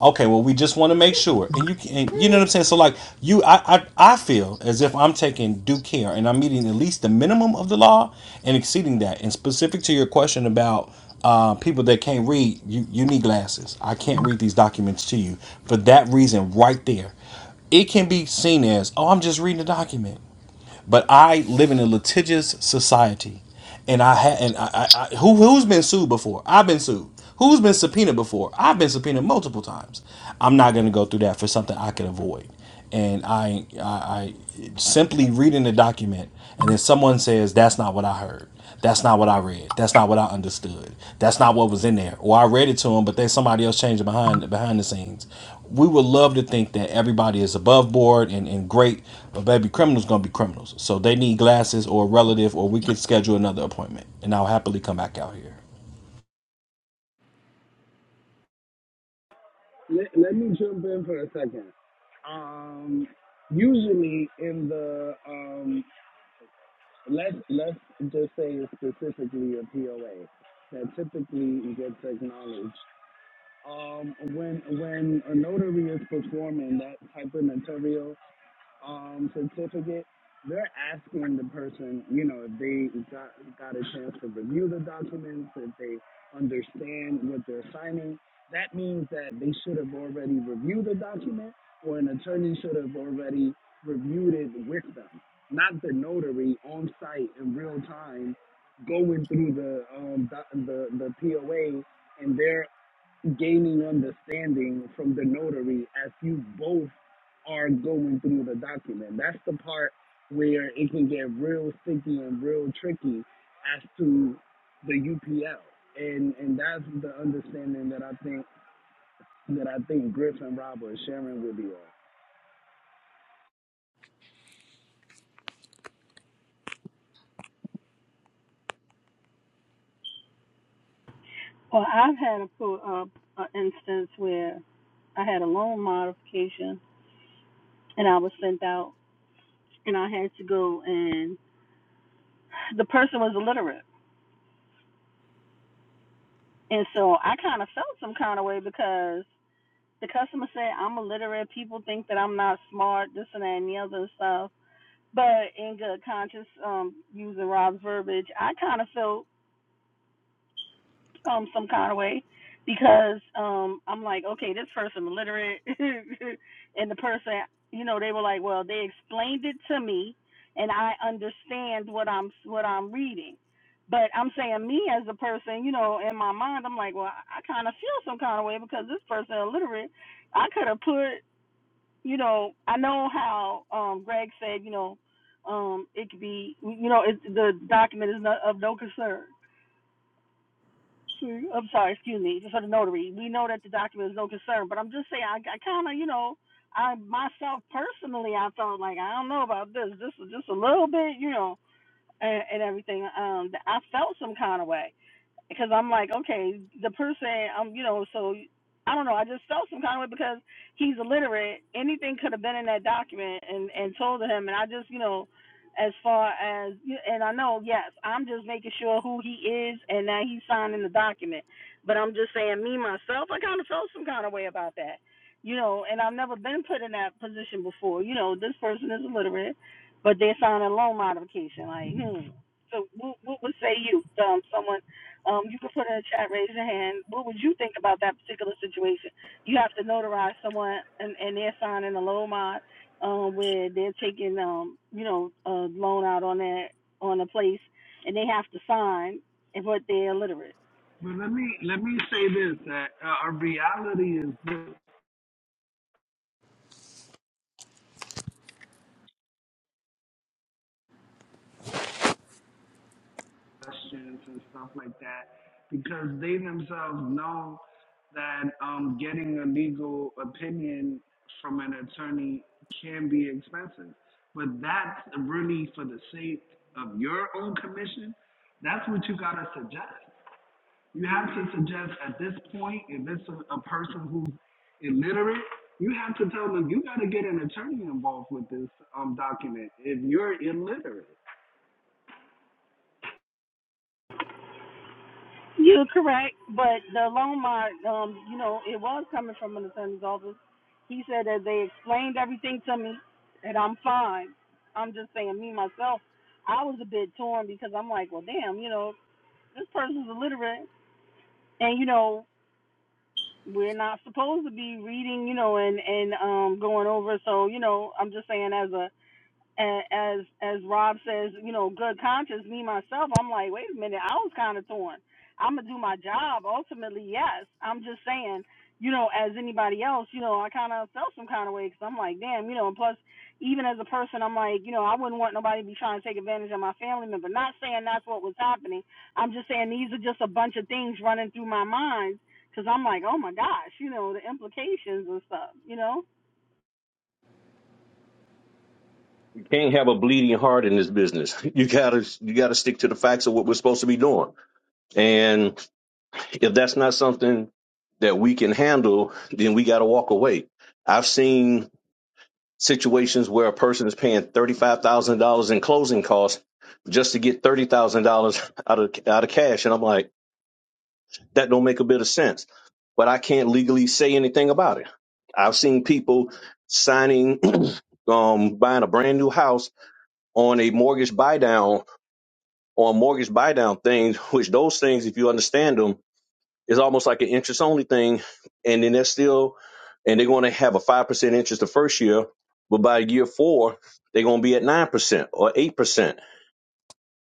[SPEAKER 4] Okay, well, we just want to make sure, and you can, and you know what I'm saying. So, like you, I, I, I feel as if I'm taking due care, and I'm meeting at least the minimum of the law and exceeding that. And specific to your question about uh, people that can't read, you, you need glasses. I can't read these documents to you for that reason, right there. It can be seen as, oh, I'm just reading a document. But I live in a litigious society, and I had and I, I, I who who's been sued before? I've been sued. Who's been subpoenaed before? I've been subpoenaed multiple times. I'm not going to go through that for something I can avoid. And I, I, I simply reading the document, and then someone says that's not what I heard. That's not what I read. That's not what I understood. That's not what was in there. Or I read it to them, but then somebody else changed it behind behind the scenes. We would love to think that everybody is above board and, and great, but baby, criminals gonna be criminals. So they need glasses or a relative, or we could schedule another appointment, and I'll happily come back out here.
[SPEAKER 8] Let, let me jump in for a second. Um, usually in the um, let's let's just say specifically a POA that typically gets acknowledged. um, when when a notary is performing that type of notarial um, certificate, they're asking the person, you know, if they got got a chance to review the documents, if they understand what they're signing. That means that they should have already reviewed the document, or an attorney should have already reviewed it with them, not the notary on site in real time going through the um, doc- the the POA and their gaining understanding from the notary as you both are going through the document. That's the part where it can get real sticky and real tricky as to the UPL. And and that's the understanding that I think that I think Griff and Rob are sharing with you all.
[SPEAKER 3] Well, I've had a, pro- uh, an instance where I had a loan modification and I was sent out and I had to go and the person was illiterate. And so I kind of felt some kind of way because the customer said I'm illiterate. People think that I'm not smart, this and that and the other and stuff. But in good conscience, um, using Rob's verbiage, I kind of felt um some kind of way because um I'm like, okay, this person illiterate and the person you know, they were like, Well, they explained it to me and I understand what I'm what I'm reading. But I'm saying me as a person, you know, in my mind I'm like, Well, I, kinda feel some kind of way because this person illiterate, I could have put you know, I know how um Greg said, you know, um it could be you know, it the document is not of no concern Hmm, I'm sorry, excuse me, for the notary. We know that the document is no concern, but I'm just saying, I, I kind of, you know, I myself personally, I felt like I don't know about this. This is just a little bit, you know, and, and everything. Um, I felt some kind of way because I'm like, okay, the person, um, you know, so I don't know. I just felt some kind of way because he's illiterate. Anything could have been in that document and and told him, and I just, you know, as far as and I know, yes, I'm just making sure who he is and that he's signing the document. But I'm just saying, me myself, I kind of felt some kind of way about that. You know, and I've never been put in that position before. You know, this person is illiterate, but they're signing a loan modification. Like, hmm. So, what, what would say you, um, someone? Um, you can put in a chat, raise your hand. What would you think about that particular situation? You have to notarize someone, and, and they're signing a loan mod, um, where they're taking, um, you know, a loan out on that on a place, and they have to sign, and but they're illiterate.
[SPEAKER 8] But let me let me say this: that uh, our reality is this. questions and stuff like that because they themselves know that um, getting a legal opinion from an attorney can be expensive. But that's really for the sake of your own commission. That's what you got to suggest. You have to suggest at this point, if it's a, a person who's illiterate, you have to tell them you got to get an attorney involved with this um, document if you're illiterate.
[SPEAKER 3] You're correct, but the loan mod, um, you know, it was coming from an attorney's office. He said that they explained everything to me, and I'm fine. I'm just saying, me myself, I was a bit torn because I'm like, well, damn, you know, this person's illiterate and you know we're not supposed to be reading you know and and um going over so you know i'm just saying as a and as as Rob says, you know, good conscience, me myself, I'm like, wait a minute, I was kind of torn. I'm gonna do my job ultimately, yes. I'm just saying, you know, as anybody else, you know, I kind of felt some kind of way because I'm like, damn, you know. And plus, even as a person, I'm like, you know, I wouldn't want nobody to be trying to take advantage of my family member. Not saying that's what was happening. I'm just saying these are just a bunch of things running through my mind because I'm like, oh my gosh, you know, the implications and stuff, you know
[SPEAKER 5] You can't have a bleeding heart in this business. You gotta you gotta stick to the facts of what we're supposed to be doing. And if that's not something that we can handle, then we gotta walk away. I've seen situations where a person is paying thirty five thousand dollars in closing costs just to get thirty thousand dollars out of out of cash, and I'm like That don't make a bit of sense. But I can't legally say anything about it. I've seen people signing, um, buying a brand new house on a mortgage buy down on mortgage buy down things, which those things, if you understand them, is almost like an interest only thing. And then they're still, and they're going to have a 5% interest the first year. But by year four, they're going to be at 9% or 8%.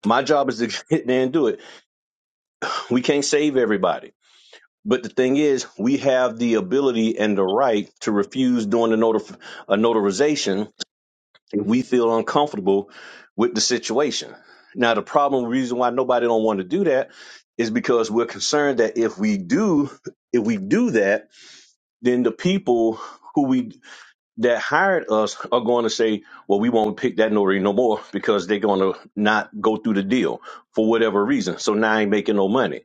[SPEAKER 5] My job is to get in there and do it. We can't save everybody But the thing is, we have the ability and the right to refuse doing a, notif- a notarization if we feel uncomfortable with the situation. Now, the problem, reason why nobody don't want to do that is because we're concerned that if we do, if we do that, then the people who we that hired us are going to say, "Well, we won't pick that notary no more because they're going to not go through the deal for whatever reason." So now I ain't making no money.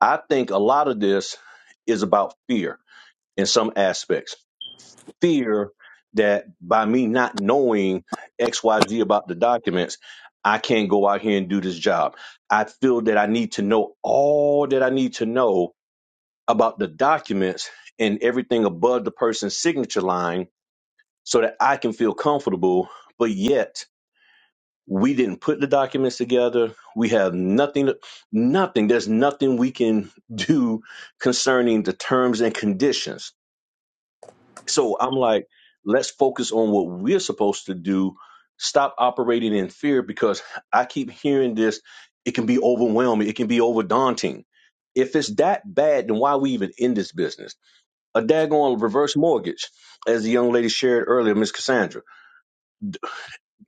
[SPEAKER 5] I think a lot of this is about fear in some aspects. Fear that by me not knowing XYZ about the documents, I can't go out here and do this job. I feel that I need to know all that I need to know about the documents and everything above the person's signature line so that I can feel comfortable. But yet, we didn't put the documents together. We have nothing, nothing. There's nothing we can do concerning the terms and conditions So I'm like, let's focus on what we're supposed to do. Stop operating in fear because I keep hearing this. It can be overwhelming. It can be over daunting. If it's that bad, then why we even in this business? A daggone reverse mortgage, as the young lady shared earlier, Miss Cassandra.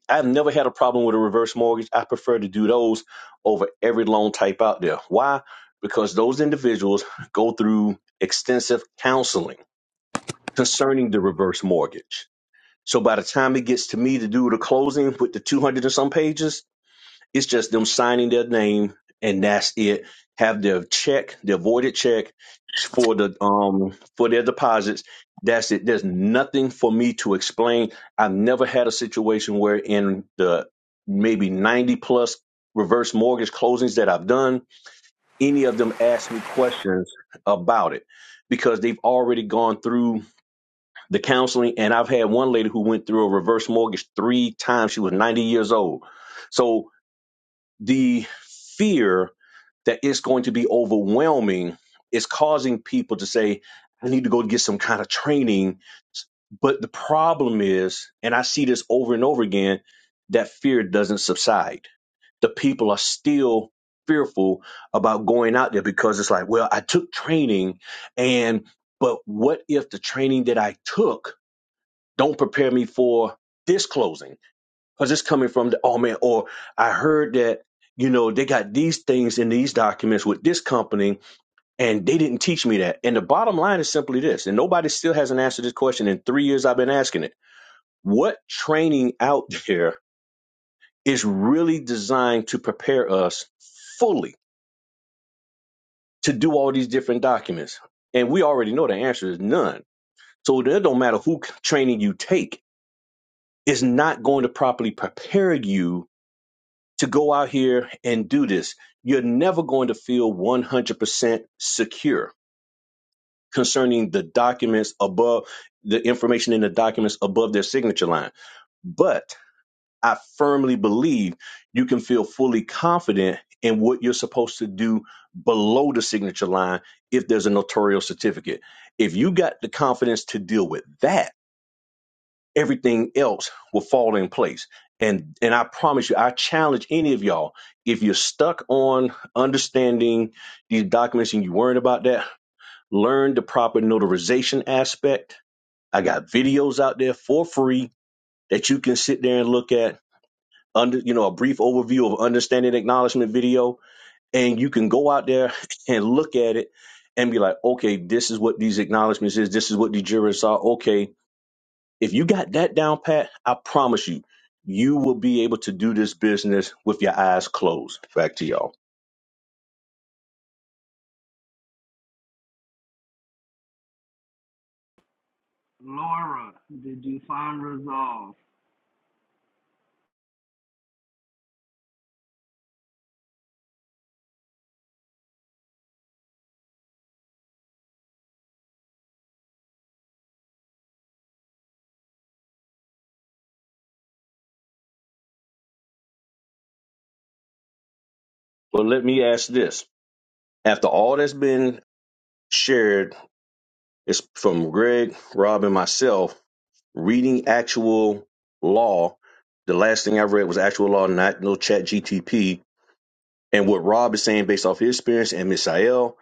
[SPEAKER 5] I've never had a problem with a reverse mortgage. I prefer to do those over every loan type out there. Why? Because those individuals go through extensive counseling concerning the reverse mortgage So by the time it gets to me to do the closing with the 200 and some pages, it's just them signing their name and that's it. Have their check, their voided check for the um for their deposits. That's it. There's nothing for me to explain. I've never had a situation where in the maybe 90 plus reverse mortgage closings that I've done, any of them ask me questions about it because they've already gone through the counseling and i've had one lady who went through a reverse mortgage three times she was 90 years old so the fear that it's going to be overwhelming is causing people to say i need to go get some kind of training but the problem is and i see this over and over again that fear doesn't subside the people are still fearful about going out there because it's like well i took training and but what if the training that i took don't prepare me for this closing because it's coming from the oh man, or I heard that you know they got these things in these documents with this company and they didn't teach me that. And the bottom line is simply this, and nobody still hasn't answered this question in three years I've been asking it. What training out there is really designed to prepare us fully to do all these different documents? And we already know the answer is none. So it don't matter who training you take, it's not going to properly prepare you to go out here and do this. You're never going to feel 100% secure concerning the documents above, the information in the documents above their signature line. But I firmly believe you can feel fully confident in what you're supposed to do below the signature line if there's a notarial certificate. If you got the confidence to deal with that, everything else will fall in place. And and I promise you, I challenge any of y'all, if you're stuck on understanding these documents and you're worried about that, learn the proper notarization aspect. I got videos out there for free that you can sit there and look at under you know a brief overview of understanding acknowledgement video and you can go out there and look at it and be like okay this is what these acknowledgments is this is what the jurors are okay if you got that down pat, I promise you, you will be able to do this business with your eyes closed. Back to y'all.
[SPEAKER 8] Laura, did you find resolve?
[SPEAKER 5] But let me ask this. After all that's been shared is from Greg, Rob, and myself, reading actual law, the last thing I read was actual law, not no chat GTP. And what Rob is saying based off his experience and Miss Ayel,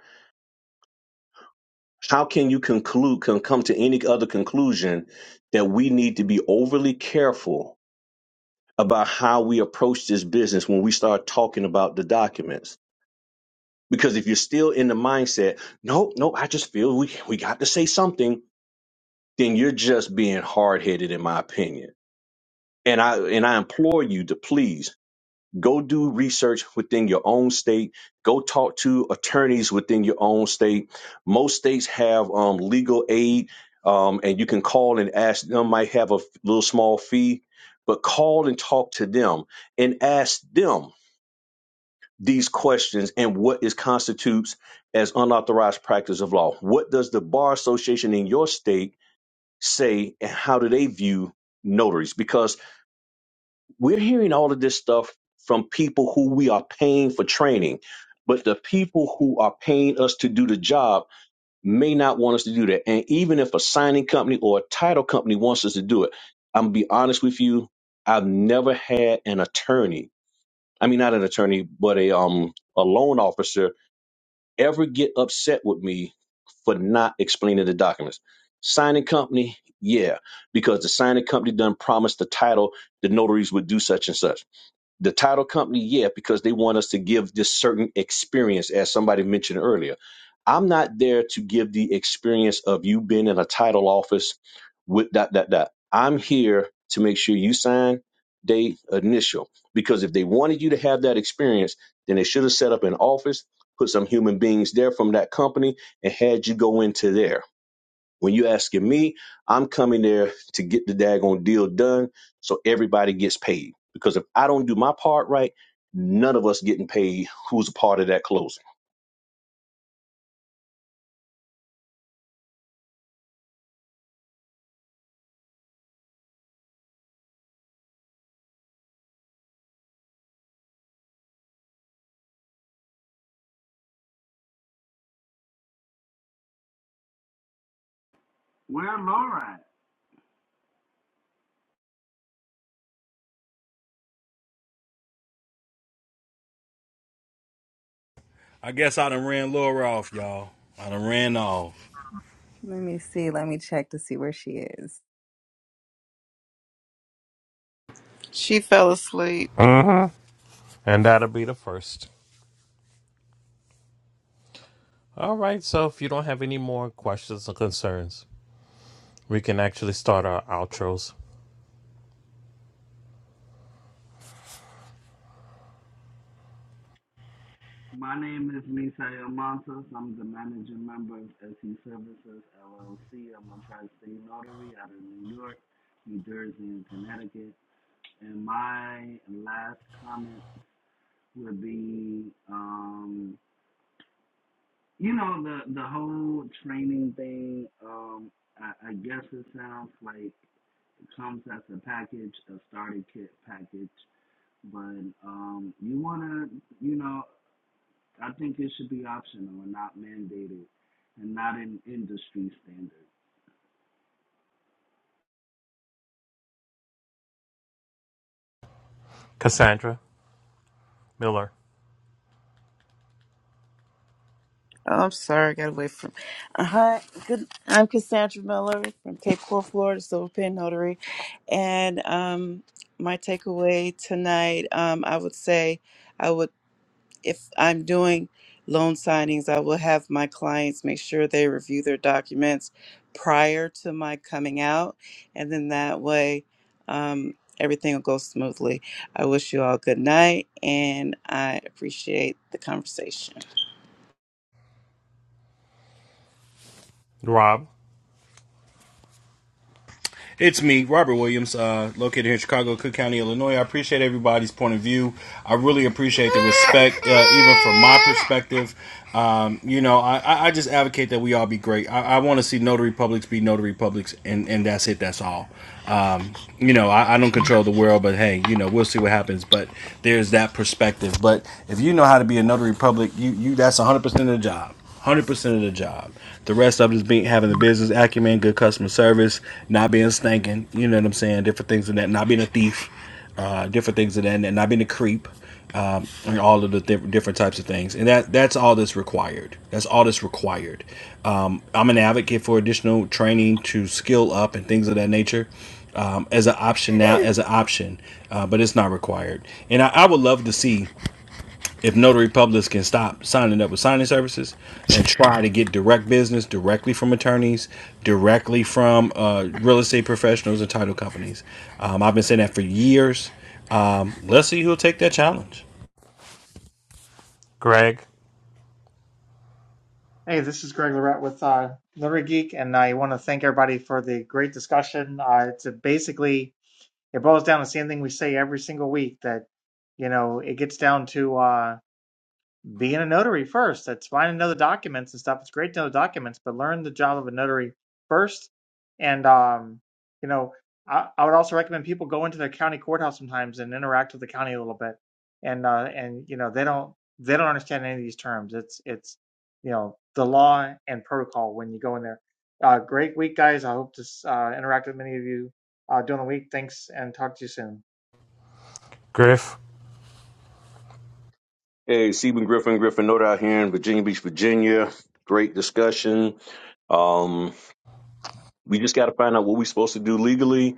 [SPEAKER 5] how can you conclude can come to any other conclusion that we need to be overly careful about how we approach this business when we start talking about the documents. Because if you're still in the mindset, nope, nope, I just feel we we got to say something, then you're just being hard headed, in my opinion. And I and I implore you to please go do research within your own state. Go talk to attorneys within your own state. Most states have um, legal aid, um, and you can call and ask them. Might have a little small fee, but call and talk to them and ask them these questions and what is constitutes as unauthorized practice of law. What does the bar association in your state say and how do they view notaries? Because we're hearing all of this stuff from people who we are paying for training, but the people who are paying us to do the job may not want us to do that. And even if a signing company or a title company wants us to do it, I'm gonna be honest with you, I've never had an attorney. I mean not an attorney, but a um a loan officer ever get upset with me for not explaining the documents. Signing company, yeah, because the signing company done promised the title the notaries would do such and such. The title company, yeah, because they want us to give this certain experience, as somebody mentioned earlier. I'm not there to give the experience of you being in a title office with dot dot dot. I'm here to make sure you sign, date, initial. Because if they wanted you to have that experience, then they should have set up an office, put some human beings there from that company, and had you go into there. When you asking me, I'm coming there to get the daggone deal done so everybody gets paid. Because if I don't do my part right, none of us getting paid who's a part of that closing.
[SPEAKER 8] Where Laura at?
[SPEAKER 4] I guess I done ran Laura off, y'all. I done ran off.
[SPEAKER 2] Let me see. Let me check to see where she is.
[SPEAKER 7] She fell asleep.
[SPEAKER 1] And that'll be the first. All right. So if you don't have any more questions or concerns, we can actually start our outros.
[SPEAKER 8] My name is Misael Montes. I'm the managing member of SE Services LLC. I'm a tri-state notary out of New York, New Jersey, and Connecticut. And my last comment would be, um, you know, the the whole training thing. Um, I, I guess it sounds like it comes as a package, a starter kit package. But um, you wanna, you know, I think it should be optional and not mandated and not an industry standard.
[SPEAKER 1] Cassandra, Miller,
[SPEAKER 7] Oh, I'm sorry, I got away from. Uh, hi, good. I'm Cassandra Miller from Cape Coral, Florida, Silver Pen Notary, and um, my takeaway tonight, um, I would say, I would. if I'm doing loan signings, I will have my clients make sure they review their documents prior to my coming out, and then that way um, everything will go smoothly. I wish you all good night, and I appreciate the conversation.
[SPEAKER 1] Rob,
[SPEAKER 4] It's me, Robert Williams, uh, located here in Chicago, Cook County, Illinois. I appreciate everybody's point of view. I really appreciate the respect, uh, even from my perspective. Um, you know, I- I, just advocate that we all be great. I, I want to see notary publics be notary publics, and, and that's it. That's all. Um, you know, I, I don't control the world, but hey, you know, we'll see what happens. But there's that perspective. But if you know how to be a notary public, you you that's 100 percent of the job one hundred percent of the job. The rest of it is being having the business acumen, good customer service, not being stinking. You know what I'm saying? Different things in that, not being a thief, uh, different things of that, and not being a creep, um, and all of the th- different types of things. And that that's all that's required. That's all that's required. Um, I'm an advocate for additional training to skill up and things of that nature. Um, as an option now, as an option, uh, but it's not required. And I, I would love to see if notary publics can stop signing up with signing services and try to get direct business directly from attorneys, directly from uh, real estate professionals and title companies. Um, I've been saying that for years. Um, let's see who'll take that challenge.
[SPEAKER 1] Greg,
[SPEAKER 6] hey this is greg Lorette with uh notary geek and i want to thank everybody for the great discussion uh it's a basically it boils down to the same thing we say every single week that you know it gets down to uh, being a notary first. That's fine to know the documents and stuff. It's great to know the documents, but learn the job of a notary first. And um, you know, I, I would also recommend people go into their county courthouse sometimes and interact with the county a little bit. And uh, and you know, they don't they don't understand any of these terms. It's it's you know the law and protocol when you go in there. Uh, great week, guys. I hope to uh, interact with many of you uh, during the week. Thanks, and talk to you soon.
[SPEAKER 1] Griff,
[SPEAKER 5] Hey, Stephen Griffin, Griffin Note out here in Virginia Beach, Virginia. Great discussion. Um, we just got to find out what we're supposed to do legally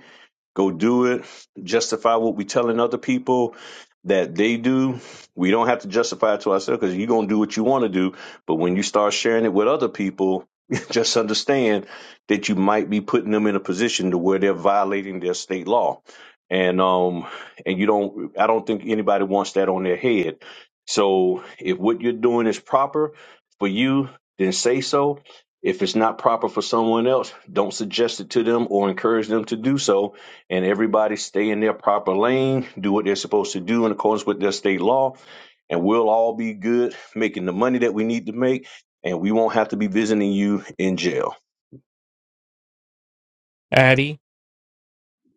[SPEAKER 5] Go do it. Justify what we telling other people that they do. We don't have to justify it to ourselves because you're gonna do what you want to do. But when you start sharing it with other people, just understand that you might be putting them in a position to where they're violating their state law. And um and you don't I don't think anybody wants that on their head. So if what you're doing is proper for you, then say so. If it's not proper for someone else, don't suggest it to them or encourage them to do so and everybody stay in their proper lane, do what they're supposed to do in accordance with their state law, and we'll all be good making the money that we need to make, and we won't have to be visiting you in jail.
[SPEAKER 1] Addie,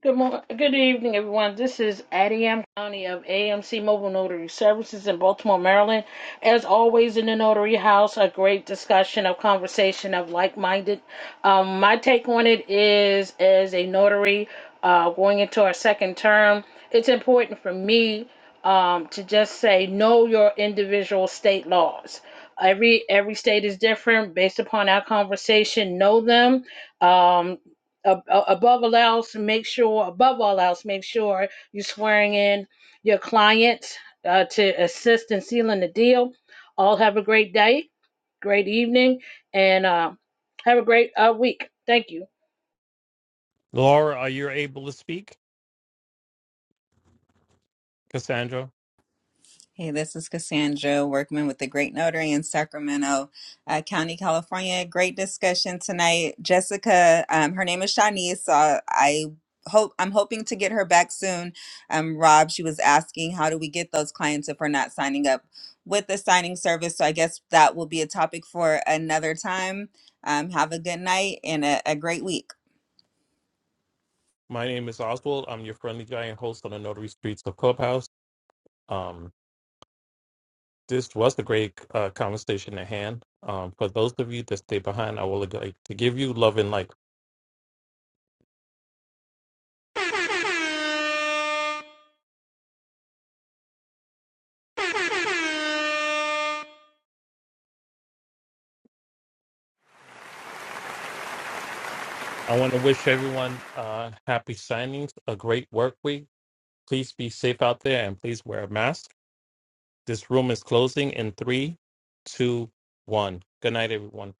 [SPEAKER 9] Good morning. Good evening, everyone. This is Addie M. County of AMC Mobile Notary Services in Baltimore, Maryland. As always, in the Notary House, a great discussion, a conversation of like-minded. Um, my take on it is, as a notary uh, going into our second term, it's important for me um, to just say know your individual state laws. Every every state is different. Based upon our conversation, know them. Um, ab- above all else, make sure above all else, make sure you're swearing in your clients uh, to assist in sealing the deal. All have a great day, great evening, and uh, have a great uh, week. Thank you.
[SPEAKER 1] Laura, are you able to speak? Cassandra,
[SPEAKER 2] Hey, this is Cassandra Workman with the Great Notary in Sacramento uh, County, California. Great discussion tonight, Jessica. Um, her name is Shanice, so I I hope I'm hoping to get her back soon. Um, Rob, she was asking how do we get those clients if we're not signing up with the signing service. So I guess that will be a topic for another time. Um, have a good night and a, a great week.
[SPEAKER 1] my name is Oswald. I'm your friendly giant host on the Notary Streets of Clubhouse. Um, this was a great uh, conversation at hand. Um, for those of you that stay behind, I will like to give you love and light. I want to wish everyone uh, happy signings, a great work week. Please be safe out there and please wear a mask. This room is closing in three, two, one. Good night, everyone.